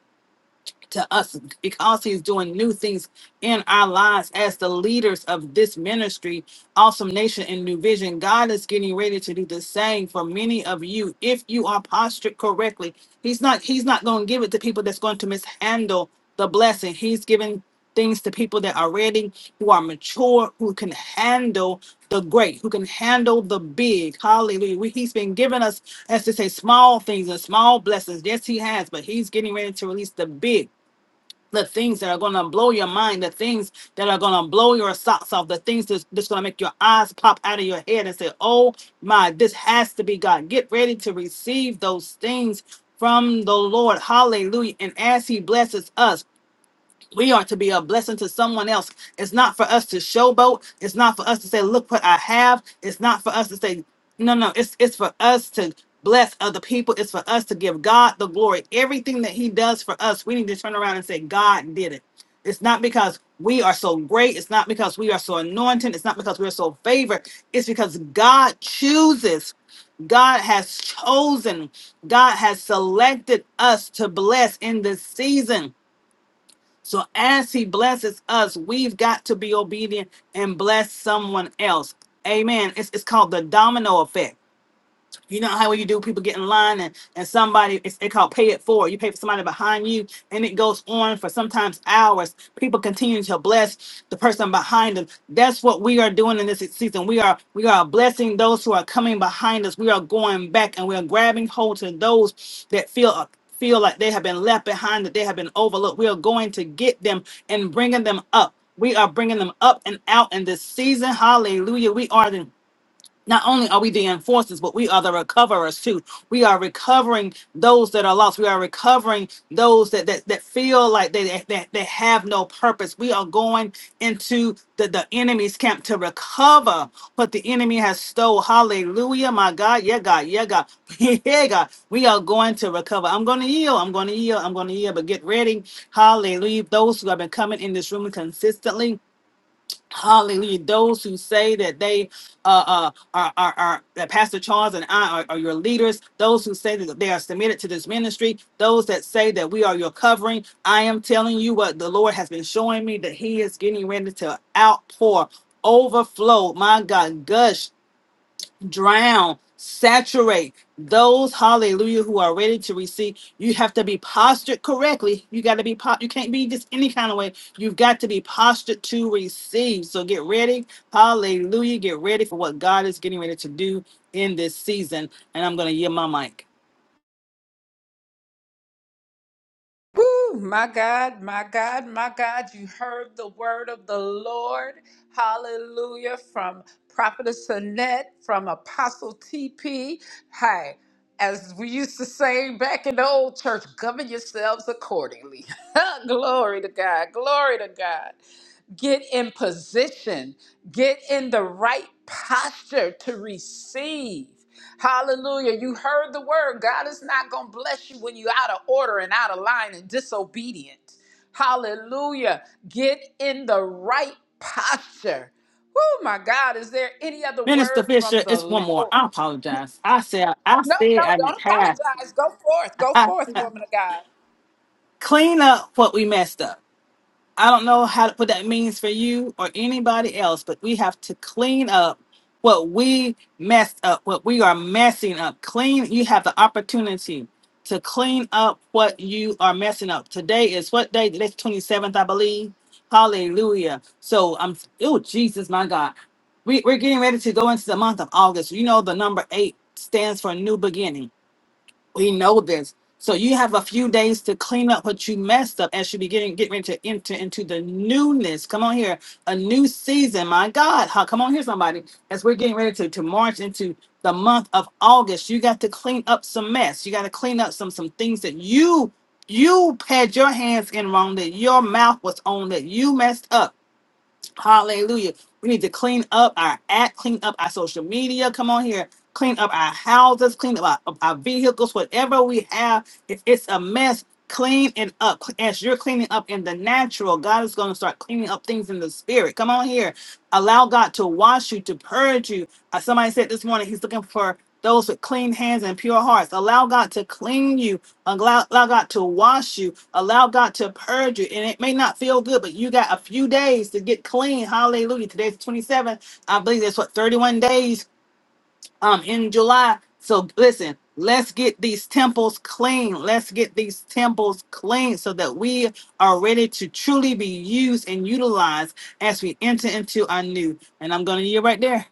[SPEAKER 9] to us because he's doing new things in our lives as the leaders of this ministry, Awesome Nation and New Vision. God is getting ready to do the same for many of you if you are postured correctly. He's not he's not going to give it to people that's going to mishandle the blessing. He's giving things to people that are ready, who are mature, who can handle the great, who can handle the big. Hallelujah. We, he's been giving us, as to say, small things and small blessings. Yes, he has, but he's getting ready to release the big the things that are going to blow your mind, the things that are going to blow your socks off, the things that's, that's going to make your eyes pop out of your head and say, Oh my, this has to be God. Get ready to receive those things from the Lord. Hallelujah. And as He blesses us, we are to be a blessing to someone else. It's not for us to showboat. It's not for us to say, look what I have. It's not for us to say, no, no, it's it's for us to bless other people. It's for us to give God the glory. Everything that He does for us, we need to turn around and say, God did it. It's not because we are so great. It's not because we are so anointed. It's not because we're so favored. It's because God chooses. God has chosen. God has selected us to bless in this season. So as he blesses us, we've got to be obedient and bless someone else. Amen. It's, it's called the domino effect you know how you do people get in line and, and somebody it's they call pay it forward. You pay for somebody behind you and it goes on for sometimes hours. People continue to bless the person behind them. That's what we are doing in this season. We are we are blessing those who are coming behind us. We are going back and we are grabbing hold to those that feel a feel like they have been left behind, that they have been overlooked. We are going to get them and bringing them up. We are bringing them up and out in this season. Hallelujah. We are not only are we the enforcers, but we are the recoverers too. We are recovering those that are lost. We are recovering those that that, that feel like they, they, they they have no purpose. We are going into the, the enemy's camp to recover what the enemy has stole. Hallelujah, my God. Yeah, God. Yeah, God. *laughs* Yeah, God. We are going to recover. I'm going to yield. I'm going to yield. I'm going to yield. But get ready. Hallelujah. Those who have been coming in this room consistently Hallelujah. Those who say that they uh, uh, are, are, are, that Pastor Charles and I are, are your leaders, those who say that they are submitted to this ministry, those that say that we are your covering, I am telling you what the Lord has been showing me that He is getting ready to outpour, overflow, my God, gush drown, saturate those hallelujah who are ready to receive. You have to be postured correctly. You got to be po- you can't be just any kind of way. You've got to be postured to receive. So get ready. Hallelujah. Get ready for what God is getting ready to do in this season. And I'm going to yield my mic.
[SPEAKER 1] Woo, my God, my God, my God, you heard the word of the Lord. Hallelujah. From Prophetess Annette, from Apostle TP. Hi. As we used to say back in the old church, govern yourselves accordingly. *laughs* glory to God. Glory to God get in position, get in the right posture to receive. Hallelujah. You heard the word. God is not going to bless you when you're out of order and out of line and disobedient. Hallelujah. Get in the right posture. Oh my God, is there any other
[SPEAKER 9] Minister
[SPEAKER 1] word from
[SPEAKER 9] Fisher,
[SPEAKER 1] the
[SPEAKER 9] it's
[SPEAKER 1] Lord?
[SPEAKER 9] one more. I apologize. I said I
[SPEAKER 1] No,
[SPEAKER 9] said
[SPEAKER 1] no,
[SPEAKER 9] I didn't
[SPEAKER 1] don't
[SPEAKER 9] have.
[SPEAKER 1] apologize. Go forth.
[SPEAKER 9] *laughs*
[SPEAKER 1] Go
[SPEAKER 9] I,
[SPEAKER 1] forth, woman of God.
[SPEAKER 9] clean up what we messed up. I don't know how what that means for you or anybody else, but we have to clean up what we messed up, what we are messing up. Clean. You have the opportunity to clean up what you are messing up. Today is what day? Today's twenty seventh, I believe. Hallelujah. So I'm. Oh Jesus, my God. We, we're getting ready to go into the month of August. You know the number eight stands for new beginning. We know this. So you have a few days to clean up what you messed up as you begin getting ready to enter into the newness. Come on here, a new season. My God, huh? Come on here, somebody. As we're getting ready to, to march into the month of August, you got to clean up some mess. You got to clean up some some things that you you had your hands in wrong, that your mouth was on, that you messed up. Hallelujah. We need to clean up our act, clean up our social media. Come on here. Clean up our houses, clean up our, our vehicles, whatever we have. If it's a mess, clean it up. As you're cleaning up in the natural, God is going to start cleaning up things in the spirit. Come on here. Allow God to wash you, to purge you. Uh, somebody said this morning, He's looking for those with clean hands and pure hearts. Allow God to clean you Allow, allow God to wash you. Allow God to purge you. And it may not feel good, but you got a few days to get clean. Hallelujah. Today's twenty seventh. I believe that's what 31 days um in July. So listen, let's get these temples clean. Let's get these temples clean so that we are ready to truly be used and utilized as we enter into our new. And I'm gonna yield right there.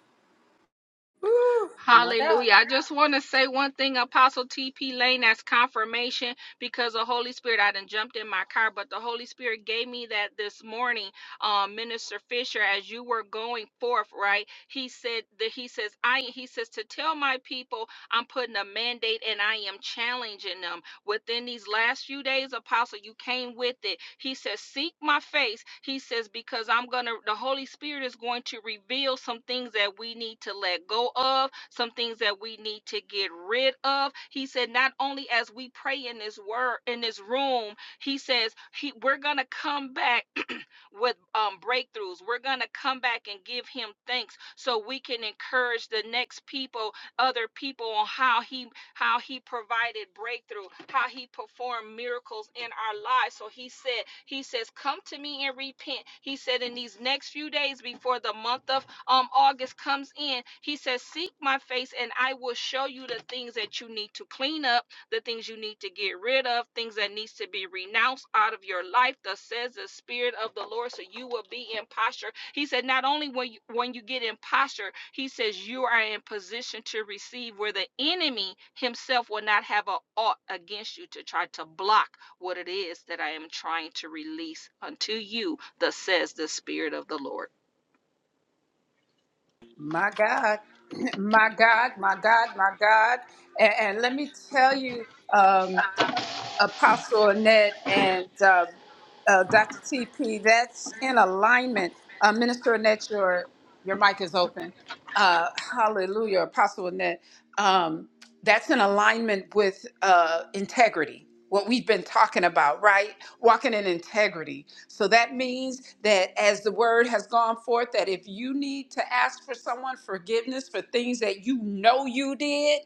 [SPEAKER 7] Hallelujah. I just want to say one thing, Apostle TP Lane, that's confirmation because the Holy Spirit, I done jumped in my car, but the Holy Spirit gave me that this morning, um, Minister Fisher, as you were going forth, right? He said that he says, I he says to tell my people I'm putting a mandate and I am challenging them. Within these last few days, Apostle, you came with it. He says, Seek my face. He says, Because I'm going to, the Holy Spirit is going to reveal some things that we need to let go of, some things that we need to get rid of. He said, Not only as we pray in this word, in this room, he says, he, We're going to come back with um, breakthroughs. We're going to come back and give him thanks so we can encourage the next people, other people on how he how he provided breakthrough, how he performed miracles in our lives. So he said, he says, come to me and repent. He said in these next few days before the month of um August comes in, he says, seek my face and I will show you the things that you need to clean up the things you need to get rid of, things that needs to be renounced out of your life. Thus says the Spirit of the Lord, so you will be in posture. He said, not only when you, when you get in posture, he says you are in position to receive where the enemy himself will not have a ought against you to try to block what it is that I am trying to release unto you. Thus says the Spirit of the Lord.
[SPEAKER 1] My God, *clears throat* my God, my God, my God. And, and let me tell you, um, Apostle Annette and uh, uh, Dr. TP, that's in alignment. Uh, Minister Annette, your, your mic is open. Uh, hallelujah, Apostle Annette. Um, that's in alignment with uh, integrity, what we've been talking about, right? Walking in integrity. So that means that as the word has gone forth, that if you need to ask for someone forgiveness for things that you know you did,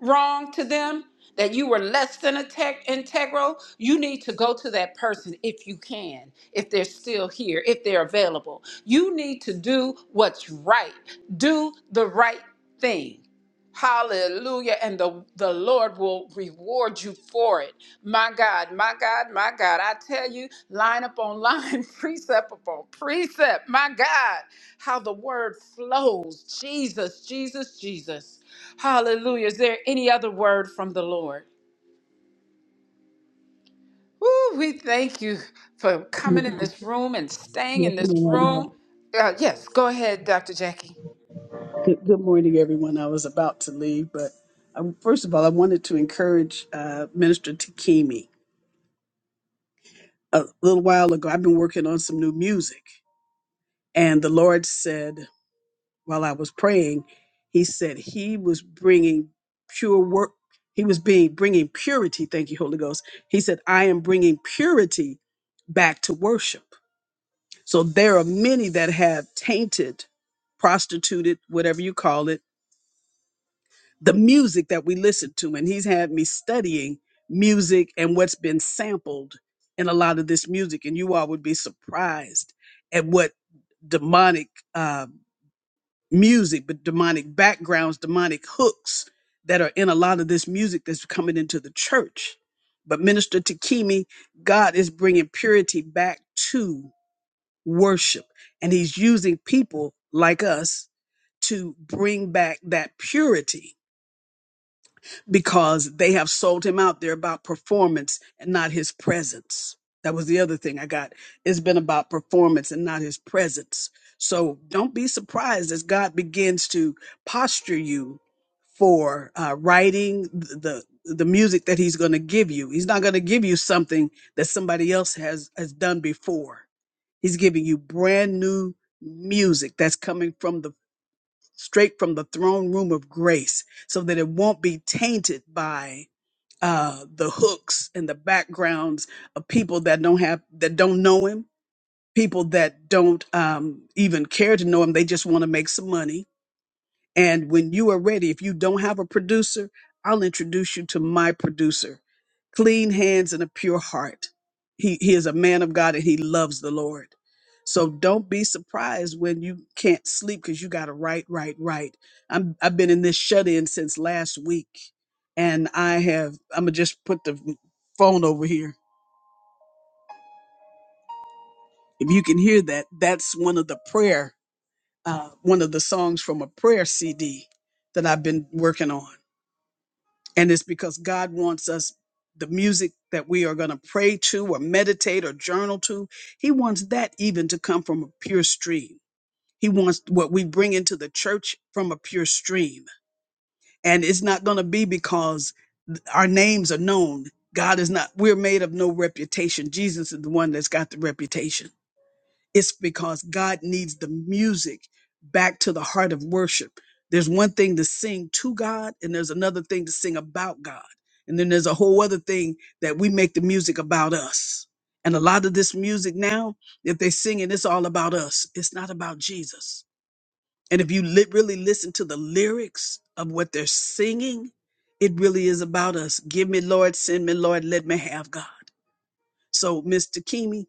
[SPEAKER 1] wrong to them, that you were less than a tech integral, you need to go to that person if you can, if they're still here, if they're available. You need to do what's right. Do the right thing. Hallelujah. And the, the Lord will reward you for it. My God, my God, my God. I tell you, line up on line, *laughs* precept upon precept. My God, how the word flows. Jesus, Jesus, Jesus. Hallelujah. Is there any other word from the Lord? Woo, we thank you for coming in this room and staying
[SPEAKER 3] Yes,
[SPEAKER 1] in this
[SPEAKER 3] ma'am.
[SPEAKER 1] room. Uh, yes, go ahead, Dr. Jackie.
[SPEAKER 3] Good, good morning, everyone. I was about to leave, but um, first of all, I wanted to encourage uh, Minister Takimi. A little while ago, I've been working on some new music, and the Lord said, while I was praying, He said He was bringing pure work. He was being bringing purity. Thank you, Holy Ghost. He said, "I am bringing purity back to worship." So there are many that have tainted, prostituted, whatever you call it the music that we listen to. And he's had me studying music and what's been sampled in a lot of this music. And you all would be surprised at what demonic uh, music, but demonic backgrounds, demonic hooks that are in a lot of this music that's coming into the church. But Minister Takimi, God is bringing purity back to worship, and He's using people like us to bring back that purity because they have sold him out they're about performance and not his presence. That was the other thing I got. It's been about performance and not his presence. So don't be surprised as God begins to posture you for uh, writing the the music that He's going to give you. He's not going to give you something that somebody else has has done before. He's giving you brand new music that's coming from the straight from the throne room of grace so that it won't be tainted by uh, the hooks and the backgrounds of people that don't have that don't know him people that don't um, even care to know him they just want to make some money and when you are ready, if you don't have a producer, I'll introduce you to my producer. Clean hands and a pure heart. He, he is a man of God and he loves the Lord. So don't be surprised when you can't sleep because you got to write, write, write. I'm, I've been in this shut in since last week. And I have, I'm going to just put the phone over here. If you can hear that, that's one of the prayer, uh, one of the songs from a prayer CD that I've been working on And it's because God wants us, the music that we are going to pray to or meditate or journal to, He wants that even to come from a pure stream. He wants what we bring into the church from a pure stream. And it's not going to be because our names are known. God is not, we're made of no reputation. Jesus is the one that's got the reputation. It's because God needs the music back to the heart of worship. There's one thing to sing to God, and there's another thing to sing about God. And then there's a whole other thing that we make the music about us. And a lot of this music now, if they sing it, it's all about us. It's not about Jesus. And if you li- really listen to the lyrics of what they're singing, it really is about us. Give me, Lord, send me, Lord, let me have God. So, Mr. Kimi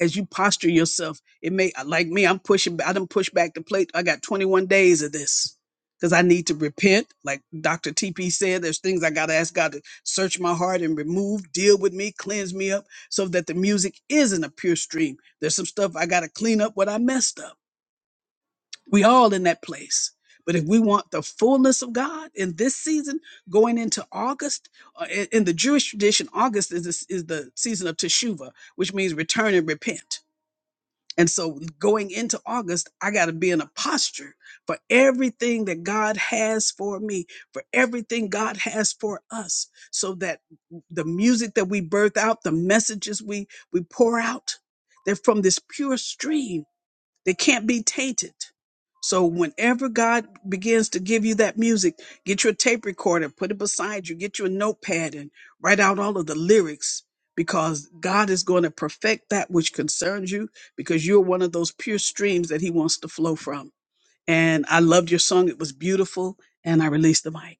[SPEAKER 3] as you posture yourself. It may like me, I'm pushing I done push back the plate. I got 21 days of this. Because I need to repent. Like Dr. TP said, there's things I gotta ask God to search my heart and remove, deal with me, cleanse me up so that the music isn't a pure stream. There's some stuff I gotta clean up what I messed up. We all in that place. But if we want the fullness of God in this season, going into August, uh, in in the Jewish tradition, August is, this, is the season of Teshuvah, which means return and repent. And so going into August, I got to be in a posture for everything that God has for me, for everything God has for us, so that the music that we birth out, the messages we we pour out, they're from this pure stream they can't be tainted. So whenever God begins to give you that music, get your tape recorder, put it beside you, get you a notepad and write out all of the lyrics because God is going to perfect that which concerns you because you're one of those pure streams that he wants to flow from. And I loved your song. It was beautiful. And I released the mic.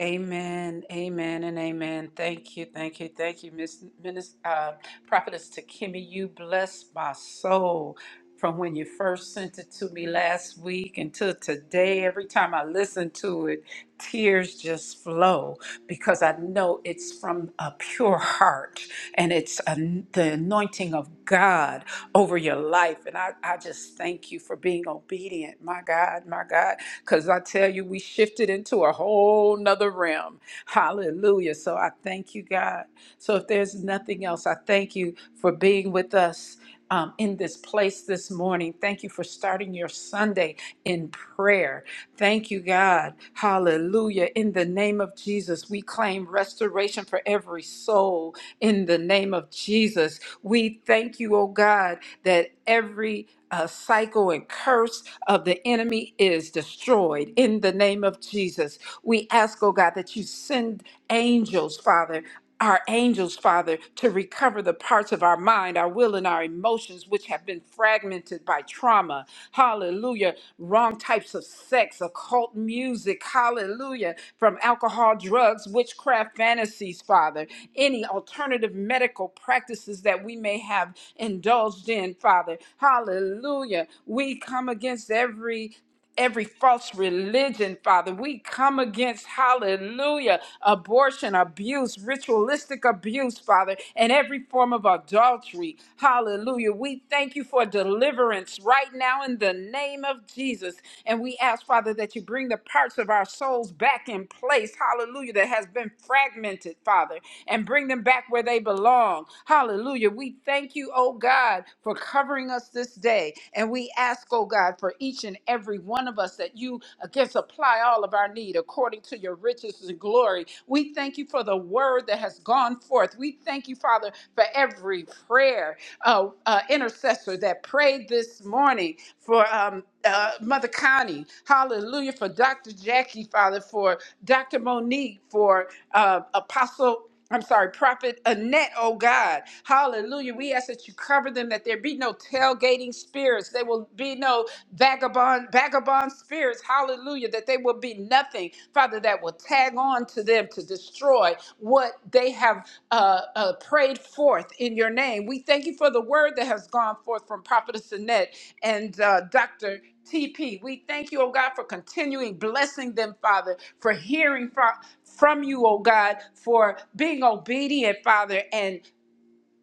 [SPEAKER 1] Amen, amen, and amen. Thank you, thank you, thank you, Miss Minister, uh, Prophetess Takimi. You blessed my soul from when you first sent it to me last week until today. Every time I listen to it, tears just flow because I know it's from a pure heart and it's an the anointing of God over your life. And I, I just thank you for being obedient, my God, my God. Because I tell you, we shifted into a whole nother realm. Hallelujah. So I thank you, God. So if there's nothing else, I thank you for being with us. um, in this place this morning. Thank you for starting your Sunday in prayer. Thank you, God. Hallelujah. In the name of Jesus, we claim restoration for every soul. In the name of Jesus, we thank you, oh God, that every uh, cycle and curse of the enemy is destroyed in the name of Jesus. We ask, oh God, that you send angels, Father. Our angels, Father, to recover the parts of our mind, our will, and our emotions which have been fragmented by trauma. Hallelujah. Wrong types of sex, occult music. Hallelujah. From alcohol, drugs, witchcraft, fantasies, Father. Any alternative medical practices that we may have indulged in, Father. Hallelujah. We come against every every false religion, Father. We come against, hallelujah, abortion, abuse, ritualistic abuse, Father, and every form of adultery. Hallelujah. We thank you for deliverance right now in the name of Jesus. And we ask, Father, that you bring the parts of our souls back in place, hallelujah, that has been fragmented, Father and bring them back where they belong. Hallelujah. We thank you, oh God, for covering us this day. And we ask, oh God, for each and every one of us that you again supply all of our need according to your riches and glory. We thank you for the word that has gone forth. We thank you, Father, for every prayer uh, uh, intercessor that prayed this morning for um, uh, Mother Connie. Hallelujah. For Dr. Jackie, Father, for Dr. Monique, for uh, Apostle. I'm sorry, Prophet Annette, oh God. Hallelujah. We ask that you cover them, that there be no tailgating spirits. There will be no vagabond, vagabond spirits. Hallelujah. That that they will be nothing, Father, that will tag on to them to destroy what they have uh, uh, prayed forth in your name. We thank you for the word that has gone forth from Prophetess Annette and uh, Dr. TP. We thank you, oh God, for continuing blessing them, Father, for hearing from, from you, oh God, for being obedient, Father, and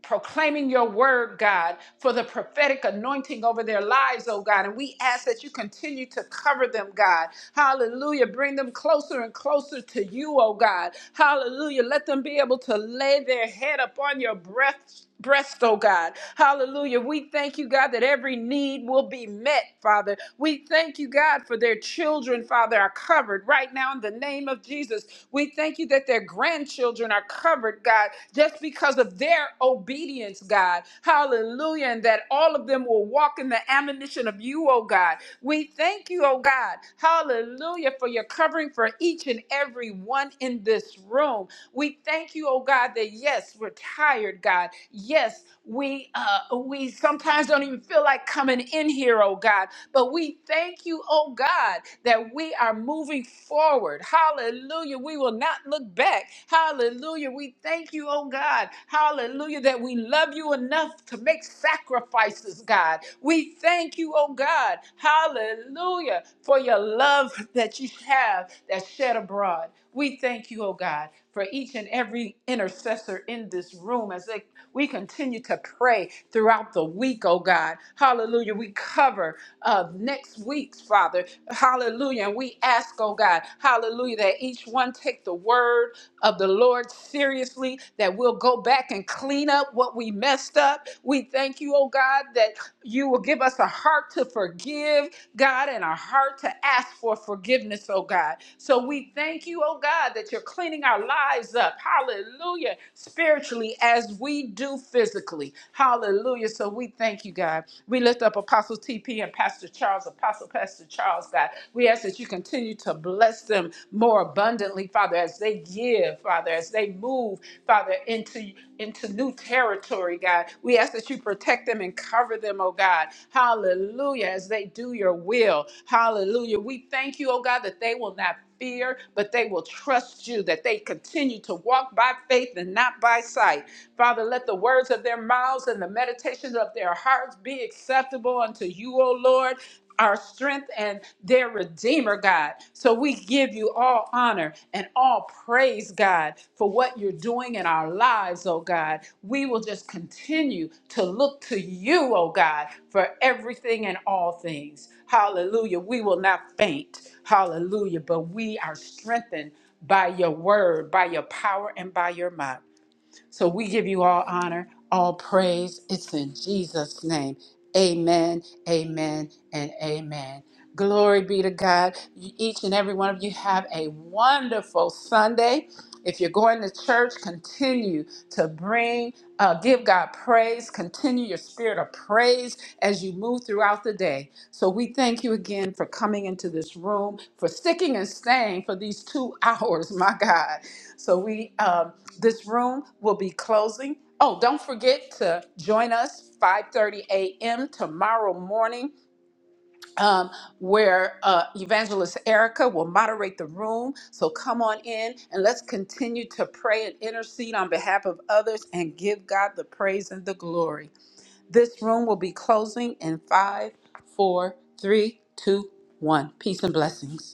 [SPEAKER 1] proclaiming your word, God, for the prophetic anointing over their lives, oh God. And we ask that you continue to cover them, God. Hallelujah. Bring them closer and closer to you, oh God. Hallelujah. Let them be able to lay their head upon your breast. Breast, oh God. Hallelujah. We thank you, God, that every need will be met, Father. We thank you, God, for their children, Father, are covered right now in the name of Jesus. We thank you that their grandchildren are children are covered, God, just because of their obedience, God. Hallelujah. And that all of them will walk in the admonition of you, oh God. We thank you, oh God. Hallelujah, for your covering for each and every one in this room. We thank you, oh God, that yes, we're tired, God. Yes, we uh we sometimes don't even feel like coming in here, oh God. But we thank you, oh God, that we are moving forward. Hallelujah. We will not look back. Hallelujah. We thank you, oh God. Hallelujah, that we love you enough to make sacrifices, God. We thank you, oh God. Hallelujah, for your love that you have that's shed abroad. We thank you, oh God, for each and every intercessor in this room as they we continue to pray throughout the week, oh God. Hallelujah. We cover uh, next week's, Father. Hallelujah. And we ask, oh God, hallelujah, that each one take the word of the Lord seriously, that we'll go back and clean up what we messed up. We thank you, oh God, that you will give us a heart to forgive, God, and a heart to ask for forgiveness, oh God. So we thank you, oh God, that you're cleaning our lives up. Hallelujah. Spiritually, as we do physically. Hallelujah. So we thank you, God. We lift up Apostle TP and Pastor Charles, Apostle Pastor Charles, God. We ask that you continue to bless them more abundantly, Father, as they give, Father, as they move, Father, into, into new territory, God. We ask that you protect them and cover them, oh God. Hallelujah. As they do your will. Hallelujah. We thank you, oh God, that they will not fear, but they will trust you, that they continue to walk by faith and not by sight. Father, let the words of their mouths and the meditations of their hearts be acceptable unto you, O Lord. Our strength and their Redeemer, God. So we give you all honor and all praise, God, for what you're doing in our lives, oh God. We will just continue to look to you, oh God, for everything and all things. Hallelujah. We will not faint. Hallelujah. But we are strengthened by your word, by your power, and by your might. So we give you all honor, all praise. It's in Jesus' name. Amen, amen, and amen. Glory be to God. You- Each and every one of you have a wonderful Sunday. If you're going to church, continue to bring, uh, give God praise. Continue your spirit of praise as you move throughout the day. So we thank you again for coming into this room, for sticking and staying for these two *laughs* hours, my God. So we, um, this room will be closing. Oh, don't forget to join us 5:30 a.m. tomorrow morning, um, where uh, Evangelist Erica will moderate the room. So come on in and let's continue to pray and intercede on behalf of others and give God the praise and the glory. This room will be closing in five, four, three, two, one. Peace and blessings.